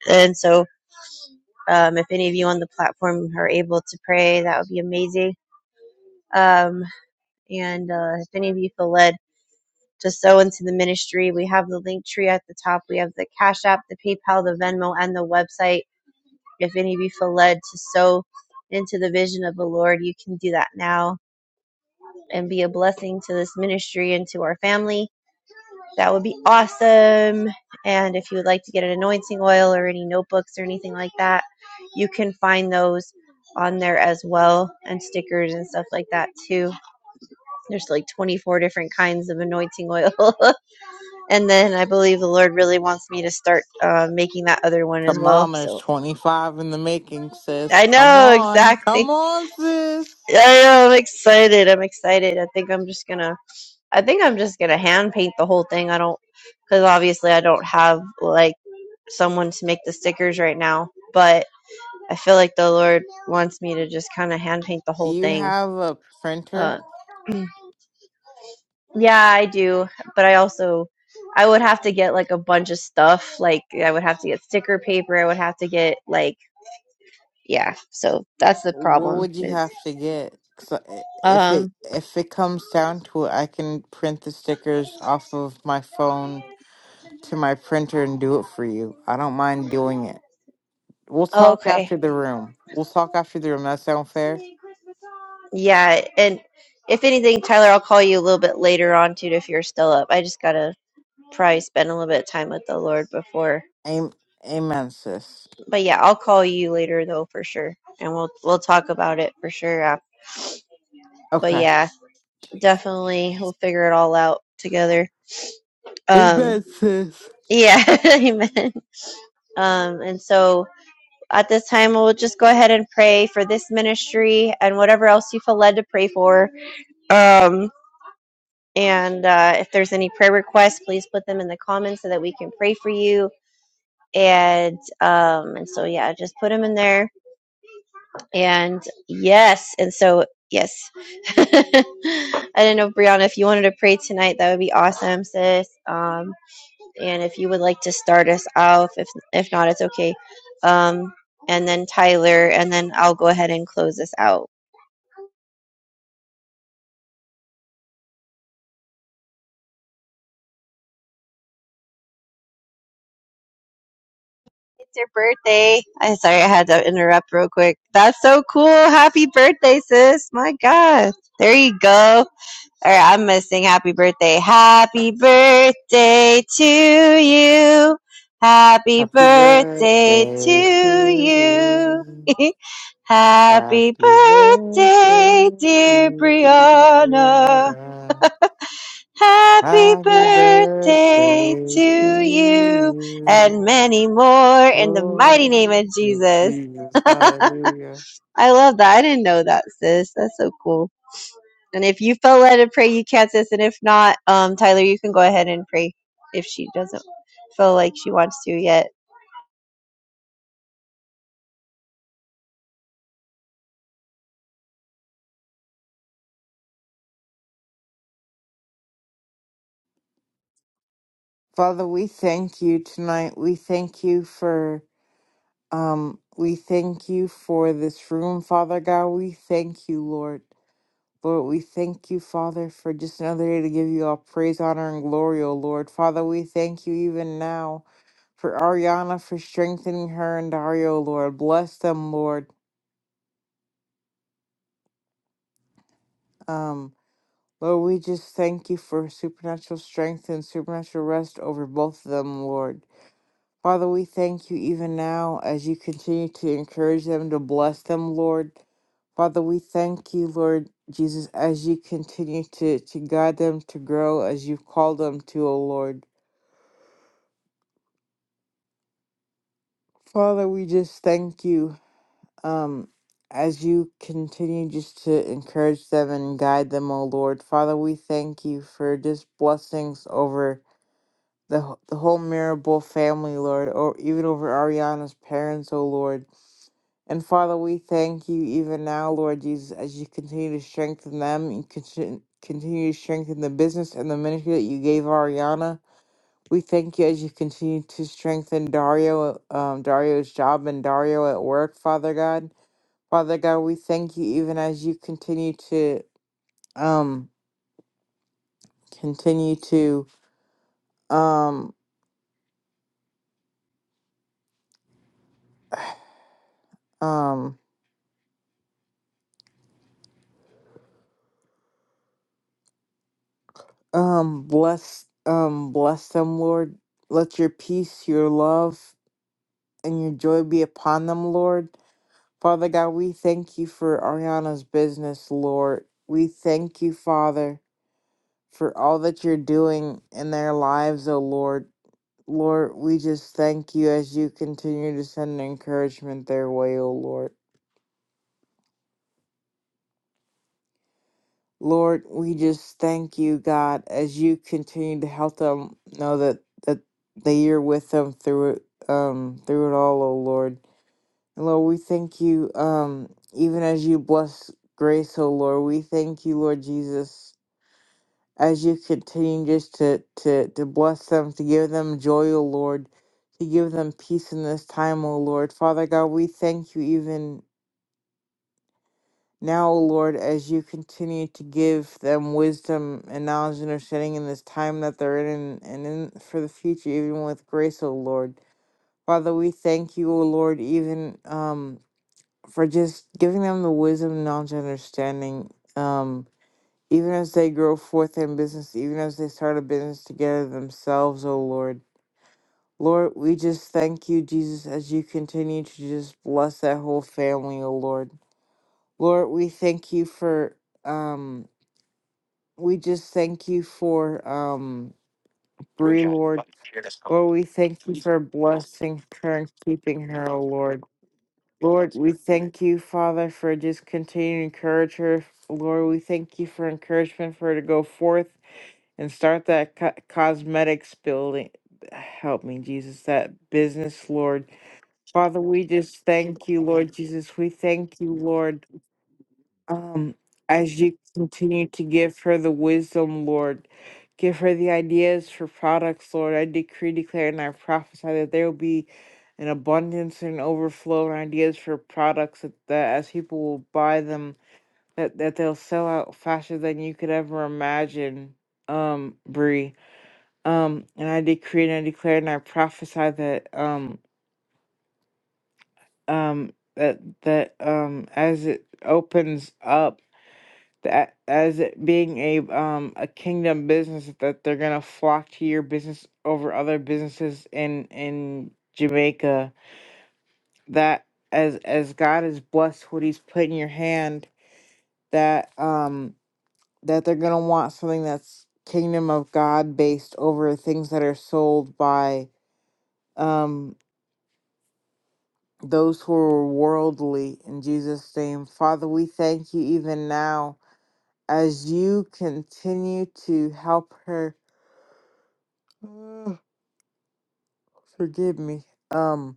Speaker 1: And so, um, if any of you on the platform are able to pray, that would be amazing. Um, and uh, if any of you feel led to sow into the ministry, we have the link tree at the top. We have the Cash App, the PayPal, the Venmo, and the website. If any of you feel led to sow into the vision of the Lord, you can do that now and be a blessing to this ministry and to our family That would be awesome. And if you would like to get an anointing oil or any notebooks or anything like that, you can find those on there as well and stickers and stuff like that too. There's like 24 different kinds of anointing oil. [LAUGHS] and then I believe the Lord really wants me to start uh, making that other one as
Speaker 2: Come
Speaker 1: well.
Speaker 2: on, there's
Speaker 1: So
Speaker 2: 25 in the making,
Speaker 1: I
Speaker 2: sis. Come
Speaker 1: know [LAUGHS]
Speaker 2: on.
Speaker 1: exactly.
Speaker 2: Come on, sis.
Speaker 1: I know, I'm excited. I'm excited. I think I'm just gonna I think I'm just gonna hand paint the whole thing. I don't, because obviously I don't have like someone to make the stickers right now. But I feel like the Lord wants me to just kind of hand paint the
Speaker 2: Do
Speaker 1: whole
Speaker 2: you
Speaker 1: thing.
Speaker 2: have a printer?
Speaker 1: Uh, [CLEARS THROAT] yeah, I do. But I also, I would have to get like a bunch of stuff. Like I would have to get sticker paper. I would have to get like yeah. So that's the
Speaker 2: What
Speaker 1: problem.
Speaker 2: would you
Speaker 1: Is
Speaker 2: have to get? 'Cause I- if
Speaker 1: um
Speaker 2: it if it comes down to it, I can print the stickers off of my phone to my printer and do it for you. I don't mind doing it. We'll
Speaker 1: Oh,
Speaker 2: talk
Speaker 1: Okay.
Speaker 2: after the room. We'll talk after the room. That sound fair?
Speaker 1: Yeah, and if anything, Tyler, I'll call you a little bit later on too if you're still up. I just gotta probably spend a little bit of time with the Lord before.
Speaker 2: Am- Amen, sis.
Speaker 1: But yeah, I'll call you later though for sure, and we'll we'll talk about it for sure. af- But
Speaker 2: Okay.
Speaker 1: yeah, definitely we'll figure it all out together. Um,
Speaker 2: Amen, sis.
Speaker 1: yeah, [LAUGHS] amen. Um, and so. At this time, we'll just go ahead and pray for this ministry and whatever else you feel led to pray for. Um, and uh, if there's any prayer requests, please put them in the comments so that we can pray for you. And um, and so yeah, just put them in there. And yes, and so yes. [LAUGHS] I didn't know Brianna, if you wanted to pray tonight, that would be awesome, sis. Um, and if you would like to start us off, if if not, it's okay. Um, and then Tyler, and then I'll go ahead and close this out. It's your birthday. I am sorry, I had to interrupt real quick. That's so cool. Happy birthday, sis. My God. There you go. Or I'm gonna sing happy birthday. Happy birthday to you. Happy
Speaker 2: Happy
Speaker 1: birthday to
Speaker 2: birthday to
Speaker 1: you.
Speaker 2: you.
Speaker 1: [LAUGHS] happy
Speaker 2: Happy
Speaker 1: birthday,
Speaker 2: birthday,
Speaker 1: dear
Speaker 2: dear
Speaker 1: Brianna.
Speaker 2: Rihanna.
Speaker 1: Happy
Speaker 2: Happy
Speaker 1: birthday
Speaker 2: birthday to
Speaker 1: to you.
Speaker 2: you.
Speaker 1: And many more in the
Speaker 2: Oh,
Speaker 1: mighty name of Jesus.
Speaker 2: Jesus. Hallelujah.
Speaker 1: I love that. I didn't know that, sis. That's so cool. And if you felt led to pray, you can, sis. And if not, um, Tyler, you can go ahead and pray if she doesn't feel like she wants to yet.
Speaker 2: Father, we thank you tonight. We thank you for um we thank you for this room, Father God. We thank you, Lord. Lord, we thank you, Father, for just another day to give you all praise, honor, and glory, O Lord. Father, we thank you even now for Ariana, for strengthening her and Dario, O Lord. Bless them, Lord. Um, Lord, we just thank you for supernatural strength and supernatural rest over both of them, Lord. Father, we thank you even now as you continue to encourage them, to bless them, Lord. Father, we thank you, Lord Jesus, as you continue to, to guide them to grow as you've called them to, O Lord. Father, we just thank you um, as you continue just to encourage them and guide them, O Lord. Father, we thank you for just blessings over the, wh- the whole Mirable family, Lord, or even over Ariana's parents, O Lord. And Father, we thank you even now, Lord Jesus, as you continue to strengthen them and conti- continue to strengthen the business and the ministry that you gave Ariana. We thank you as you continue to strengthen Dario, um, Dario's job and Dario at work, Father God. Father God, we thank you even as you continue to um continue to um um um bless um bless them, Lord. Let your peace, your love, and your joy be upon them, Lord. Father God, we thank you for Ariana's business, Lord. We thank you, Father, for all that you're doing in their lives, O Lord. Lord, we just thank you as you continue to send encouragement their way, O Lord. Lord, we just thank you, God, as you continue to help them know that that that you're with them through it, um, through it all, O Lord. And Lord, we thank you, um, even as you bless grace, O Lord. We thank you, Lord Jesus, as you continue just to, to, to bless them, to give them joy, O Lord, to give them peace in this time, O Lord. Father God, we thank you even now, O Lord, as you continue to give them wisdom and knowledge and understanding in this time that they're in and, and in for the future, even with grace, O Lord. Father, we thank you, O Lord, even um, for just giving them the wisdom, knowledge, and understanding. Um, Even as they grow forth in business, even as they start a business together themselves, O Lord. Lord, we just thank you, Jesus, as you continue to just bless that whole family, O Lord. Lord, we thank you for um we just thank you for um Bree, Lord. Lord, we thank you for blessing her and keeping her, O Lord. Lord, we thank you, Father, for just continuing to encourage her. Lord, we thank you for encouragement for her to go forth. and start that co- cosmetics building. Help me, Jesus, that business, Lord. Father, we just thank you, Lord Jesus. We thank you, Lord. Um, as you continue to give her the wisdom, Lord, give her the ideas for products, Lord. I decree, declare, and I prophesy that there will be an abundance and overflow and ideas for products that, that as people will buy them, that, that they'll sell out faster than you could ever imagine. Um, Bree. Um, and I decree and I declare and I prophesy that um um that that um as it opens up that as it being a um a kingdom business that they're gonna flock to your business over other businesses in in Jamaica that as as God has blessed what He's put in your hand that um that they're gonna want something that's kingdom of God based over things that are sold by um those who are worldly in Jesus' name. Father, we thank you even now as you continue to help her. Ugh, forgive me. Um,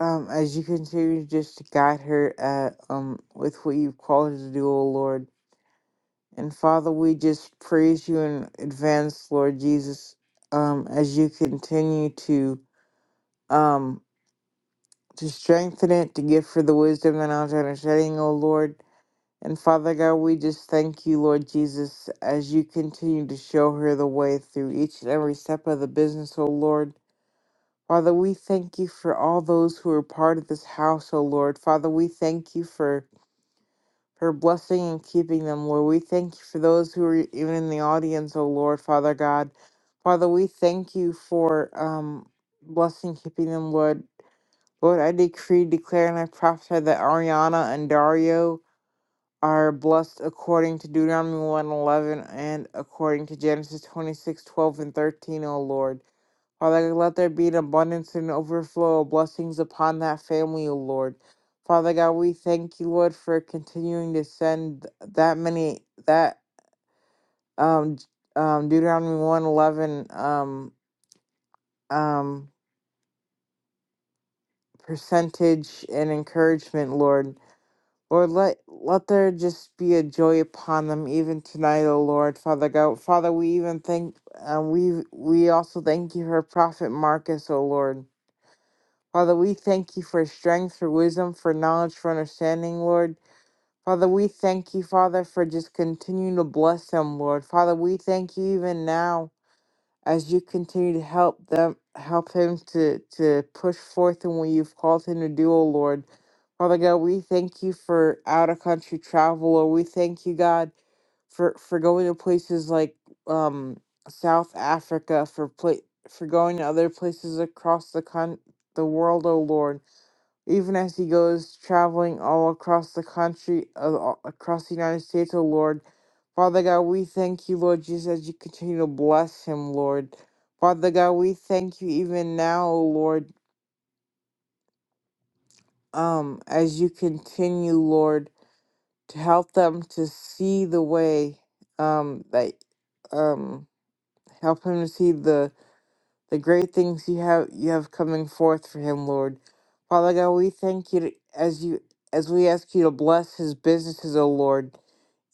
Speaker 2: um, as you continue just to guide her uh, um with what you've called her to do, O Lord. And Father, we just praise you in advance, Lord Jesus, um, as you continue to um to strengthen it, to give her the wisdom and knowledge and understanding, O Lord And Father God, we just thank you, Lord Jesus, as you continue to show her the way through each and every step of the business, O Lord. Father, we thank you for all those who are part of this house, O Lord. Father, we thank you for her blessing and keeping them, Lord. We thank you for those who are even in the audience, O Lord, Father God. Father, we thank you for um blessing keeping them, Lord. Lord, I decree, declare, and I prophesy that Ariana and Dario are blessed according to Deuteronomy one eleven and according to Genesis 26:12 and 13, O Lord. Father, God, let there be an abundance and overflow of blessings upon that family, O Lord. Father God, we thank you, Lord, for continuing to send that many that um um Deuteronomy one eleven um um percentage and encouragement, Lord. Lord, let let there just be a joy upon them even tonight, O Lord, Father God. Father, we even thank um, we we also thank you for Prophet Marcus, O Lord. Father, we thank you for strength, for wisdom, for knowledge, for understanding, Lord. Father, we thank you, Father, for just continuing to bless them, Lord. Father, we thank you even now as you continue to help them help him to to push forth in what you've called him to do, O Lord. Father God, we thank you for out of country travel, or we thank you, God, for for going to places like um South Africa, for pla- for going to other places across the con the world, O Lord even as he goes traveling all across the country, uh, all across the United States, O Lord. Father God, we thank you, Lord Jesus, as you continue to bless him, Lord. Father God, we thank you even now, O Lord, um, as you continue, Lord, to help them to see the way, um, that, um, help him to see the the great things you have you have coming forth for him, Lord. Father God, we thank you to, as you as we ask you to bless his businesses, O Lord.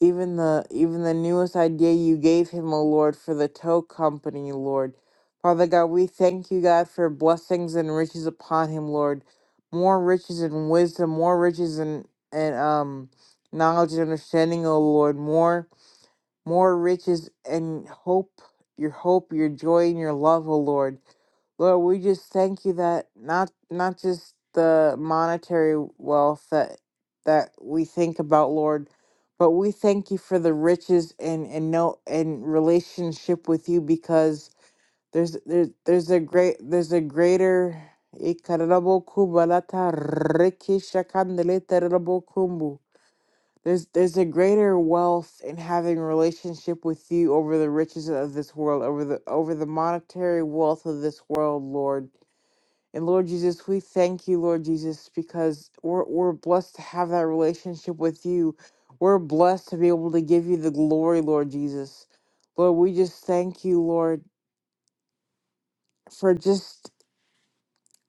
Speaker 2: Even the even the newest idea you gave him, O Lord, for the tow company, Lord. Father God, we thank you, God, for blessings and riches upon him, Lord. More riches and wisdom, more riches and and um knowledge and understanding, O Lord. More more riches and hope, your hope, your joy, and your love, O Lord. Lord, we just thank you that not not just the monetary wealth that that we think about, Lord, but we thank you for the riches and and no and relationship with you because there's there's there's a great there's a greater Ikarabo kubalata riki shakandelete rabo kumbu. There's there's a greater wealth in having a relationship with you over the riches of this world, over the over the monetary wealth of this world, Lord. And Lord Jesus, we thank you, Lord Jesus, because we're we're blessed to have that relationship with you. We're blessed to be able to give you the glory, Lord Jesus. Lord, we just thank you, Lord, for just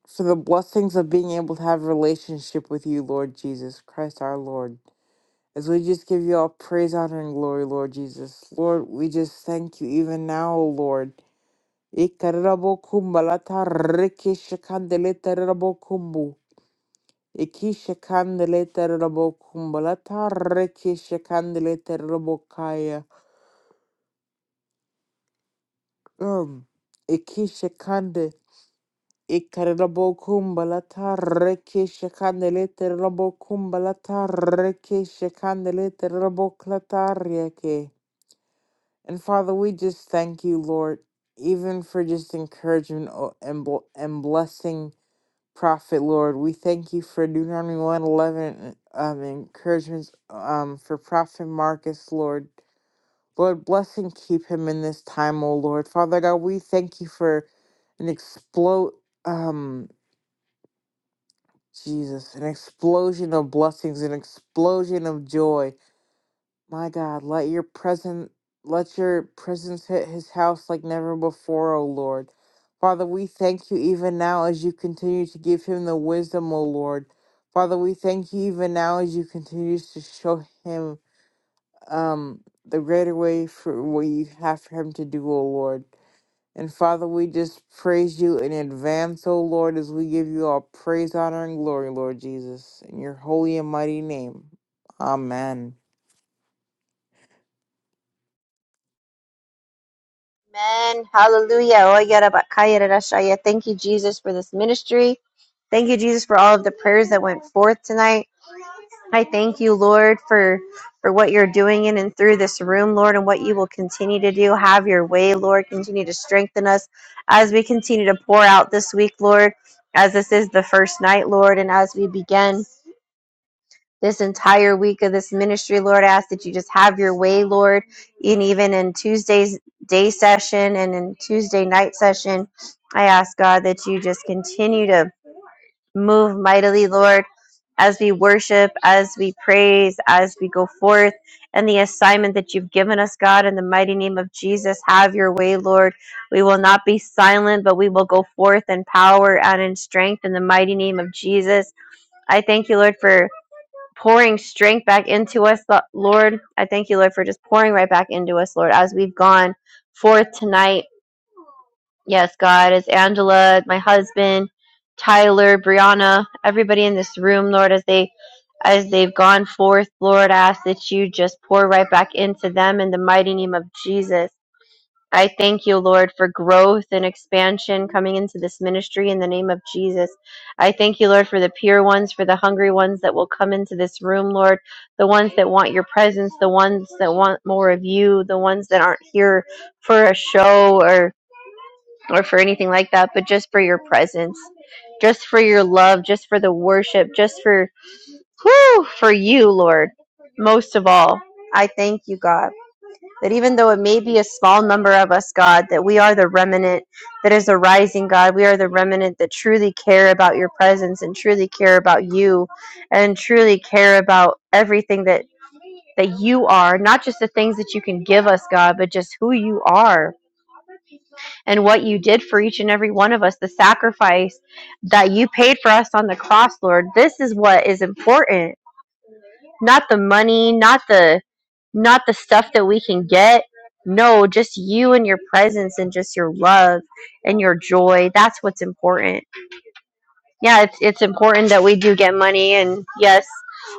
Speaker 2: for the blessings of being able to have a relationship with you, Lord Jesus Christ our Lord. As we just give you all praise, honor, and glory, Lord Jesus. Lord, we just thank you even now, O Lord. Ikararabokumbalata rikishakandeletarambokumbu. Ikishakandeletarambokumbalata rikishakandeletaramokaya. Um, ikishakande. Ikararabokumbalata rikishakandeletarambokumbalata rikishakandeletaramboklata riake. And Father, we just thank you, Lord, even for just encouragement o- and bl- and blessing Prophet, Lord. We thank you for Deuteronomy one eleven um, encouragements um for Prophet Marcus, Lord. Lord, bless and keep him in this time, O Lord. Father God, we thank you for an explode um Jesus, an explosion of blessings, an explosion of joy My God, let your presence let your presence hit his house like never before, O Lord. Father, we thank you even now as you continue to give him the wisdom, O Lord. Father, we thank you even now as you continue to show him um the greater way for what you have for him to do, O Lord. And Father, we just praise you in advance, O Lord, as we give you all praise, honor, and glory, Lord Jesus, in your holy and mighty name. Amen.
Speaker 1: Amen. Hallelujah. Oh, yada ba kaya da da shaya. Thank you, Jesus, for this ministry. Thank you, Jesus, for all of the prayers that went forth tonight. I thank you, Lord, for for what you're doing in and through this room, Lord, and what you will continue to do. Have your way, Lord. Continue to strengthen us as we continue to pour out this week, Lord, as this is the first night, Lord, and as we begin this entire week of this ministry, Lord, I ask that you just have your way, Lord, and even in Tuesday's day session and in Tuesday night session, I ask God that you just continue to Move mightily, Lord, as we worship, as we praise, as we go forth, and the assignment that you've given us, God, in the mighty name of Jesus. Have your way, Lord. We will not be silent, but we will go forth in power and in strength in the mighty name of Jesus. I thank you, Lord, for pouring strength back into us, Lo- Lord. I thank you, Lord, for just pouring right back into us, Lord, as we've gone forth tonight Yes, God, as Angela, my husband, Tyler, Brianna, everybody in this room, Lord, as they as they've gone forth, Lord, I ask that you just pour right back into them in the mighty name of Jesus. I thank you, Lord, for growth and expansion coming into this ministry in the name of Jesus. I thank you, Lord, for the pure ones, for the hungry ones that will come into this room, Lord, the ones that want your presence, the ones that want more of you, the ones that aren't here for a show or or for anything like that, but just for your presence, just for your love, just for the worship, just for whew, for you, Lord. Most of all, I thank you, God, that even though it may be a small number of us, God, that we are the remnant that is arising, God. We are the remnant that truly care about your presence and truly care about you and truly care about everything that that you are, not just the things that you can give us, God, but just who you are and what you did for each and every one of us, the sacrifice that you paid for us on the cross, Lord. This is what is important, not the money, not the not the stuff that we can get. No, just you and your presence and just your love and your joy. That's what's important. Yeah, it's it's important that we do get money and yes,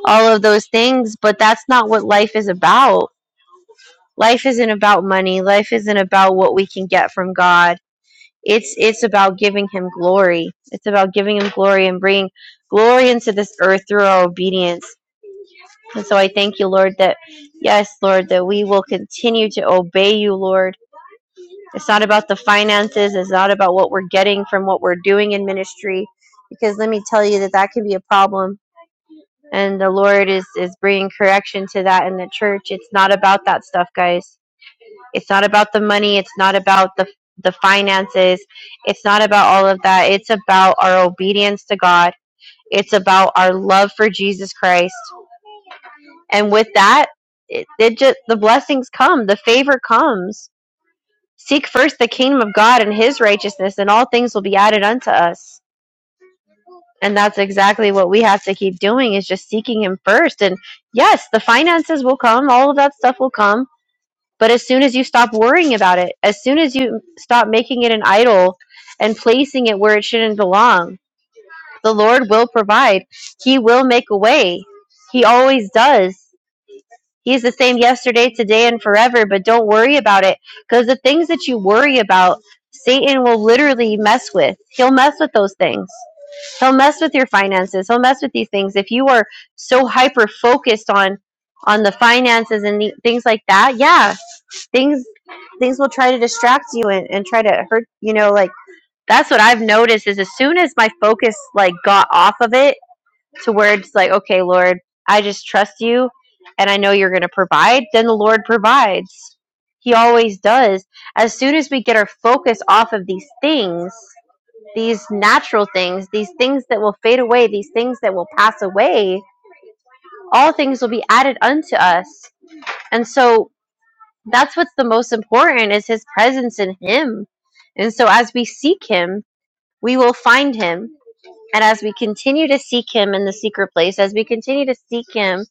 Speaker 1: all of those things, but that's not what life is about. Life isn't about money. Life isn't about what we can get from God It's it's about giving him glory. It's about giving him glory and bringing glory into this earth through our obedience. And so I thank you, Lord, that yes, Lord, that we will continue to obey you, Lord. It's not about the finances. It's not about what we're getting from what we're doing in ministry, because let me tell you that that can be a problem. And the Lord is is bringing correction to that in the church. It's not about that stuff, guys it's not about the money. It's not about the the finances. It's not about all of that. It's about our obedience to God. It's about our love for Jesus Christ. And with that, it, it just the blessings come. The favor comes. Seek first the kingdom of God and His righteousness, and all things will be added unto us. And that's exactly what we have to keep doing is just seeking Him first. And yes, the finances will come. All of that stuff will come But as soon as you stop worrying about it, as soon as you stop making it an idol and placing it where it shouldn't belong, the Lord will provide. He will make a way. He always does. He's the same yesterday, today, and forever. But don't worry about it because the things that you worry about, Satan will literally mess with. He'll mess with those things. He'll mess with your finances. He'll mess with these things. If you are so hyper focused on on the finances and the, things like that, yeah, things things will try to distract you and, and try to hurt you know like that's what i've noticed is as soon as my focus like got off of it to where it's like okay lord i just trust you and i know you're going to provide then the lord provides he always does as soon as we get our focus off of these things these natural things these things that will fade away these things that will pass away all things will be added unto us and so that's what's the most important is his presence in him and so as we seek him we will find him and as we continue to seek him in the secret place as we continue to seek him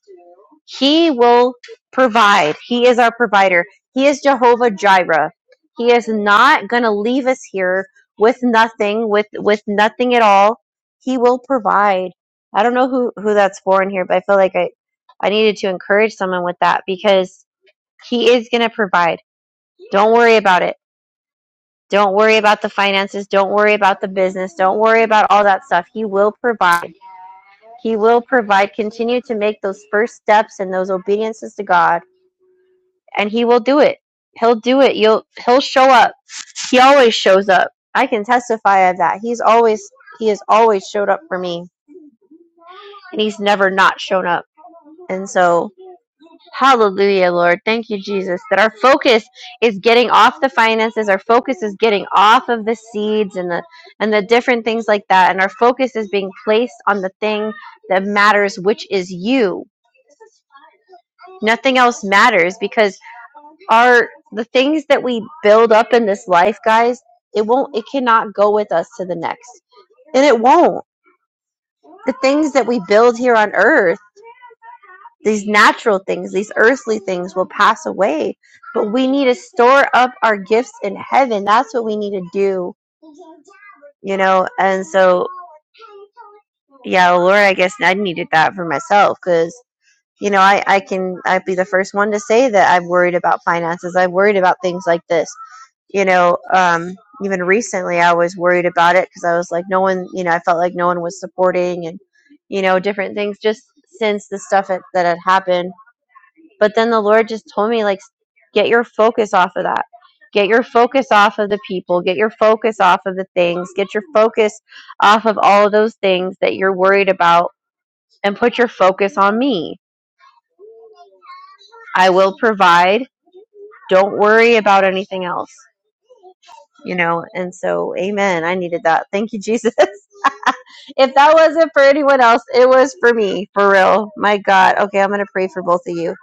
Speaker 1: he will provide he is our provider he is jehovah jireh he is not going to leave us here with nothing with with nothing at all he will provide i don't know who who that's for in here but i feel like i i needed to encourage someone with that because he is going to provide don't worry about it. Don't worry about the finances. Don't worry about the business. Don't worry about all that stuff. He will provide. He will provide. Continue to make those first steps and those obediences to God, and He will do it. He'll do it. You'll. He'll show up. He always shows up. I can testify of that. He's always. He has always showed up for me, and He's never not shown up. And so Hallelujah, Lord. Thank you, Jesus, that our focus is getting off the finances. Our focus is getting off of the seeds and the and the different things like that. And our focus is being placed on the thing that matters, which is you. Nothing else matters because our the things that we build up in this life, guys, it won't it cannot go with us to the next. And it won't. The things that we build here on earth These natural things, these earthly things will pass away, but we need to store up our gifts in heaven. That's what we need to do, you know? And so, yeah, Lord, I guess I needed that for myself because, you know, I, I can, I'd be the first one to say that I'm worried about finances. I'm worried about things like this, you know? Um, even recently, I was worried about it because I was like, no one, you know, I felt like no one was supporting and, you know, different things just since the stuff that, that had happened But then the Lord just told me, like, get your focus off of that. Get your focus off of the people. Get your focus off of the things. Get your focus off of all of those things that you're worried about and put your focus on me. I will provide. Don't worry about anything else, you know? And so, amen. I needed that. Thank you, Jesus. [LAUGHS] if that wasn't for anyone else, it was for me, for real. My God. Okay, I'm going to pray for both of you.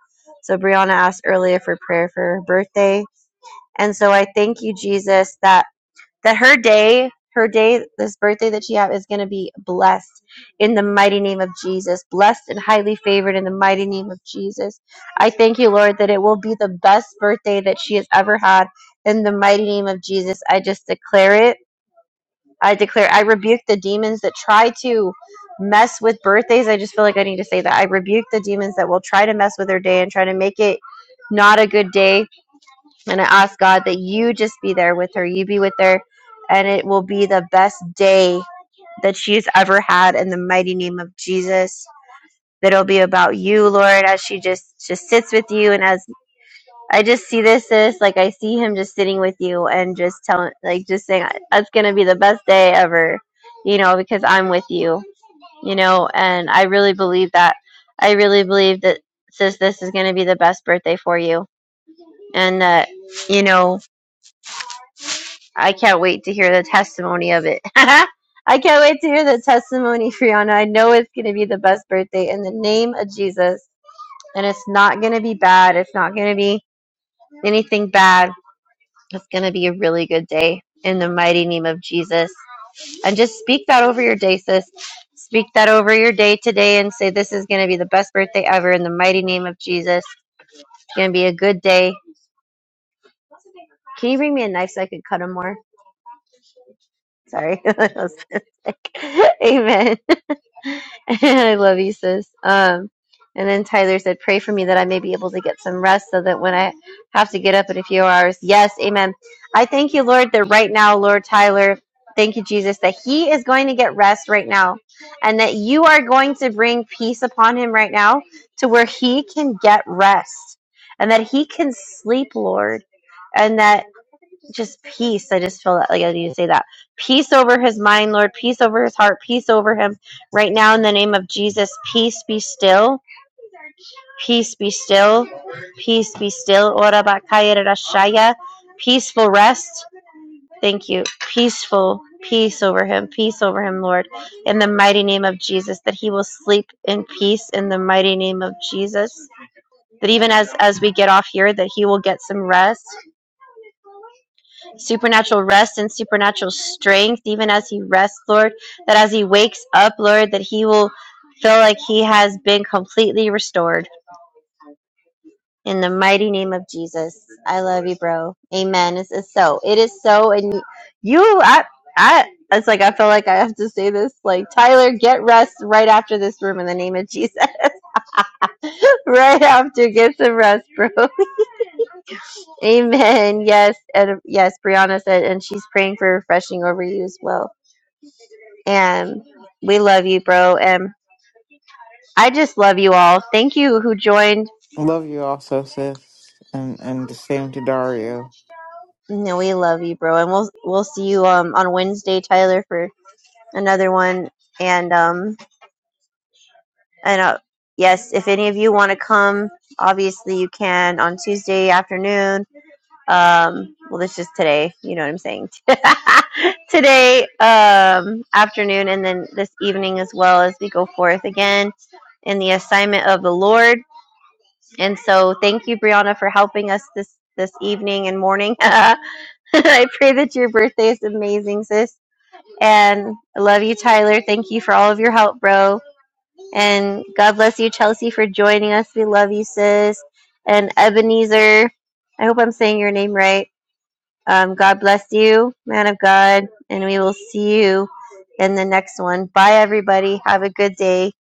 Speaker 1: So, Brianna asked earlier for prayer for her birthday And so I thank you, Jesus, that that her day, her day, this birthday that she have is going to be blessed in the mighty name of Jesus, blessed and highly favored in the mighty name of Jesus. I thank you, Lord, that it will be the best birthday that she has ever had in the mighty name of Jesus. I just declare it. I declare, I rebuke the demons that try to mess with birthdays. I just feel like I need to say that. I rebuke the demons that will try to mess with her day and try to make it not a good day and I ask God that you just be there with her. You be with her, and it will be the best day that she's ever had in the mighty name of Jesus. That it'll be about you, Lord, as she just just sits with you, and as I just see this, sis, like I see him just sitting with you and just telling, like just saying, that's gonna be the best day ever, you know, because I'm with you, you know, and I really believe that. I really believe that, sis, this is gonna be the best birthday for you, and that, you know. I can't wait to hear the testimony of it. [LAUGHS] I can't wait to hear the testimony, Brianna. I know it's going to be the best birthday in the name of Jesus. And it's not going to be bad. It's not going to be anything bad. It's going to be a really good day in the mighty name of Jesus. And just speak that over your day, sis. Speak that over your day today and say, This is going to be the best birthday ever in the mighty name of Jesus. It's going to be a good day. Can you bring me a knife so I can cut him more? Sorry. [LAUGHS] I was sick. [LAUGHS] Amen. [LAUGHS] I love you, sis. Um, and then Tyler said, "Pray for me that I may be able to get some rest, so that when I have to get up in a few hours, yes, Amen." I thank you, Lord, that right now, Lord Tyler, thank you, Jesus, that he is going to get rest right now, and that you are going to bring peace upon him right now, to where he can get rest, and that he can sleep, Lord, and that just peace. I just feel that like I need to say that. Peace over his mind, Lord, peace over his heart, peace over him. Right now in the name of Jesus, peace be still. Peace be still. Peace be still. Ora bakaya rarashaya. Peaceful rest. Thank you. Peaceful peace over him. Peace over him, Lord. In the mighty name of Jesus, that he will sleep in peace in the mighty name of Jesus. That even as as we get off here, that he will get some rest supernatural rest and supernatural strength, even as he rests, Lord, that as he wakes up, Lord, that he will feel like he has been completely restored. In the mighty name of Jesus, I love you, bro. Amen. It's, it's so. It is so. And you, I, I, it's like I feel like I have to say this. Like Tyler, get rest right after this room in the name of Jesus. [LAUGHS] right after, get some rest, bro. [LAUGHS] Amen. Yes, and yes, Brianna said, and she's praying for refreshing over you as well. and we love you, bro. And I just love you all. Thank you who joined.
Speaker 2: Love you also, sis. And and the same to Dario.
Speaker 1: No, we love you, bro. And we'll we'll see you um on Wednesday, Tyler, for another one. And um and uh, yes, if any of you want to come, obviously you can on Tuesday afternoon. Um, well, this just today. You know what I'm saying? [LAUGHS] today um afternoon, and then this evening as well as we go forth again in the assignment of the Lord And so thank you, Brianna, for helping us this this evening and morning. [LAUGHS] I pray that your birthday is amazing, sis. And I love you, Tyler. Thank you for all of your help, bro. And God bless you, Chelsea, for joining us. We love you, sis. And Ebenezer, I hope I'm saying your name right. Um, God bless you, man of God. And we will see you in the next one. Bye, everybody. Have a good day.